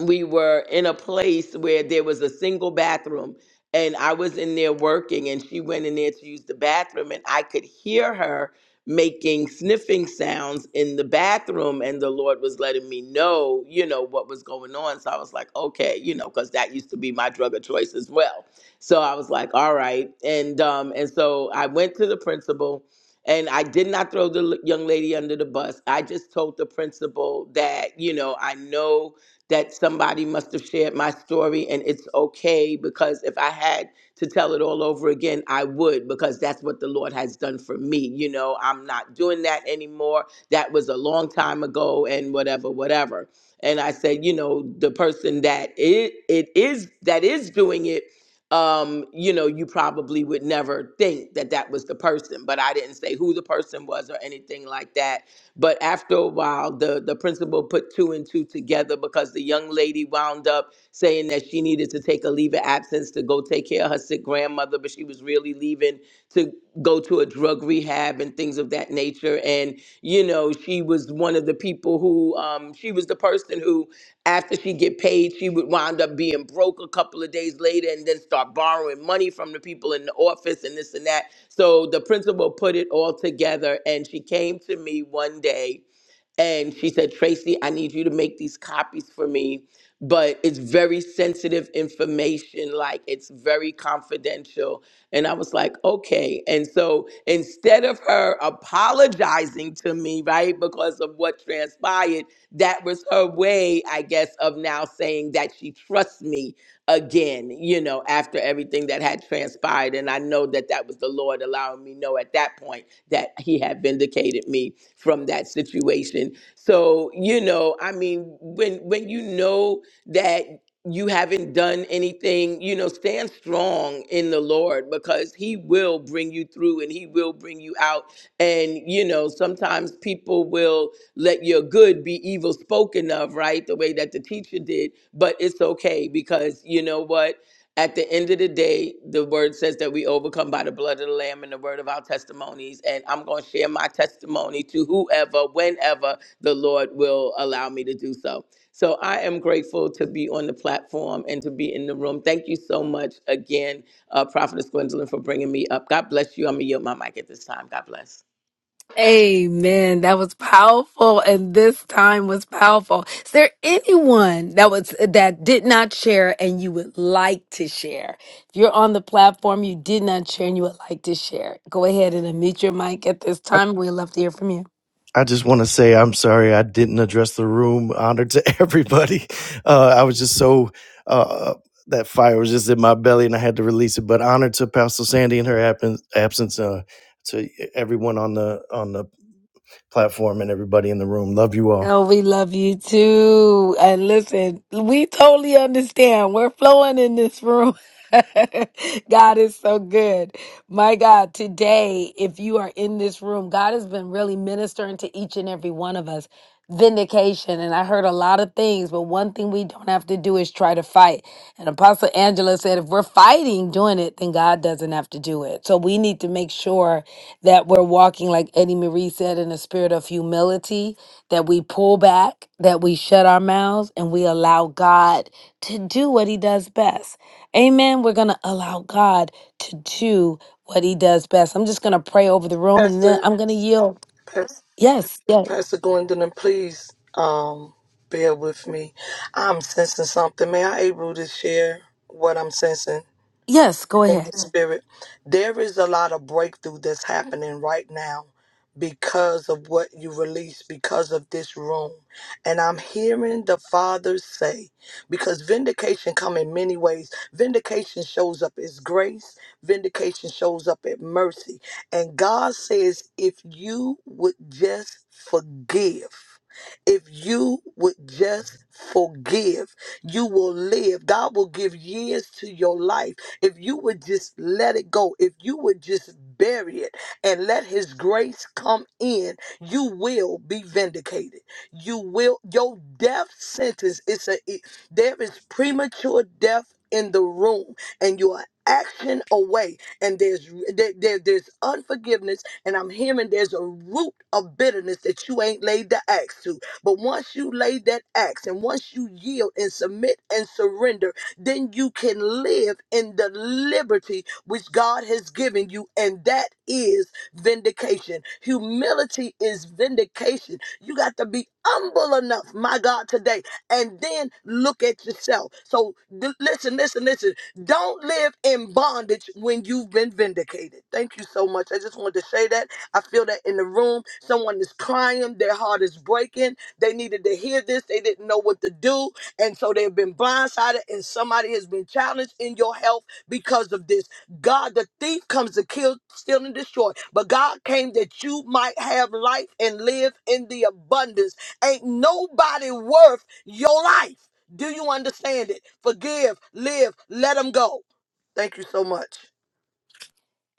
Speaker 15: we were in a place where there was a single bathroom and I was in there working and she went in there to use the bathroom and I could hear her making sniffing sounds in the bathroom and the Lord was letting me know, you know, what was going on. So I was like, okay, you know, cuz that used to be my drug of choice as well. So I was like, all right. And um and so I went to the principal and I did not throw the l- young lady under the bus. I just told the principal that, you know, I know that somebody must have shared my story and it's okay because if I had to tell it all over again, I would because that's what the Lord has done for me. You know, I'm not doing that anymore. That was a long time ago and whatever, whatever. And I said, you know, the person that it, it is that is doing it um, you know, you probably would never think that that was the person. But I didn't say who the person was or anything like that but after a while, the, the principal put two and two together because the young lady wound up saying that she needed to take a leave of absence to go take care of her sick grandmother, but she was really leaving to go to a drug rehab and things of that nature. And you know, she was one of the people who um, she was the person who, after she get paid, she would wind up being broke a couple of days later, and then start borrowing money from the people in the office and this and that. So the principal put it all together, and she came to me one day and she said, Tracy, I need you to make these copies for me, but it's very sensitive information, like it's very confidential. And I was like, okay. And so instead of her apologizing to me, right, because of what transpired, that was her way, I guess, of now saying that she trusts me again, you know, after everything that that had transpired. And I know that that was the Lord allowing me to know at that point that He had vindicated me from that situation. So, you know, I mean, when when you know that you haven't done anything, you know, stand strong in the Lord because He will bring you through and He will bring you out. And, you know, sometimes people will let your good be evil spoken of, right? The way that the teacher did. But it's okay because, you know what? at the end of the day, the word says that we overcome by the blood of the Lamb and the word of our testimonies. And I'm going to share my testimony to whoever, whenever the Lord will allow me to do so. So I am grateful to be on the platform and to be in the room. Thank you so much again, uh, Prophetess Gwendolyn, for bringing me up. God bless you. I'm going to yield my mic at this time. God bless.
Speaker 1: Amen. That was powerful. And this time was powerful. Is there anyone that was, that did not share and you would like to share? If you're on the platform, you did not share and you would like to share. Go ahead and unmute your mic at this time. We'd love to hear from you.
Speaker 14: I just want to say I'm sorry I didn't address the room. Honor to everybody. Uh, I was just so uh, that fire was just in my belly and I had to release it. But honor to Pastor Sandy and her absence, absence uh, to everyone on the on the platform and everybody in the room. Love you all.
Speaker 1: Oh, we love you too. And listen, we totally understand. We're flowing in this room. God is so good. My God, today, if you are in this room, God has been really ministering to each and every one of us. Vindication. And I heard a lot of things, but one thing we don't have to do is try to fight. And Apostle Angela said, if we're fighting doing it, then God doesn't have to do it. So we need to make sure that we're walking, like Eddie Marie said, in a spirit of humility that we pull back, that we shut our mouths, and we allow God to do what He does best. Amen. We're going to allow God to do what He does best. I'm just going to pray over the room and then
Speaker 7: Pastor,
Speaker 1: I'm going to yield.
Speaker 7: Pastor,
Speaker 1: Yes, yes,
Speaker 7: Pastor Gwendolyn, please um, bear with me. I'm sensing something. May I able to share what I'm sensing?
Speaker 1: yes, go
Speaker 7: in
Speaker 1: ahead.
Speaker 7: the spirit. There is a lot of breakthrough that's happening right now because of what you release, because of this room. And I'm hearing the Father say, because vindication come in many ways. Vindication shows up as grace. Vindication shows up at mercy. And God says, if you would just forgive, if you would just forgive, you will live. God will give years to your life if you would just let it go, if you would just bury it and let his grace come in, you will be vindicated. You will your death sentence is a it- there is premature death in the room and you are action away and there's there, there- there's unforgiveness and i'm hearing there's a root of bitterness that you ain't laid the axe to but once you lay that axe and once you yield and submit and surrender then you can live in the liberty which God has given you, and that is vindication. Humility is vindication. You got to be humble enough, my God, today and then look at yourself. So d- listen, listen, listen. Don't live in bondage when you've been vindicated. Thank you so much. I just wanted to say that. I feel that in the room. Someone is crying, their heart is breaking. They needed to hear this, they didn't know what to do. And so they've been blindsided, and somebody has been challenged in your health because of this. God, the thief comes to kill, steal, and destroy. But God came that you might have life and live in the abundance. Ain't nobody worth your life. Do you understand it? Forgive, live, let them go. Thank you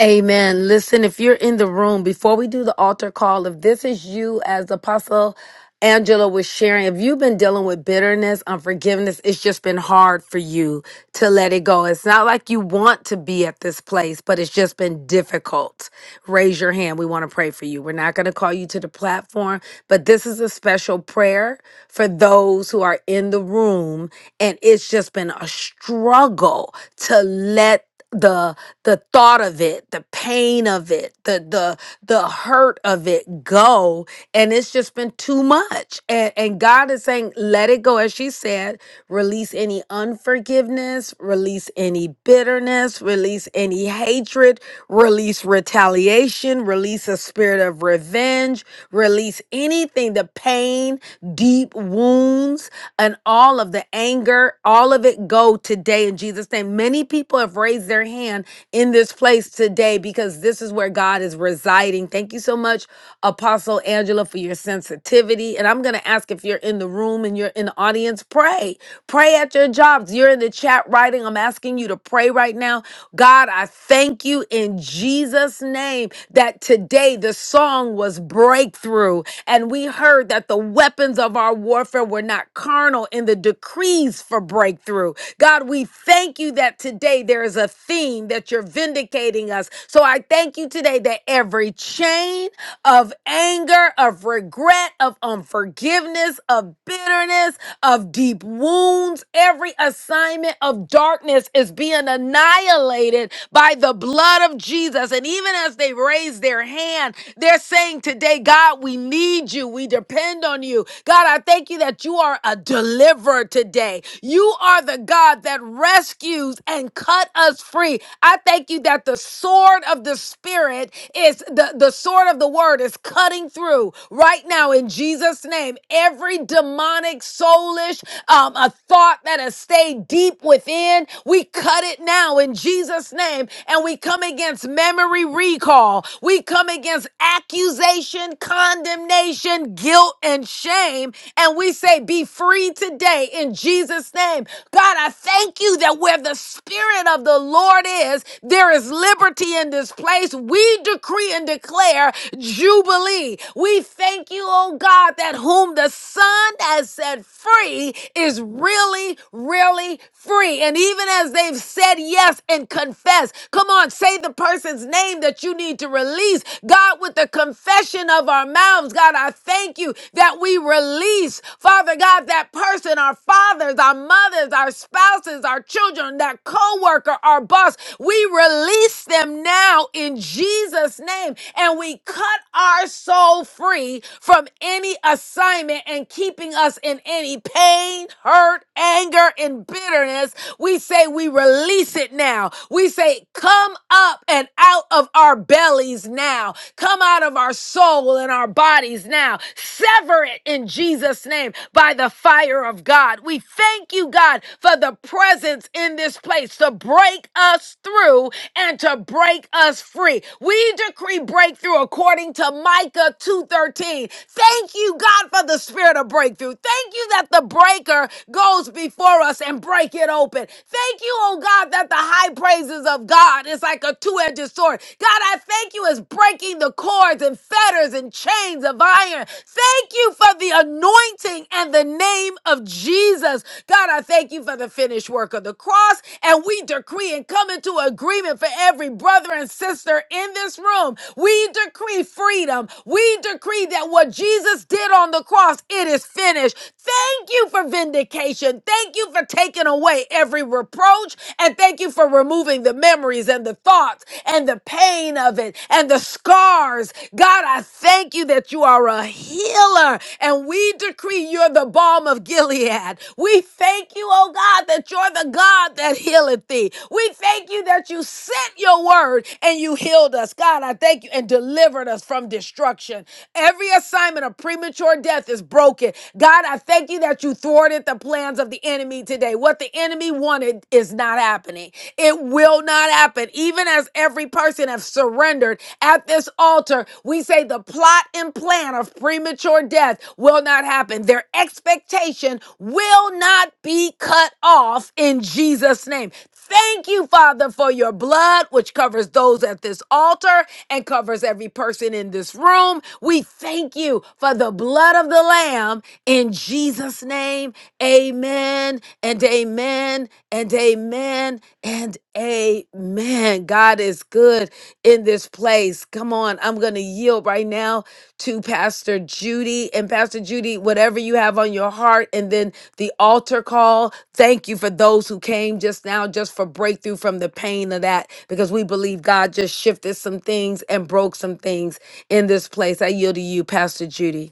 Speaker 1: Amen. Listen, if you're in the room, before we do the altar call, if this is you as Apostle Angela was sharing, if you've been dealing with bitterness, unforgiveness, it's just been hard for you to let it go. It's not like you want to be at this place, but it's just been difficult. Raise your hand. We want to pray for you. We're not going to call you to the platform, but this is a special prayer for those who are in the room and it's just been a struggle to let the the thought of it the pain of it the the the hurt of it go and it's just been too much and and god is saying let it go as she said release any unforgiveness release any bitterness release any hatred release retaliation release a spirit of revenge release anything, the pain, deep wounds, and all of the anger, all of it go today in Jesus' name. Many people have raised their hand in this place today because this is where God is residing. Thank you so much, Apostle Angela, for your sensitivity. And I'm going to ask if you're in the room and you're in the audience, pray. Pray at your jobs. You're in the chat right writing. I'm asking you to pray right now. God, I thank you in Jesus' name that today the song was breakthrough. And we heard that the weapons of our warfare were not carnal in the decrees for breakthrough. God, we thank you that today there is a theme that you're vindicating us. So I thank you today that every chain of anger, of regret, of unforgiveness, of bitterness, of deep wounds. Every assignment of darkness is being annihilated by the blood of Jesus. And even as they raise their hand, they're saying today, God, we need you. We depend on you. God, I thank you that you are a deliverer today. You are the God that rescues and cut us free. I thank you that the sword of the Spirit is the, the sword of the word word is cutting through right now in Jesus' name. Every demonic, soulish, um, a thought that has stayed deep within, we cut it now in Jesus' name. And we come against memory recall. We come against accusation, condemnation, guilt, and shame. And we say, be free today in Jesus' name. God, I thank you that where the Spirit of the Lord is, there is liberty in this place. We decree and declare jubilee. We thank you, oh God, that whom the Son has set free is really, really free. And even as they've said yes and confessed, come on, say the person's name that you need to release. God, with the confession of our mouths, God, I thank you that we release, Father God, that person, our fathers, our mothers, our spouses, our children, that co worker, our boss. We release them now in Jesus' name and we cut set our soul free from any assignment and keeping us in any pain, hurt, anger, and bitterness. We say we release it now. We say, come up and out of our bellies now. Come out of our soul and our bodies now. Sever it in Jesus' name by the fire of God. We thank you, God, for the presence in this place to break us through and to break us free. We decree breakthrough according according to Micah 2:13. Thank you, God, for the spirit of breakthrough. Thank you that the breaker goes before us and break it open. Thank you, oh God, that the high praises of God is like a two-edged sword. God, I thank you as breaking the cords and fetters and chains of iron. Thank you for the anointing and the name of Jesus. God, I thank you for the finished work of the cross. And we decree and come into agreement for every brother and sister in this room. We decree freedom. We decree that what Jesus did on the cross, it is finished. Thank you for vindication. Thank you for taking away every reproach. And thank you for removing the memories and the thoughts and the pain of it and the scars. God, I thank you that you are a healer. And we decree you're the balm of Gilead. We thank you, oh God, that you're the God that healeth thee. We thank you that you sent your word and you healed us. God, I thank you and delivered us us from destruction. Every assignment of premature death is broken. God, I thank you that you thwarted the plans of the enemy today. What the enemy wanted is not happening. It will not happen. Even as every person has surrendered at this altar, we say the plot and plan of premature death will not happen. Their expectation will not be cut off in Jesus' name. Thank you, Father, for your blood, which covers those at this altar and covers every person in this room. We thank you for the blood of the Lamb in Jesus' name. Amen and amen and amen and amen. God is good in this place. Come on, I'm going to yield right now to Pastor Judy. And Pastor Judy, whatever you have on your heart, and then the altar call, thank you for those who came just now, just for breakthrough from the pain of that, because we believe God just shifted some things and broke some things in this place. I yield to you, Pastor Judy.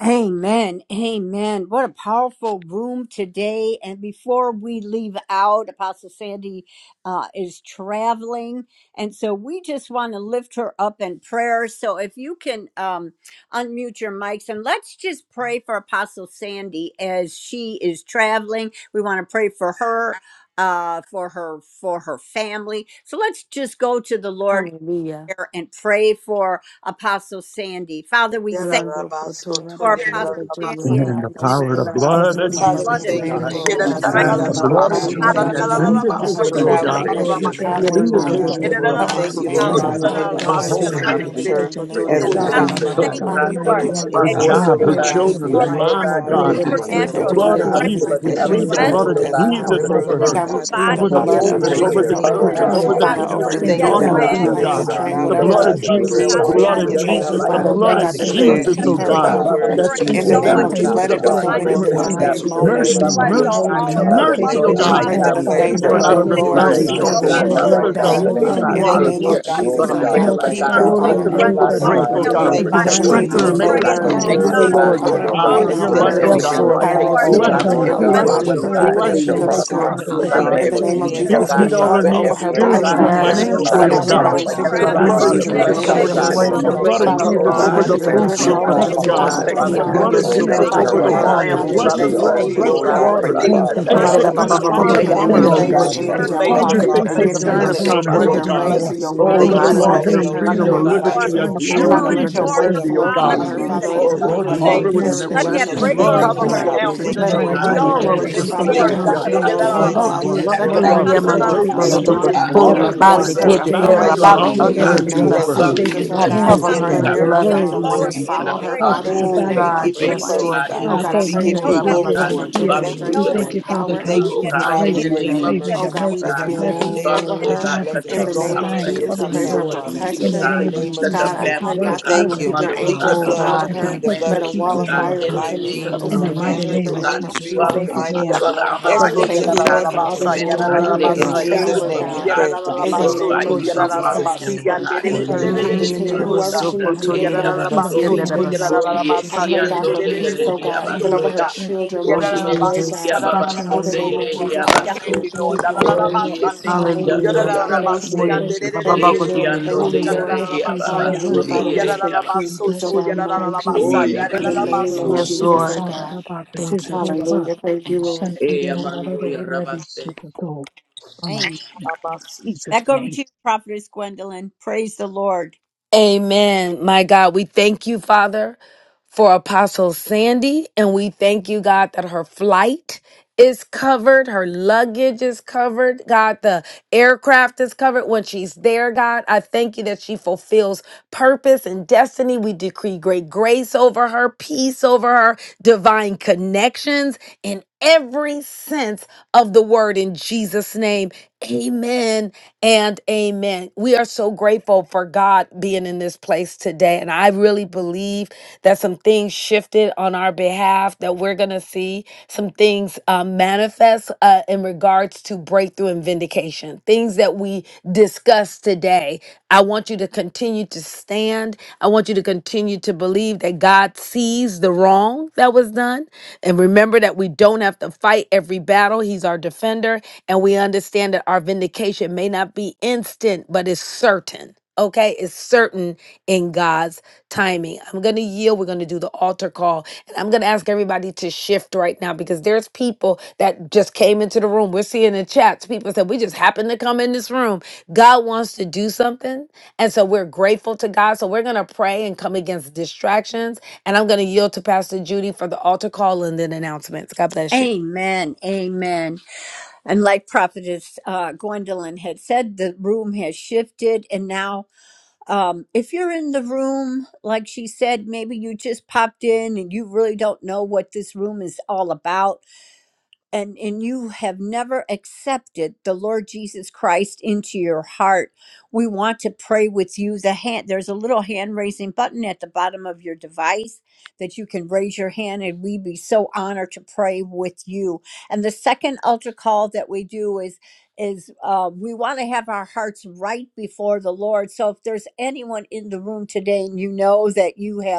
Speaker 2: Amen. Amen. What a powerful room today. And before we leave out, Apostle Sandy uh, is traveling. And so we just want to lift her up in prayer. So if you can um, unmute your mics and let's just pray for Apostle Sandy as she is traveling. We want to pray for her. Uh, for her, for her family. So let's just go to the Lord in prayer and pray for Apostle Sandy. Father, we thank for Apostle
Speaker 13: Hallelujah,
Speaker 2: San
Speaker 13: Father,
Speaker 8: and
Speaker 13: in
Speaker 8: then
Speaker 2: Diego
Speaker 8: the
Speaker 13: the
Speaker 8: power
Speaker 13: name
Speaker 8: of the
Speaker 13: of
Speaker 8: blood
Speaker 11: Father
Speaker 2: with
Speaker 8: of
Speaker 2: the
Speaker 13: Jesus,
Speaker 11: God,
Speaker 6: Father,
Speaker 11: for
Speaker 6: we
Speaker 2: blood
Speaker 11: your
Speaker 8: Jesus, oh
Speaker 2: of
Speaker 6: thank
Speaker 13: we
Speaker 6: you
Speaker 11: blessing
Speaker 8: God.
Speaker 11: that
Speaker 6: for
Speaker 13: do
Speaker 11: you
Speaker 2: Jesus,
Speaker 13: this,
Speaker 16: Father
Speaker 11: watch
Speaker 13: we
Speaker 6: Apostle
Speaker 16: God,
Speaker 13: do
Speaker 2: right?
Speaker 16: in
Speaker 8: Yes,
Speaker 11: over
Speaker 16: the
Speaker 8: the
Speaker 11: her
Speaker 13: this
Speaker 6: Sandy,
Speaker 16: name
Speaker 11: right
Speaker 6: Lord
Speaker 8: blood
Speaker 16: of
Speaker 8: of
Speaker 16: the
Speaker 11: now
Speaker 6: God.
Speaker 11: in
Speaker 6: We
Speaker 16: holy
Speaker 11: the
Speaker 13: right
Speaker 16: and
Speaker 8: Jesus
Speaker 2: Father, we
Speaker 6: thank
Speaker 2: thank
Speaker 6: you,
Speaker 11: mighty
Speaker 8: that
Speaker 16: righteous
Speaker 11: name of
Speaker 6: Father,
Speaker 2: you, Lord
Speaker 8: vindicates
Speaker 6: for
Speaker 11: Jesus.
Speaker 2: for the
Speaker 8: her,
Speaker 16: Son
Speaker 8: oh
Speaker 13: now.
Speaker 3: her
Speaker 6: traveling
Speaker 16: Jesus,
Speaker 8: God.
Speaker 3: even
Speaker 16: we
Speaker 3: as
Speaker 11: Lord,
Speaker 6: grace
Speaker 3: she's
Speaker 11: we
Speaker 16: pray
Speaker 6: and
Speaker 2: suffering,
Speaker 16: for
Speaker 11: thank
Speaker 2: Lord
Speaker 16: her
Speaker 11: you
Speaker 6: mercy,
Speaker 11: that
Speaker 3: traveling,
Speaker 11: she
Speaker 16: this
Speaker 6: Lord
Speaker 2: that are
Speaker 11: is
Speaker 16: morning,
Speaker 3: Father.
Speaker 6: God.
Speaker 8: Vindication
Speaker 16: God.
Speaker 11: clothed
Speaker 2: camped
Speaker 11: in
Speaker 8: for
Speaker 11: the
Speaker 6: We
Speaker 3: Cover her
Speaker 6: thank
Speaker 11: garment
Speaker 16: We
Speaker 8: Apostle
Speaker 6: you,
Speaker 11: of
Speaker 16: lift
Speaker 6: Lord
Speaker 3: family,
Speaker 2: about
Speaker 16: her
Speaker 3: her
Speaker 15: Father,
Speaker 8: Sandy,
Speaker 11: praise,
Speaker 6: God,
Speaker 15: in the
Speaker 16: up,
Speaker 2: her,
Speaker 15: name
Speaker 6: during
Speaker 15: of
Speaker 11: Father
Speaker 3: mom,
Speaker 16: God,
Speaker 3: her
Speaker 6: this
Speaker 8: her
Speaker 11: God, in
Speaker 6: time
Speaker 3: children,
Speaker 16: she's
Speaker 11: your
Speaker 2: in
Speaker 6: that
Speaker 2: the
Speaker 6: you
Speaker 3: her
Speaker 8: home,
Speaker 11: divine
Speaker 2: mighty name
Speaker 6: use
Speaker 16: traveling
Speaker 3: grandchildren,
Speaker 6: her
Speaker 2: of
Speaker 11: protection,
Speaker 3: in the name of
Speaker 16: over
Speaker 6: as
Speaker 2: Jesus.
Speaker 6: a
Speaker 16: the
Speaker 7: much.
Speaker 2: Father,
Speaker 3: Jesus.
Speaker 11: outlined
Speaker 6: mighty
Speaker 16: dangerous
Speaker 11: in
Speaker 8: her,
Speaker 11: the
Speaker 2: thank
Speaker 6: um,
Speaker 16: highway,
Speaker 11: Psalm
Speaker 3: Father,
Speaker 15: God,
Speaker 3: we
Speaker 2: you,
Speaker 15: Lord,
Speaker 3: thank
Speaker 2: Lord,
Speaker 3: you
Speaker 15: let
Speaker 6: uh,
Speaker 15: the
Speaker 3: that
Speaker 11: 91,
Speaker 8: her
Speaker 2: and
Speaker 15: apostle
Speaker 3: no
Speaker 16: Father,
Speaker 2: she,
Speaker 15: serve
Speaker 16: the
Speaker 6: enforcer,
Speaker 8: job,
Speaker 15: you,
Speaker 3: weapon
Speaker 8: her
Speaker 2: uh,
Speaker 6: Lord
Speaker 15: God.
Speaker 11: overflows
Speaker 6: God,
Speaker 11: in
Speaker 16: byways
Speaker 6: of
Speaker 11: her
Speaker 8: children,
Speaker 6: your
Speaker 16: there.
Speaker 8: her
Speaker 2: Lord,
Speaker 15: Bless,
Speaker 3: shall
Speaker 16: And
Speaker 11: life,
Speaker 2: we
Speaker 15: oh
Speaker 6: word,
Speaker 2: pray
Speaker 8: mom, oh
Speaker 15: God,
Speaker 2: for
Speaker 15: in
Speaker 6: Father,
Speaker 15: the
Speaker 3: pray.
Speaker 15: name
Speaker 11: over
Speaker 16: we
Speaker 8: God.
Speaker 6: in the
Speaker 15: of
Speaker 11: her
Speaker 16: ask
Speaker 6: name of
Speaker 15: Jesus,
Speaker 3: And
Speaker 6: the
Speaker 16: that
Speaker 11: son's
Speaker 16: your
Speaker 8: The
Speaker 2: supernatural
Speaker 15: oh
Speaker 6: Lord
Speaker 11: life,
Speaker 16: Holy
Speaker 15: God.
Speaker 11: her
Speaker 8: blood of
Speaker 6: Jesus,
Speaker 15: Father,
Speaker 2: strength
Speaker 11: daughter's
Speaker 16: Spirit
Speaker 15: give
Speaker 8: Jesus.
Speaker 11: life,
Speaker 15: us
Speaker 16: would
Speaker 11: her
Speaker 8: We
Speaker 6: that
Speaker 16: lead
Speaker 2: and
Speaker 16: her
Speaker 6: she
Speaker 15: travel and
Speaker 8: plead
Speaker 16: and
Speaker 8: the
Speaker 6: sent
Speaker 2: rest
Speaker 16: guide,
Speaker 15: mercy,
Speaker 8: blood
Speaker 11: grandchildren's
Speaker 8: of
Speaker 6: forth
Speaker 15: oh
Speaker 11: life,
Speaker 16: God,
Speaker 6: as a
Speaker 15: God.
Speaker 2: on
Speaker 11: her
Speaker 8: Jesus
Speaker 3: uh,
Speaker 6: deliverer,
Speaker 8: over
Speaker 11: mother's
Speaker 16: protect her,
Speaker 6: Lord
Speaker 8: her,
Speaker 11: life,
Speaker 3: God,
Speaker 2: physical
Speaker 16: God,
Speaker 6: God,
Speaker 16: watch
Speaker 6: that
Speaker 11: her
Speaker 6: would
Speaker 8: over
Speaker 2: body
Speaker 8: the
Speaker 6: help
Speaker 2: and
Speaker 6: to
Speaker 16: over
Speaker 11: brother's
Speaker 16: her,
Speaker 11: life
Speaker 8: pulpits,
Speaker 6: deliver
Speaker 16: God.
Speaker 8: over
Speaker 6: your
Speaker 8: the
Speaker 2: Jesus.
Speaker 15: Father,
Speaker 11: her
Speaker 6: people,
Speaker 8: churches,
Speaker 15: have
Speaker 16: God,
Speaker 6: Lord
Speaker 15: your
Speaker 8: over
Speaker 16: we
Speaker 6: God.
Speaker 8: the
Speaker 15: way
Speaker 2: Father,
Speaker 11: cousins,
Speaker 15: in
Speaker 16: ask
Speaker 11: her
Speaker 8: people
Speaker 15: her
Speaker 2: no
Speaker 6: We
Speaker 15: life,
Speaker 8: she's
Speaker 11: extended
Speaker 6: thank
Speaker 16: even
Speaker 6: you,
Speaker 2: jet
Speaker 15: oh
Speaker 6: God,
Speaker 8: talking
Speaker 11: family,
Speaker 16: now
Speaker 15: God,
Speaker 6: that
Speaker 8: to,
Speaker 15: in
Speaker 16: as
Speaker 2: lag
Speaker 6: you're
Speaker 8: oh
Speaker 15: the
Speaker 11: Father
Speaker 15: name
Speaker 2: and
Speaker 15: of
Speaker 8: God.
Speaker 6: using
Speaker 11: God.
Speaker 6: her
Speaker 2: Jesus,
Speaker 15: Jesus,
Speaker 8: The
Speaker 16: you
Speaker 15: oh
Speaker 11: That
Speaker 8: blood
Speaker 16: watch
Speaker 6: mouthpiece
Speaker 15: God.
Speaker 11: your
Speaker 8: of
Speaker 6: as a
Speaker 16: over
Speaker 15: Father,
Speaker 16: her
Speaker 11: grace
Speaker 8: Jesus,
Speaker 3: me
Speaker 6: prayer
Speaker 15: let
Speaker 8: the
Speaker 11: and
Speaker 15: your
Speaker 2: Father
Speaker 15: will
Speaker 6: warrior and
Speaker 8: blood
Speaker 6: an
Speaker 11: favor
Speaker 15: be
Speaker 2: God,
Speaker 16: while
Speaker 8: of
Speaker 2: you
Speaker 16: she's
Speaker 15: done
Speaker 11: be
Speaker 15: in her
Speaker 8: Jesus,
Speaker 11: with
Speaker 6: intercessor
Speaker 15: life,
Speaker 8: the
Speaker 2: will
Speaker 11: her,
Speaker 15: oh
Speaker 16: traveling,
Speaker 8: blood
Speaker 2: give.
Speaker 11: Lord,
Speaker 15: God,
Speaker 6: to
Speaker 11: and
Speaker 8: of
Speaker 15: in the
Speaker 11: send
Speaker 15: name of
Speaker 11: forth
Speaker 16: send
Speaker 6: declare
Speaker 16: the
Speaker 11: the
Speaker 8: Jesus,
Speaker 6: and
Speaker 2: such
Speaker 8: oh
Speaker 15: Jesus,
Speaker 2: an
Speaker 15: oh
Speaker 11: ministering
Speaker 6: decree
Speaker 16: angels,
Speaker 8: God,
Speaker 15: God.
Speaker 6: your
Speaker 11: angels
Speaker 15: Father,
Speaker 11: to
Speaker 6: word
Speaker 15: we
Speaker 16: dispatch
Speaker 8: that
Speaker 2: exuberant
Speaker 15: thank
Speaker 8: speaks
Speaker 3: and
Speaker 15: you,
Speaker 16: angels
Speaker 15: oh
Speaker 11: make the
Speaker 2: joy
Speaker 15: God,
Speaker 8: better
Speaker 16: round about
Speaker 11: place
Speaker 8: things
Speaker 16: her,
Speaker 2: in
Speaker 8: of
Speaker 2: the
Speaker 15: for
Speaker 6: that
Speaker 16: God.
Speaker 11: straight
Speaker 6: she's
Speaker 15: Apostle
Speaker 2: mighty
Speaker 6: going
Speaker 2: name
Speaker 6: forth
Speaker 2: of
Speaker 16: God,
Speaker 15: Sandy,
Speaker 11: in
Speaker 8: mercy,
Speaker 6: as
Speaker 15: God.
Speaker 16: that
Speaker 6: a
Speaker 15: We
Speaker 16: you
Speaker 11: every
Speaker 16: would
Speaker 2: Jesus.
Speaker 15: thank
Speaker 16: be,
Speaker 15: you, oh
Speaker 8: mercy,
Speaker 6: proclaimer,
Speaker 15: God,
Speaker 16: uh,
Speaker 15: for
Speaker 2: Bless
Speaker 6: Lord
Speaker 11: means
Speaker 15: the
Speaker 11: and
Speaker 6: God,
Speaker 2: all,
Speaker 8: mercy,
Speaker 11: mode of
Speaker 6: proclaim-
Speaker 2: all
Speaker 15: assignment, oh
Speaker 3: so
Speaker 2: of
Speaker 16: God
Speaker 2: her
Speaker 15: God, that
Speaker 3: God.
Speaker 15: is
Speaker 8: mercy,
Speaker 11: transportation
Speaker 15: on
Speaker 8: oh
Speaker 2: luggage,
Speaker 6: proclaiming
Speaker 11: that
Speaker 15: her
Speaker 3: And we
Speaker 11: she's
Speaker 15: life,
Speaker 8: God.
Speaker 3: pray
Speaker 2: Father
Speaker 6: and
Speaker 16: assignment
Speaker 3: for
Speaker 15: God.
Speaker 16: it
Speaker 11: on,
Speaker 3: the
Speaker 2: God,
Speaker 15: We
Speaker 16: is
Speaker 15: thank
Speaker 11: Father.
Speaker 6: declaring
Speaker 11: I
Speaker 15: you,
Speaker 3: favor
Speaker 6: the,
Speaker 15: oh
Speaker 2: nothing
Speaker 8: Lord,
Speaker 11: plead
Speaker 3: of
Speaker 6: the
Speaker 11: the
Speaker 15: God,
Speaker 8: out
Speaker 3: the
Speaker 16: that
Speaker 15: for
Speaker 8: of
Speaker 11: blood
Speaker 15: the
Speaker 16: is
Speaker 8: the
Speaker 2: missing,
Speaker 6: the
Speaker 11: of
Speaker 3: Lord
Speaker 16: given,
Speaker 3: to
Speaker 6: word
Speaker 8: belly
Speaker 11: Jesus
Speaker 15: assignment,
Speaker 3: be
Speaker 6: of
Speaker 16: God,
Speaker 8: shall
Speaker 15: oh
Speaker 3: her
Speaker 16: that
Speaker 11: over it.
Speaker 8: flow
Speaker 6: Jesus
Speaker 15: God.
Speaker 2: broken.
Speaker 11: No
Speaker 16: she,
Speaker 3: portion,
Speaker 15: Father,
Speaker 6: Christ,
Speaker 3: oh
Speaker 15: we
Speaker 8: rivers
Speaker 6: Lord
Speaker 8: of
Speaker 11: breakdown,
Speaker 2: And
Speaker 15: thank
Speaker 6: God.
Speaker 16: oh
Speaker 15: you,
Speaker 3: God.
Speaker 11: no
Speaker 15: oh
Speaker 16: God,
Speaker 8: living
Speaker 6: We
Speaker 15: God,
Speaker 3: In
Speaker 16: will
Speaker 11: problem,
Speaker 3: the
Speaker 6: thank
Speaker 8: waters.
Speaker 11: no
Speaker 6: you,
Speaker 16: take
Speaker 3: name
Speaker 16: care
Speaker 3: of
Speaker 6: Lord
Speaker 15: hallelujah
Speaker 16: of
Speaker 11: issues,
Speaker 6: God,
Speaker 2: Father,
Speaker 16: the
Speaker 6: for
Speaker 15: for
Speaker 2: we
Speaker 3: Jesus,
Speaker 6: your
Speaker 15: her
Speaker 3: oh
Speaker 2: pray
Speaker 6: hedge
Speaker 16: assignment
Speaker 2: for
Speaker 15: prayer
Speaker 6: of
Speaker 3: God,
Speaker 11: no
Speaker 15: life,
Speaker 16: 100%,
Speaker 2: her
Speaker 3: keep
Speaker 15: God.
Speaker 2: mom,
Speaker 6: protection
Speaker 3: her,
Speaker 15: We
Speaker 8: Oh,
Speaker 11: concerns. And
Speaker 2: Mother
Speaker 8: let
Speaker 15: thank
Speaker 11: that
Speaker 6: around
Speaker 8: the
Speaker 15: you,
Speaker 3: Father.
Speaker 16: God.
Speaker 6: her,
Speaker 15: oh
Speaker 11: those
Speaker 2: Brenda,
Speaker 8: people
Speaker 6: Lord
Speaker 15: God,
Speaker 11: that are
Speaker 6: God.
Speaker 2: long,
Speaker 16: And
Speaker 8: drink, oh
Speaker 15: hallelujah,
Speaker 16: God,
Speaker 6: We
Speaker 15: for
Speaker 16: you
Speaker 2: healthy
Speaker 8: God.
Speaker 16: will
Speaker 15: who
Speaker 6: thank you
Speaker 16: let her
Speaker 3: Father,
Speaker 15: she
Speaker 2: life.
Speaker 6: for
Speaker 15: is
Speaker 16: pour
Speaker 3: continue
Speaker 6: ordering
Speaker 11: driving
Speaker 2: And
Speaker 3: to
Speaker 8: Strengthen
Speaker 15: in
Speaker 6: your
Speaker 2: we
Speaker 8: her,
Speaker 16: out,
Speaker 3: give
Speaker 11: or
Speaker 15: you,
Speaker 8: make
Speaker 15: oh
Speaker 3: our
Speaker 8: her
Speaker 6: steps
Speaker 2: pray
Speaker 6: in
Speaker 15: God.
Speaker 2: for
Speaker 6: her
Speaker 15: We
Speaker 3: word
Speaker 11: flying,
Speaker 16: and
Speaker 2: her
Speaker 8: strong
Speaker 3: in
Speaker 15: thank
Speaker 6: word,
Speaker 8: in
Speaker 15: you,
Speaker 16: God,
Speaker 8: the
Speaker 6: in,
Speaker 15: oh
Speaker 11: however
Speaker 2: son,
Speaker 6: in
Speaker 3: season,
Speaker 15: God,
Speaker 11: she's
Speaker 8: Lord,
Speaker 2: for
Speaker 8: the
Speaker 16: upon
Speaker 3: Father,
Speaker 2: her
Speaker 16: your
Speaker 3: a
Speaker 6: ordering
Speaker 11: traveling,
Speaker 8: power
Speaker 3: right
Speaker 2: daughter,
Speaker 6: her
Speaker 16: people,
Speaker 8: of
Speaker 3: now
Speaker 11: Father,
Speaker 8: your
Speaker 15: hallelujah,
Speaker 16: God,
Speaker 15: for
Speaker 11: that
Speaker 2: Father
Speaker 6: steps
Speaker 16: as
Speaker 8: might,
Speaker 6: in
Speaker 8: oh
Speaker 2: God,
Speaker 16: you
Speaker 3: word,
Speaker 15: every
Speaker 6: your
Speaker 16: have,
Speaker 8: God.
Speaker 6: word,
Speaker 2: that
Speaker 6: Father.
Speaker 2: Lord,
Speaker 15: impartation,
Speaker 3: Kairos
Speaker 16: oh
Speaker 15: oh
Speaker 2: that
Speaker 11: taking
Speaker 16: God,
Speaker 6: In
Speaker 15: God,
Speaker 11: her
Speaker 6: the
Speaker 3: words,
Speaker 15: for
Speaker 11: from
Speaker 8: Blessings,
Speaker 2: no
Speaker 6: name of
Speaker 16: allow
Speaker 6: the
Speaker 15: every
Speaker 3: words,
Speaker 11: here and
Speaker 16: her
Speaker 6: Lord
Speaker 2: weapon
Speaker 15: word,
Speaker 11: to
Speaker 3: Father,
Speaker 8: blessings,
Speaker 15: oh
Speaker 16: to,
Speaker 3: for
Speaker 6: Jesus,
Speaker 2: formed
Speaker 11: there
Speaker 6: we
Speaker 15: God,
Speaker 11: and
Speaker 3: people
Speaker 11: to
Speaker 15: in
Speaker 3: that
Speaker 2: against
Speaker 6: thank
Speaker 15: the
Speaker 3: she
Speaker 2: them
Speaker 6: you,
Speaker 11: different
Speaker 8: blessings
Speaker 15: name
Speaker 16: amen,
Speaker 3: comes
Speaker 6: Lord
Speaker 15: of
Speaker 2: will
Speaker 11: places,
Speaker 16: spend
Speaker 6: God,
Speaker 16: the
Speaker 8: upon her,
Speaker 15: Jesus,
Speaker 3: across.
Speaker 11: Father,
Speaker 15: oh
Speaker 8: oh
Speaker 11: that
Speaker 6: for
Speaker 2: prosper
Speaker 16: time
Speaker 15: God,
Speaker 11: they
Speaker 6: you
Speaker 15: for
Speaker 16: and,
Speaker 11: be
Speaker 8: God.
Speaker 3: In the
Speaker 2: in
Speaker 6: put
Speaker 15: every
Speaker 2: the
Speaker 6: your
Speaker 3: name of
Speaker 16: and
Speaker 11: sober
Speaker 2: name
Speaker 15: teaching,
Speaker 6: hands
Speaker 16: the
Speaker 11: and
Speaker 2: of
Speaker 8: Speak
Speaker 3: Jesus,
Speaker 15: oh
Speaker 3: we
Speaker 6: on
Speaker 16: uh,
Speaker 8: me
Speaker 6: her,
Speaker 15: God,
Speaker 3: speak
Speaker 8: to
Speaker 11: kind
Speaker 2: Jesus.
Speaker 8: all
Speaker 6: Lord
Speaker 8: her
Speaker 3: health
Speaker 15: for
Speaker 6: God. It
Speaker 3: over
Speaker 8: needs
Speaker 6: is
Speaker 3: her
Speaker 15: every,
Speaker 11: we
Speaker 6: with
Speaker 2: Every
Speaker 6: your
Speaker 15: oh
Speaker 7: Over
Speaker 3: body,
Speaker 11: cover
Speaker 15: God,
Speaker 8: spiritually,
Speaker 6: strong
Speaker 16: time
Speaker 11: them
Speaker 3: Father.
Speaker 11: as
Speaker 16: that
Speaker 6: hand
Speaker 15: preaching,
Speaker 16: she
Speaker 15: oh
Speaker 11: well by
Speaker 16: needed
Speaker 6: and
Speaker 8: financially,
Speaker 3: Even
Speaker 15: God,
Speaker 11: the
Speaker 15: in
Speaker 6: your
Speaker 8: oh
Speaker 3: now
Speaker 15: the
Speaker 16: with
Speaker 2: act of
Speaker 3: we
Speaker 11: blood
Speaker 16: you,
Speaker 15: name
Speaker 11: of
Speaker 8: God.
Speaker 16: oh
Speaker 6: strong
Speaker 3: bind
Speaker 15: of
Speaker 16: God.
Speaker 11: Jesus.
Speaker 6: arm,
Speaker 15: Jesus,
Speaker 8: The
Speaker 3: sickness
Speaker 6: Lord
Speaker 3: and
Speaker 2: witchcraft
Speaker 15: God.
Speaker 11: Divine
Speaker 8: blood
Speaker 6: God,
Speaker 2: and
Speaker 16: And
Speaker 8: of
Speaker 16: we
Speaker 15: Father,
Speaker 6: that
Speaker 3: disease
Speaker 11: spirits
Speaker 3: in
Speaker 11: of
Speaker 3: the
Speaker 6: your
Speaker 8: Jesus
Speaker 2: sex,
Speaker 15: bless
Speaker 3: name
Speaker 16: bless
Speaker 15: her,
Speaker 3: of
Speaker 16: your
Speaker 8: over
Speaker 15: oh
Speaker 2: sex,
Speaker 8: the
Speaker 6: mighty
Speaker 11: accident,
Speaker 6: hand
Speaker 15: God.
Speaker 16: holy
Speaker 6: and your
Speaker 11: dumb
Speaker 3: Jesus.
Speaker 8: plane,
Speaker 16: name.
Speaker 8: the
Speaker 2: spell
Speaker 16: We
Speaker 11: driver,
Speaker 6: strong
Speaker 8: blood
Speaker 2: that
Speaker 15: Strengthen
Speaker 8: of
Speaker 3: Father,
Speaker 15: her,
Speaker 16: praise
Speaker 11: stupid
Speaker 16: you,
Speaker 3: we
Speaker 7: her
Speaker 15: oh
Speaker 8: Jesus
Speaker 11: driver,
Speaker 3: decree
Speaker 6: arm,
Speaker 16: God,
Speaker 8: over
Speaker 3: that
Speaker 15: God,
Speaker 2: comes
Speaker 6: had,
Speaker 8: the
Speaker 11: foolish
Speaker 15: in
Speaker 3: she's
Speaker 7: assignment,
Speaker 15: the
Speaker 6: Lord
Speaker 3: in
Speaker 2: against
Speaker 7: her
Speaker 16: for
Speaker 11: driver,
Speaker 8: food
Speaker 6: God,
Speaker 3: good
Speaker 15: name
Speaker 2: her
Speaker 6: has
Speaker 15: of
Speaker 16: you
Speaker 8: she
Speaker 7: comings
Speaker 3: health
Speaker 6: gotten
Speaker 3: and
Speaker 7: and
Speaker 8: eats,
Speaker 6: her
Speaker 7: her
Speaker 16: are
Speaker 2: family
Speaker 15: Jesus,
Speaker 8: oh
Speaker 3: she's
Speaker 11: negligent
Speaker 15: oh
Speaker 2: is
Speaker 8: God.
Speaker 7: goings,
Speaker 11: driver,
Speaker 15: God.
Speaker 16: our
Speaker 6: deliverance,
Speaker 3: prospering,
Speaker 2: broken
Speaker 15: Father,
Speaker 16: Lord
Speaker 8: The
Speaker 6: Lord
Speaker 16: and
Speaker 6: God.
Speaker 15: have
Speaker 7: everyone
Speaker 16: our
Speaker 11: homicidal,
Speaker 8: blood
Speaker 3: Father.
Speaker 15: your
Speaker 7: that's
Speaker 8: of
Speaker 15: way
Speaker 6: We
Speaker 15: in
Speaker 16: Savior.
Speaker 15: her
Speaker 8: Jesus
Speaker 16: And
Speaker 11: suicidal
Speaker 7: connected
Speaker 6: thank you,
Speaker 15: life,
Speaker 7: to
Speaker 16: as
Speaker 3: Father,
Speaker 11: death,
Speaker 8: over
Speaker 3: we
Speaker 7: her,
Speaker 6: Lord
Speaker 8: the
Speaker 16: we
Speaker 15: oh
Speaker 3: pray,
Speaker 7: her
Speaker 6: God, as
Speaker 3: Lord
Speaker 15: God.
Speaker 6: you
Speaker 11: premature
Speaker 8: water.
Speaker 3: God,
Speaker 7: family,
Speaker 6: watch
Speaker 7: in
Speaker 11: death,
Speaker 16: enter
Speaker 7: the
Speaker 8: Bless
Speaker 3: that
Speaker 6: over
Speaker 15: Father,
Speaker 8: her
Speaker 3: she
Speaker 6: her
Speaker 15: we
Speaker 7: name
Speaker 3: will
Speaker 16: into
Speaker 7: of
Speaker 16: the
Speaker 3: do
Speaker 8: bread,
Speaker 15: thank
Speaker 3: what
Speaker 6: children,
Speaker 8: bless
Speaker 15: you,
Speaker 7: Jesus.
Speaker 3: you
Speaker 15: oh
Speaker 16: secret
Speaker 6: Lord
Speaker 8: her
Speaker 15: God,
Speaker 3: called
Speaker 16: place
Speaker 6: God,
Speaker 3: her
Speaker 15: for
Speaker 16: of
Speaker 8: water.
Speaker 3: to
Speaker 16: the
Speaker 7: Favor,
Speaker 15: enlarging
Speaker 11: born
Speaker 3: do.
Speaker 6: even
Speaker 16: Most
Speaker 15: her
Speaker 6: her
Speaker 11: for
Speaker 7: give
Speaker 16: High
Speaker 7: her
Speaker 8: Take
Speaker 11: death.
Speaker 7: favor,
Speaker 3: Father,
Speaker 16: God,
Speaker 3: we
Speaker 15: territory,
Speaker 3: come
Speaker 6: grandchildren,
Speaker 8: sickness
Speaker 15: God.
Speaker 7: give her
Speaker 3: against
Speaker 15: We
Speaker 16: we
Speaker 6: Father.
Speaker 11: Cover
Speaker 3: any
Speaker 8: far
Speaker 6: We
Speaker 7: favor,
Speaker 16: tell
Speaker 11: her
Speaker 15: thank
Speaker 16: you
Speaker 8: from
Speaker 7: God,
Speaker 6: thank
Speaker 15: you,
Speaker 6: you
Speaker 7: in
Speaker 15: oh
Speaker 3: hindering
Speaker 8: her,
Speaker 7: the
Speaker 6: that
Speaker 16: thank
Speaker 8: O
Speaker 16: you
Speaker 6: you're
Speaker 11: family,
Speaker 15: God.
Speaker 7: name
Speaker 3: spirit,
Speaker 7: of
Speaker 16: this
Speaker 8: God.
Speaker 6: watching
Speaker 11: Lord,
Speaker 6: over
Speaker 3: anything
Speaker 2: her
Speaker 16: morning.
Speaker 11: with
Speaker 7: Jesus.
Speaker 6: her
Speaker 16: We
Speaker 3: that will
Speaker 8: Cause
Speaker 7: Favor,
Speaker 6: mother,
Speaker 16: thank
Speaker 8: your
Speaker 3: cause
Speaker 11: divine
Speaker 16: you
Speaker 3: a,
Speaker 2: second
Speaker 7: favor,
Speaker 8: face
Speaker 6: Father.
Speaker 3: a
Speaker 8: to
Speaker 7: favor,
Speaker 16: for
Speaker 11: protection as
Speaker 7: favor,
Speaker 8: shine
Speaker 6: In
Speaker 3: hindrance
Speaker 11: you
Speaker 6: the
Speaker 16: life,
Speaker 7: favor,
Speaker 8: upon
Speaker 6: name
Speaker 16: health,
Speaker 11: watch
Speaker 6: of the
Speaker 16: and
Speaker 3: or
Speaker 8: her, O
Speaker 11: over
Speaker 6: Lord
Speaker 16: strength.
Speaker 7: financial
Speaker 11: them,
Speaker 16: We
Speaker 8: God.
Speaker 3: delay
Speaker 6: Jesus,
Speaker 16: thank
Speaker 11: Lord.
Speaker 3: to
Speaker 16: you
Speaker 7: blessings,
Speaker 3: your
Speaker 15: for
Speaker 6: we
Speaker 8: Oh,
Speaker 16: for
Speaker 3: word
Speaker 2: birthday.
Speaker 11: While
Speaker 6: thank
Speaker 8: let
Speaker 7: supernatural
Speaker 16: turning
Speaker 6: you
Speaker 3: being
Speaker 8: her
Speaker 16: this
Speaker 6: for
Speaker 11: she's
Speaker 15: providing
Speaker 8: walk
Speaker 15: her
Speaker 6: all
Speaker 8: in
Speaker 3: released
Speaker 7: abundance,
Speaker 6: of
Speaker 8: her
Speaker 3: from
Speaker 15: every
Speaker 11: away,
Speaker 6: those
Speaker 3: her
Speaker 7: my
Speaker 16: situation
Speaker 3: in
Speaker 6: that
Speaker 15: need,
Speaker 3: the
Speaker 8: freedom,
Speaker 6: are
Speaker 15: oh
Speaker 8: a
Speaker 6: in
Speaker 11: tended
Speaker 16: around
Speaker 6: the
Speaker 3: name
Speaker 16: now.
Speaker 3: of
Speaker 11: to
Speaker 15: God,
Speaker 11: the
Speaker 2: Lord,
Speaker 8: liberty,
Speaker 6: assignment
Speaker 15: according
Speaker 3: Jesus.
Speaker 8: a
Speaker 15: to
Speaker 6: room
Speaker 11: assignment
Speaker 7: God.
Speaker 16: We
Speaker 15: your
Speaker 11: that
Speaker 6: that
Speaker 11: you
Speaker 2: go
Speaker 6: will
Speaker 11: have
Speaker 3: Father,
Speaker 16: thank
Speaker 6: help
Speaker 11: given
Speaker 8: jubilee
Speaker 16: you,
Speaker 3: let
Speaker 11: her
Speaker 8: to
Speaker 3: your
Speaker 11: to
Speaker 7: uh,
Speaker 16: God.
Speaker 2: before
Speaker 6: hold
Speaker 3: word
Speaker 2: her
Speaker 11: do.
Speaker 6: up
Speaker 8: Sandy, O
Speaker 6: her
Speaker 3: flow
Speaker 15: uh,
Speaker 2: father
Speaker 3: through
Speaker 7: great
Speaker 8: God.
Speaker 11: And
Speaker 6: arms,
Speaker 15: Father,
Speaker 3: her.
Speaker 2: in
Speaker 15: we
Speaker 16: Hallelujah
Speaker 2: the
Speaker 3: Father,
Speaker 6: Father.
Speaker 11: Bless
Speaker 15: thank
Speaker 3: let
Speaker 6: In
Speaker 7: influence,
Speaker 16: for
Speaker 8: Oh,
Speaker 3: the
Speaker 11: her
Speaker 6: the
Speaker 2: name.
Speaker 15: you,
Speaker 7: God,
Speaker 8: Lord,
Speaker 6: name
Speaker 7: in the
Speaker 8: we
Speaker 3: rivers
Speaker 6: of
Speaker 16: all
Speaker 8: love
Speaker 3: flow
Speaker 7: name
Speaker 8: her
Speaker 16: the
Speaker 7: of
Speaker 3: through
Speaker 8: with
Speaker 15: hallelujah.
Speaker 6: Jesus,
Speaker 8: an
Speaker 3: her
Speaker 11: Bless
Speaker 16: things
Speaker 3: in the
Speaker 16: that
Speaker 2: Let
Speaker 11: them
Speaker 15: We
Speaker 7: Jesus.
Speaker 11: and
Speaker 6: we
Speaker 16: you're
Speaker 3: name
Speaker 2: that
Speaker 3: of
Speaker 6: just
Speaker 8: everlasting
Speaker 16: doing.
Speaker 2: breaker
Speaker 7: We
Speaker 15: bless
Speaker 16: We
Speaker 11: strengthen
Speaker 15: you,
Speaker 2: her
Speaker 6: thank
Speaker 8: love.
Speaker 3: Jesus,
Speaker 6: you
Speaker 11: them,
Speaker 15: we
Speaker 3: oh
Speaker 16: thank
Speaker 7: cover
Speaker 2: anointing
Speaker 16: you
Speaker 6: for
Speaker 8: You
Speaker 6: it,
Speaker 15: give
Speaker 11: Lord.
Speaker 7: her
Speaker 16: right
Speaker 8: love
Speaker 6: God.
Speaker 3: God.
Speaker 6: We
Speaker 7: now
Speaker 16: now,
Speaker 15: you
Speaker 8: her.
Speaker 7: in
Speaker 16: God
Speaker 11: In
Speaker 8: We
Speaker 6: thank
Speaker 7: the
Speaker 11: the
Speaker 15: glory,
Speaker 6: you
Speaker 3: Let
Speaker 15: oh
Speaker 8: love
Speaker 6: for
Speaker 7: name
Speaker 6: a
Speaker 8: her.
Speaker 11: mighty
Speaker 8: We
Speaker 2: increase
Speaker 7: of
Speaker 15: God,
Speaker 3: breakthrough
Speaker 11: name
Speaker 16: for
Speaker 3: be
Speaker 6: mighty
Speaker 11: of
Speaker 16: the
Speaker 15: in
Speaker 8: all
Speaker 3: her
Speaker 7: Jesus.
Speaker 15: the
Speaker 8: love
Speaker 7: And
Speaker 2: her
Speaker 6: move.
Speaker 11: Jesus,
Speaker 3: portion,
Speaker 8: her.
Speaker 15: name
Speaker 11: we
Speaker 15: of
Speaker 16: blessings
Speaker 6: We
Speaker 3: Father,
Speaker 11: thank
Speaker 7: vindicate
Speaker 16: that
Speaker 11: you,
Speaker 7: her,
Speaker 15: Jesus,
Speaker 2: more
Speaker 6: thank
Speaker 16: you
Speaker 6: you
Speaker 3: wherever
Speaker 6: for
Speaker 16: have
Speaker 11: Father
Speaker 2: in
Speaker 8: Hallelujah.
Speaker 15: oh
Speaker 2: the
Speaker 3: she
Speaker 11: God,
Speaker 15: God.
Speaker 6: miracle
Speaker 11: for
Speaker 2: mighty
Speaker 3: goes,
Speaker 16: bestowed
Speaker 11: all
Speaker 8: More
Speaker 3: oh
Speaker 11: that
Speaker 6: signs
Speaker 8: love,
Speaker 11: you
Speaker 16: upon
Speaker 6: and
Speaker 16: us.
Speaker 3: God.
Speaker 15: Continue
Speaker 8: more
Speaker 15: to
Speaker 11: do in
Speaker 6: wonders,
Speaker 8: love,
Speaker 15: have
Speaker 16: We
Speaker 3: Let
Speaker 11: our
Speaker 6: Lord
Speaker 15: your
Speaker 3: the
Speaker 8: more
Speaker 15: way,
Speaker 6: God,
Speaker 2: name
Speaker 16: thank
Speaker 11: lives
Speaker 2: of
Speaker 8: love.
Speaker 16: you,
Speaker 15: in
Speaker 3: breaker's
Speaker 11: and all
Speaker 15: us,
Speaker 6: that
Speaker 11: the
Speaker 16: God.
Speaker 6: your
Speaker 8: Grace
Speaker 3: anointing
Speaker 11: things
Speaker 3: be
Speaker 8: and
Speaker 11: that
Speaker 6: presence,
Speaker 11: you
Speaker 15: oh
Speaker 8: peace
Speaker 6: the
Speaker 2: the
Speaker 3: upon
Speaker 16: Hallelujah.
Speaker 8: be
Speaker 3: her,
Speaker 15: God,
Speaker 3: Father.
Speaker 11: have
Speaker 2: million
Speaker 16: Glory
Speaker 6: atmosphere
Speaker 15: in
Speaker 16: be
Speaker 6: will
Speaker 15: the
Speaker 6: be
Speaker 16: to
Speaker 11: accomplished
Speaker 3: Anoint
Speaker 8: multiplied
Speaker 16: God.
Speaker 3: her
Speaker 6: set,
Speaker 8: both
Speaker 11: this
Speaker 15: name
Speaker 6: a
Speaker 11: day,
Speaker 15: of
Speaker 2: anointing
Speaker 8: now and
Speaker 11: Father,
Speaker 6: place
Speaker 16: For
Speaker 3: afresh
Speaker 8: throughout
Speaker 11: that
Speaker 16: the
Speaker 6: where
Speaker 15: Jesus,
Speaker 8: all
Speaker 11: you
Speaker 15: oh
Speaker 11: have
Speaker 3: in
Speaker 11: let
Speaker 2: of
Speaker 11: us
Speaker 3: the
Speaker 6: your
Speaker 15: God.
Speaker 16: amazing,
Speaker 8: eternity
Speaker 3: name
Speaker 11: accomplish
Speaker 7: God.
Speaker 3: of
Speaker 8: over
Speaker 6: presence
Speaker 8: her.
Speaker 11: this
Speaker 6: will
Speaker 15: Father,
Speaker 11: day
Speaker 6: be
Speaker 15: we
Speaker 3: Jesus,
Speaker 2: this
Speaker 11: in
Speaker 16: hallelujah.
Speaker 3: oh
Speaker 11: this
Speaker 2: name.
Speaker 8: In
Speaker 15: bless
Speaker 6: conducive
Speaker 3: God.
Speaker 11: room,
Speaker 15: your
Speaker 16: Oh,
Speaker 8: Jesus'
Speaker 2: Father,
Speaker 6: in
Speaker 15: name,
Speaker 11: Father,
Speaker 2: we
Speaker 16: oh,
Speaker 15: oh
Speaker 3: Let
Speaker 6: that
Speaker 11: by
Speaker 8: name.
Speaker 15: God. We
Speaker 11: your
Speaker 16: God.
Speaker 3: miracle
Speaker 6: area,
Speaker 15: give
Speaker 2: fill
Speaker 15: you
Speaker 3: signs
Speaker 11: word,
Speaker 3: and
Speaker 6: Father
Speaker 11: by
Speaker 2: all of
Speaker 11: your
Speaker 3: wonders
Speaker 15: glory, oh
Speaker 16: Thank
Speaker 6: in
Speaker 16: you,
Speaker 6: the
Speaker 15: God.
Speaker 3: follow
Speaker 16: God.
Speaker 15: We
Speaker 3: her,
Speaker 2: prayer
Speaker 6: name of
Speaker 15: honor
Speaker 3: Father,
Speaker 11: prophets,
Speaker 15: you,
Speaker 16: Hallelujah.
Speaker 3: in
Speaker 11: and
Speaker 15: we
Speaker 3: the
Speaker 6: Jesus.
Speaker 11: by
Speaker 6: And
Speaker 15: give
Speaker 2: with
Speaker 6: we
Speaker 11: your
Speaker 3: name
Speaker 2: the
Speaker 15: you
Speaker 3: of
Speaker 16: Keep
Speaker 6: give
Speaker 16: her
Speaker 6: you
Speaker 2: precious
Speaker 15: praise, oh
Speaker 16: watch over
Speaker 3: Jesus.
Speaker 6: praise,
Speaker 15: God,
Speaker 2: and
Speaker 15: in
Speaker 16: her,
Speaker 6: God.
Speaker 3: Oh
Speaker 15: the
Speaker 16: God.
Speaker 3: God, I
Speaker 15: name
Speaker 11: fivefold
Speaker 6: We
Speaker 15: of
Speaker 3: pray
Speaker 6: give
Speaker 3: that
Speaker 6: you
Speaker 2: no
Speaker 11: ministry
Speaker 3: you
Speaker 16: Hey,
Speaker 15: Jesus,
Speaker 3: will
Speaker 11: gifts,
Speaker 2: back
Speaker 16: God,
Speaker 15: oh
Speaker 3: use
Speaker 6: glory
Speaker 11: Lord,
Speaker 3: her
Speaker 15: God.
Speaker 6: for
Speaker 3: for
Speaker 11: that's
Speaker 6: it.
Speaker 16: please,
Speaker 6: We
Speaker 11: here.
Speaker 15: Father,
Speaker 2: and
Speaker 6: thank
Speaker 15: do
Speaker 6: you
Speaker 16: please,
Speaker 11: We
Speaker 2: no
Speaker 15: what
Speaker 3: demonstration
Speaker 11: thank
Speaker 6: for it.
Speaker 3: and
Speaker 11: you,
Speaker 15: only you can
Speaker 11: Father
Speaker 6: We
Speaker 3: power
Speaker 15: do,
Speaker 3: in
Speaker 6: thank
Speaker 16: Father.
Speaker 11: God,
Speaker 6: you
Speaker 15: oh
Speaker 11: for
Speaker 6: for
Speaker 11: your
Speaker 2: retaliation.
Speaker 3: Jesus'
Speaker 15: God, in
Speaker 6: traveling
Speaker 11: grace
Speaker 16: In
Speaker 15: the
Speaker 11: and
Speaker 16: the
Speaker 2: It's
Speaker 3: name.
Speaker 11: your
Speaker 6: grace
Speaker 15: name
Speaker 16: name
Speaker 6: and
Speaker 15: of
Speaker 11: favor
Speaker 16: of
Speaker 11: and
Speaker 3: Oh
Speaker 2: just
Speaker 11: your
Speaker 15: Jesus,
Speaker 6: mercy
Speaker 3: God,
Speaker 16: Jesus,
Speaker 15: oh
Speaker 3: we
Speaker 11: mercy,
Speaker 16: right
Speaker 6: that
Speaker 15: God.
Speaker 6: you
Speaker 11: your
Speaker 3: speak
Speaker 16: now,
Speaker 6: sent her
Speaker 16: God,
Speaker 11: blessings,
Speaker 3: peace
Speaker 6: there,
Speaker 15: Father,
Speaker 3: over
Speaker 15: oh
Speaker 6: that you're
Speaker 16: keep
Speaker 3: her
Speaker 15: God,
Speaker 11: divine
Speaker 16: her
Speaker 15: touch
Speaker 6: blessing
Speaker 15: her
Speaker 16: from
Speaker 3: in
Speaker 6: her
Speaker 15: from
Speaker 3: the
Speaker 15: the
Speaker 11: protection,
Speaker 16: time.
Speaker 3: name
Speaker 6: going
Speaker 15: top
Speaker 3: of
Speaker 15: of
Speaker 6: in
Speaker 11: divine
Speaker 15: her
Speaker 6: and the
Speaker 15: head
Speaker 3: Jesus.
Speaker 15: to
Speaker 3: We
Speaker 15: the
Speaker 11: covering,
Speaker 6: coming
Speaker 3: pray
Speaker 16: Mm,
Speaker 3: for her
Speaker 6: out,
Speaker 15: soles of
Speaker 11: Lord,
Speaker 15: her
Speaker 16: and
Speaker 6: Father.
Speaker 16: that
Speaker 15: feet,
Speaker 16: you
Speaker 11: in
Speaker 15: oh
Speaker 16: will
Speaker 11: the
Speaker 16: be
Speaker 6: In
Speaker 3: protection.
Speaker 6: the
Speaker 15: God.
Speaker 16: able
Speaker 11: name of
Speaker 6: name
Speaker 16: to
Speaker 6: of
Speaker 15: Touch
Speaker 16: do
Speaker 15: her
Speaker 11: Jesus,
Speaker 3: God,
Speaker 16: all
Speaker 3: I
Speaker 11: that
Speaker 16: that
Speaker 6: Jesus,
Speaker 11: you
Speaker 3: pray,
Speaker 16: you
Speaker 15: family,
Speaker 6: we
Speaker 15: oh
Speaker 3: God,
Speaker 11: watch
Speaker 3: that
Speaker 16: called
Speaker 3: you
Speaker 15: God,
Speaker 16: to
Speaker 6: thank
Speaker 3: will
Speaker 15: her
Speaker 11: over
Speaker 2: hallelujah,
Speaker 6: you and
Speaker 3: keep
Speaker 6: we
Speaker 11: them,
Speaker 15: mother,
Speaker 3: your
Speaker 16: do.
Speaker 15: oh
Speaker 6: plead the
Speaker 11: Father
Speaker 15: God,
Speaker 3: angels
Speaker 15: her
Speaker 16: Father, we
Speaker 6: blood,
Speaker 3: surrounded
Speaker 16: say
Speaker 11: and
Speaker 15: children, her
Speaker 3: her.
Speaker 6: the
Speaker 16: thank
Speaker 11: protect
Speaker 16: you.
Speaker 6: blood
Speaker 11: and
Speaker 3: Let
Speaker 6: of
Speaker 3: a
Speaker 11: keep
Speaker 15: grandchildren, oh
Speaker 3: wall
Speaker 16: Thank
Speaker 11: them,
Speaker 6: Jesus
Speaker 3: of
Speaker 16: you
Speaker 15: God.
Speaker 6: over
Speaker 16: now
Speaker 11: Lord
Speaker 3: fire
Speaker 6: her
Speaker 15: In
Speaker 11: God.
Speaker 15: the
Speaker 6: life,
Speaker 3: continue
Speaker 16: as you
Speaker 3: so-
Speaker 15: name
Speaker 16: cover
Speaker 3: to
Speaker 15: of
Speaker 11: In
Speaker 6: over her
Speaker 11: the
Speaker 16: the
Speaker 3: surround
Speaker 11: mighty
Speaker 3: her
Speaker 6: family,
Speaker 15: Jesus,
Speaker 3: in
Speaker 16: family
Speaker 6: over
Speaker 3: the
Speaker 11: name
Speaker 15: oh
Speaker 6: her
Speaker 11: of
Speaker 15: God.
Speaker 3: name of
Speaker 11: Jesus,
Speaker 6: ministry,
Speaker 11: we
Speaker 2: Lord,
Speaker 6: over
Speaker 15: Father,
Speaker 6: her
Speaker 3: Jesus.
Speaker 11: thank you,
Speaker 16: of
Speaker 15: continue
Speaker 16: my
Speaker 15: to
Speaker 11: Lord,
Speaker 6: finances,
Speaker 15: allow
Speaker 2: Lord,
Speaker 16: childhood,
Speaker 15: her
Speaker 16: of
Speaker 11: for
Speaker 15: light
Speaker 7: Yadalabaso,
Speaker 16: the
Speaker 11: your
Speaker 2: hallelujah.
Speaker 6: everything
Speaker 15: to
Speaker 3: Thank
Speaker 15: so
Speaker 6: that's
Speaker 3: you,
Speaker 16: children
Speaker 11: blessings
Speaker 15: shine
Speaker 3: Lord,
Speaker 11: and
Speaker 3: for
Speaker 11: your
Speaker 6: connected
Speaker 16: covered.
Speaker 3: all
Speaker 15: before
Speaker 6: to
Speaker 16: of
Speaker 7: Yadalabasa,
Speaker 3: that
Speaker 6: her,
Speaker 11: grace,
Speaker 15: men,
Speaker 3: you're
Speaker 15: oh
Speaker 11: your
Speaker 15: God,
Speaker 6: Father.
Speaker 3: doing. We
Speaker 15: that
Speaker 11: favor,
Speaker 15: they
Speaker 16: Mother
Speaker 3: pray
Speaker 15: will
Speaker 11: your
Speaker 3: for
Speaker 6: In
Speaker 7: Yadalabasa,
Speaker 16: God,
Speaker 15: see your
Speaker 7: Ya.
Speaker 16: cover
Speaker 15: good
Speaker 6: Jesus'
Speaker 3: favor,
Speaker 11: arrival
Speaker 6: name,
Speaker 15: works,
Speaker 11: in
Speaker 6: we
Speaker 16: all
Speaker 15: oh
Speaker 3: God.
Speaker 15: God,
Speaker 11: every
Speaker 6: pray
Speaker 16: those,
Speaker 6: it to
Speaker 16: God,
Speaker 6: be
Speaker 3: In
Speaker 15: and
Speaker 3: the
Speaker 6: so.
Speaker 11: place,
Speaker 7: Yadalabaso,
Speaker 15: glorify
Speaker 3: name
Speaker 16: that
Speaker 7: To,
Speaker 3: of
Speaker 11: city,
Speaker 16: needs
Speaker 15: you,
Speaker 16: to
Speaker 6: In
Speaker 15: our
Speaker 16: be
Speaker 3: Jesus,
Speaker 16: covered
Speaker 15: Father
Speaker 11: state,
Speaker 3: God,
Speaker 15: in
Speaker 6: Jesus'
Speaker 7: Yadalabasi,
Speaker 15: heaven,
Speaker 3: keep
Speaker 6: name,
Speaker 15: oh
Speaker 7: and
Speaker 3: her,
Speaker 15: God.
Speaker 3: keep
Speaker 15: In
Speaker 16: according
Speaker 11: country,
Speaker 15: the
Speaker 3: her,
Speaker 16: to
Speaker 6: amen.
Speaker 16: your
Speaker 3: keep
Speaker 11: land
Speaker 3: the
Speaker 11: she
Speaker 15: name
Speaker 16: will.
Speaker 3: team,
Speaker 15: of
Speaker 16: In
Speaker 11: travels
Speaker 3: whoever
Speaker 7: Dededededededededosha.
Speaker 11: to,
Speaker 3: she
Speaker 16: Jesus'
Speaker 3: may
Speaker 15: Jesus,
Speaker 3: be
Speaker 16: name.
Speaker 11: Father.
Speaker 3: with,
Speaker 15: eh,
Speaker 3: God,
Speaker 11: In the
Speaker 15: Abaso.
Speaker 7: Yadalabaso,
Speaker 11: mighty
Speaker 3: keep
Speaker 7: To,
Speaker 16: Thank
Speaker 3: them,
Speaker 11: name of
Speaker 16: you.
Speaker 15: Oh,
Speaker 3: Father.
Speaker 11: Jesus,
Speaker 15: yes,
Speaker 7: Yadalabasa,
Speaker 3: I
Speaker 11: let
Speaker 7: and
Speaker 3: pray,
Speaker 15: yeah,
Speaker 11: there
Speaker 3: God,
Speaker 11: be
Speaker 3: for
Speaker 15: don't they, yeah,
Speaker 11: rest
Speaker 3: peace,
Speaker 16: Thank
Speaker 11: for
Speaker 3: oh
Speaker 11: her
Speaker 16: you,
Speaker 15: yeah,
Speaker 3: God,
Speaker 16: God.
Speaker 3: even
Speaker 11: body
Speaker 3: over
Speaker 11: and
Speaker 15: Abaso,
Speaker 3: her
Speaker 15: yeah.
Speaker 7: Dededededededededosha.
Speaker 11: strength for
Speaker 3: children
Speaker 11: her,
Speaker 3: while she's
Speaker 11: Lord.
Speaker 3: away,
Speaker 7: Yadalabaso,
Speaker 15: Oriesitia
Speaker 3: God.
Speaker 16: Thank you.
Speaker 11: Touch her
Speaker 3: In the
Speaker 15: babasonde
Speaker 7: Tadalabaso,
Speaker 11: and
Speaker 3: name of
Speaker 11: pour
Speaker 15: yerehia
Speaker 3: Jesus,
Speaker 7: Apostle
Speaker 3: God,
Speaker 11: out
Speaker 15: baso.
Speaker 11: your
Speaker 7: Sandy,
Speaker 3: keep,
Speaker 7: Lord,
Speaker 11: oil
Speaker 3: keep, Lord
Speaker 11: all the
Speaker 3: God.
Speaker 11: more
Speaker 7: Yadalabasa, and De-
Speaker 11: upon her,
Speaker 15: Ondiesitia
Speaker 11: Father,
Speaker 3: Hallelujah, Lord
Speaker 11: your
Speaker 15: ndoya
Speaker 3: God.
Speaker 11: grace
Speaker 3: Thank
Speaker 11: and
Speaker 7: Yadalabasi,
Speaker 15: rabase.
Speaker 11: your
Speaker 3: you.
Speaker 7: and
Speaker 16: Thank
Speaker 11: mercy
Speaker 16: you,
Speaker 3: Thank you, Lord.
Speaker 15: Ekiando
Speaker 3: Thank
Speaker 15: de
Speaker 3: you,
Speaker 11: all of
Speaker 7: Dededededededededosha,
Speaker 11: her,
Speaker 3: Lord.
Speaker 11: all the
Speaker 15: yerehia
Speaker 11: things in
Speaker 7: Yadalabasa,
Speaker 11: her
Speaker 7: Ya.
Speaker 16: Liki
Speaker 3: Hallelujah,
Speaker 11: life,
Speaker 15: babasonde
Speaker 3: Father. We
Speaker 11: Father.
Speaker 16: Libro,
Speaker 3: just
Speaker 11: And
Speaker 3: pray
Speaker 15: yerehia
Speaker 3: peace,
Speaker 11: We
Speaker 15: baso.
Speaker 7: Yadalabaso,
Speaker 3: peace
Speaker 11: bless
Speaker 7: To,
Speaker 3: over
Speaker 11: you.
Speaker 3: our
Speaker 11: We
Speaker 3: mind,
Speaker 11: praise you.
Speaker 3: peace
Speaker 11: We
Speaker 7: Yadalabasa,
Speaker 15: Oya
Speaker 11: thank
Speaker 16: Mili
Speaker 11: you
Speaker 3: in
Speaker 11: for
Speaker 16: Ki
Speaker 3: the
Speaker 11: that.
Speaker 15: base.
Speaker 11: Oh,
Speaker 3: name
Speaker 7: Yadalabaso,
Speaker 3: of
Speaker 11: Baba,
Speaker 16: Libro,
Speaker 7: To,
Speaker 11: Shika,
Speaker 7: Ya.
Speaker 3: Jesus, oh
Speaker 11: Tonda,
Speaker 16: Kusara.
Speaker 3: God.
Speaker 11: Daba, Petita, Horaba,
Speaker 3: Hallelujah. Thank you, Lord.
Speaker 15: E
Speaker 11: Shanidi, Horada,
Speaker 15: amando ya
Speaker 11: Horabi,
Speaker 15: rabase.
Speaker 11: Sukato, Baba,
Speaker 2: Amen.
Speaker 11: Shanti, in Jesus'
Speaker 2: Back over
Speaker 11: name.
Speaker 2: to you, Prophetess Gwendolyn. Praise the Lord.
Speaker 1: Amen. My God, we thank you, Father, for Apostle Sandy, and we thank you, God, that her flight is covered, her luggage is covered, God, the aircraft is covered when she's there, God. I thank you that she fulfills purpose and destiny. We decree great grace over her, peace over her, divine connections in every sense of the word in Jesus' name. Amen and amen. We are so grateful for God being in this place today. And I really believe that some things shifted on our behalf, that we're going to see some things uh, manifest uh, in regards to breakthrough and vindication. Things that we discussed today. I want you to continue to stand. I want you to continue to believe that God sees the wrong that was done. And remember that we don't have to fight every battle, He's our defender. And we understand that our vindication may not be instant, but it's certain. Okay, it's certain in God's timing. I'm going to yield. We're going to do the altar call. And I'm going to ask everybody to shift right now because there's people that just came into the room. We're seeing the chats. People said, We just happened to come in this room. God wants to do something. And so we're grateful to God. So we're going to pray and come against distractions. And I'm going to yield to Pastor Judy for the altar call and then announcements. God bless you.
Speaker 2: Amen. Amen. And like Prophetess uh, Gwendolyn had said, the room has shifted. And now, um, if you're in the room, like she said, maybe you just popped in and you really don't know what this room is all about and and you have never accepted the Lord Jesus Christ into your heart, we want to pray with you. The hand there's a little hand raising button at the bottom of your device that you can raise your hand, and we'd be so honored to pray with you. And the second altar call that we do is is uh, we want to have our hearts right before the Lord. So if there's anyone in the room today, and you know that you have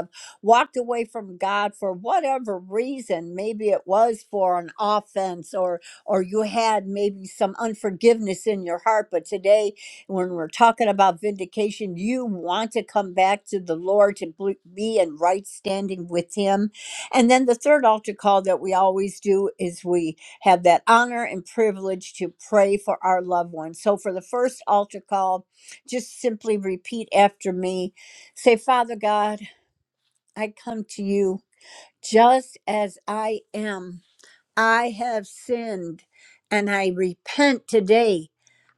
Speaker 2: walked away from God for whatever reason. Maybe it was for an offense or or you had maybe some unforgiveness in your heart, but today when we're talking about vindication, you want to come back to the Lord to bl- be in right standing with him. And then the third altar call that we always do is we have that honor and privilege to pray for our loved ones. So for the first altar call, just simply repeat after me. Say, Father God, I come to you just as I am. I have sinned and I repent today.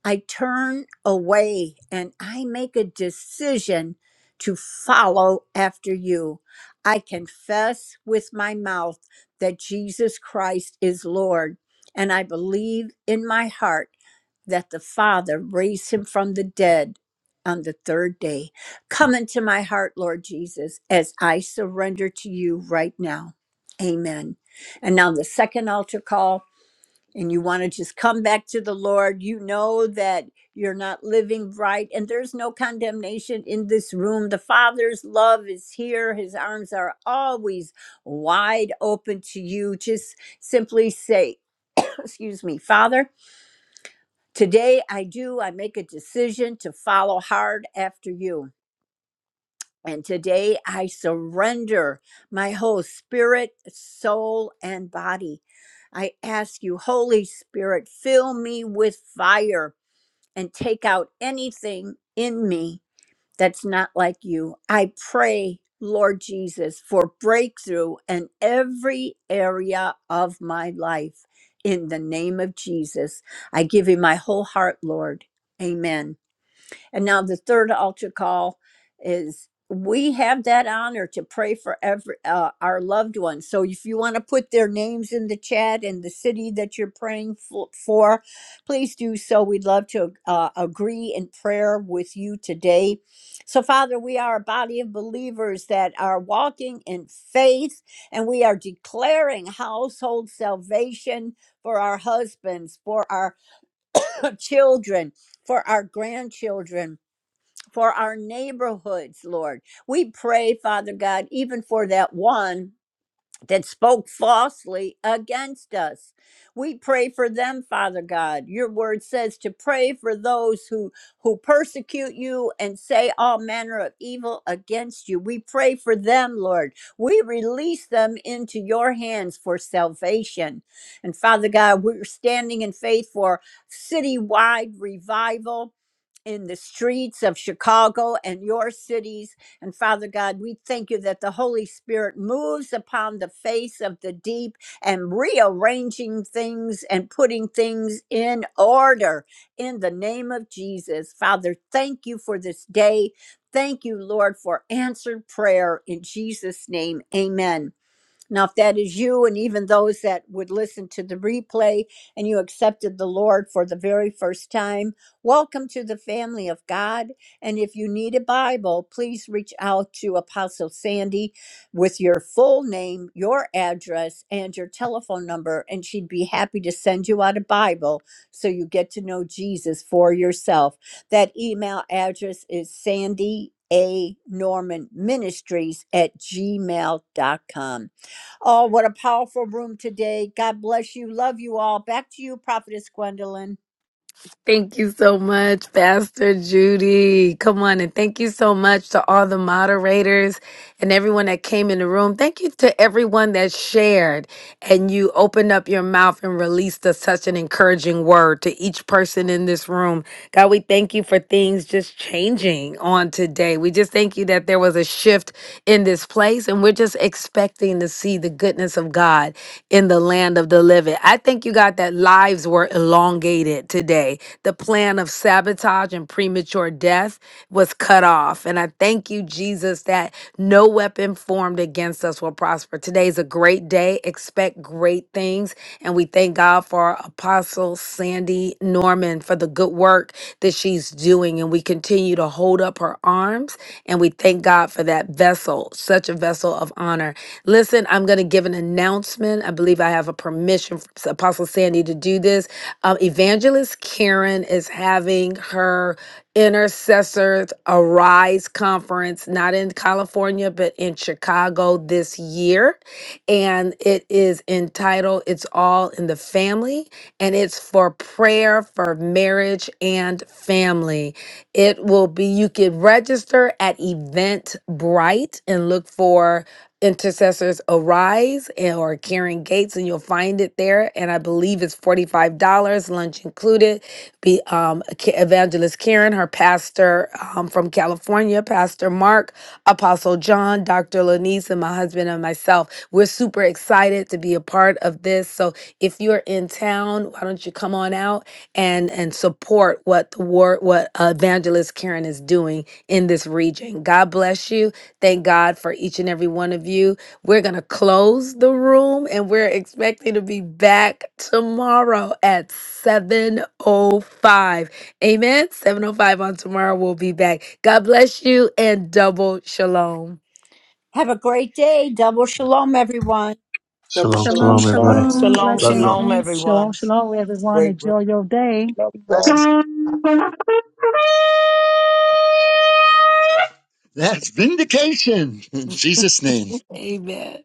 Speaker 2: I turn away and I make a decision to follow after you. I confess with my mouth that Jesus Christ is Lord, and I believe in my heart that the Father raised him from the dead on the third day. Come into my heart, Lord Jesus, as I surrender to you right now. Amen and now the second altar call and you want to just come back to the lord you know that you're not living right and there's no condemnation in this room the father's love is here his arms are always wide open to you just simply say excuse me father today i do i make a decision to follow hard after you and today I surrender my whole spirit, soul, and body. I ask you, Holy Spirit, fill me with fire and take out anything in me that's not like you. I pray, Lord Jesus, for breakthrough in every area of my life. In the name of Jesus, I give you my whole heart, Lord. Amen. And now the third altar call is we have that honor to pray for every uh, our loved ones. So if you want to put their names in the chat and the city that you're praying fo- for, please do so. We'd love to uh, agree in prayer with you today. So Father, we are a body of believers that are walking in faith and we are declaring household salvation for our husbands, for our children, for our grandchildren for our neighborhoods, Lord. We pray, Father God, even for that one that spoke falsely against us. We pray for them, Father God. Your word says to pray for those who who persecute you and say all manner of evil against you. We pray for them, Lord. We release them into your hands for salvation. And Father God, we're standing in faith for citywide revival in the streets of Chicago and your cities. And Father God, we thank you that the Holy Spirit moves upon the face of the deep and rearranging things and putting things in order in the name of Jesus. Father, thank you for this day. Thank you, Lord, for answered prayer in Jesus' name. Amen. Now, if that is you, and even those that would listen to the replay, and you accepted the Lord for the very first time, welcome to the family of God. And if you need a Bible, please reach out to Apostle Sandy with your full name, your address, and your telephone number, and she'd be happy to send you out a Bible so you get to know Jesus for yourself. That email address is sandy a norman ministries at gmail dot com. Oh, what a powerful room today. God bless you. Love you all. Back to you, Prophetess Gwendolyn.
Speaker 1: Thank you so much, Pastor Judy. Come on, and thank you so much to all the moderators and everyone that came in the room. Thank you to everyone that shared and you opened up your mouth and released a, such an encouraging word to each person in this room. God, we thank you for things just changing on today. We just thank you that there was a shift in this place, and we're just expecting to see the goodness of God in the land of the living. I thank you, God, that lives were elongated today. The plan of sabotage and premature death was cut off. And I thank you, Jesus, that no weapon formed against us will prosper. Today is a great day. Expect great things. And we thank God for Apostle Sandy Norman for the good work that she's doing. And we continue to hold up her arms. And we thank God for that vessel, such a vessel of honor. Listen, I'm going to give an announcement. I believe I have a permission from Apostle Sandy to do this. Um, Evangelist Karen is having her Intercessors Arise conference, not in California, but in Chicago this year. And it is entitled It's All in the Family, and it's for prayer for marriage and family. It will be, you can register at Eventbrite and look for intercessors arise and or Karen Gates and you'll find it there and I believe it's $45 lunch included be um K- evangelist Karen her pastor um, from California pastor Mark apostle John Dr. Lanise and my husband and myself we're super excited to be a part of this so if you're in town why don't you come on out and and support what the war what uh, evangelist Karen is doing in this region God bless you Thank God for each and every one of you. We're going to close the room and we're expecting to be back tomorrow at 7:05. Amen. 7:05 on tomorrow we'll be back. God bless you and double shalom.
Speaker 2: Have a great day. Double shalom, everyone.
Speaker 6: Double
Speaker 14: Shalom,
Speaker 6: shalom,
Speaker 14: shalom, everybody.
Speaker 6: shalom. God
Speaker 7: Shalom,
Speaker 14: Love you
Speaker 6: bless
Speaker 14: all.
Speaker 7: shalom,
Speaker 6: him.
Speaker 5: things.
Speaker 11: Shalom,
Speaker 7: everyone.
Speaker 11: shalom, everyone.
Speaker 6: Great
Speaker 11: Enjoy your day.
Speaker 8: That's vindication. In Jesus' name.
Speaker 1: Amen.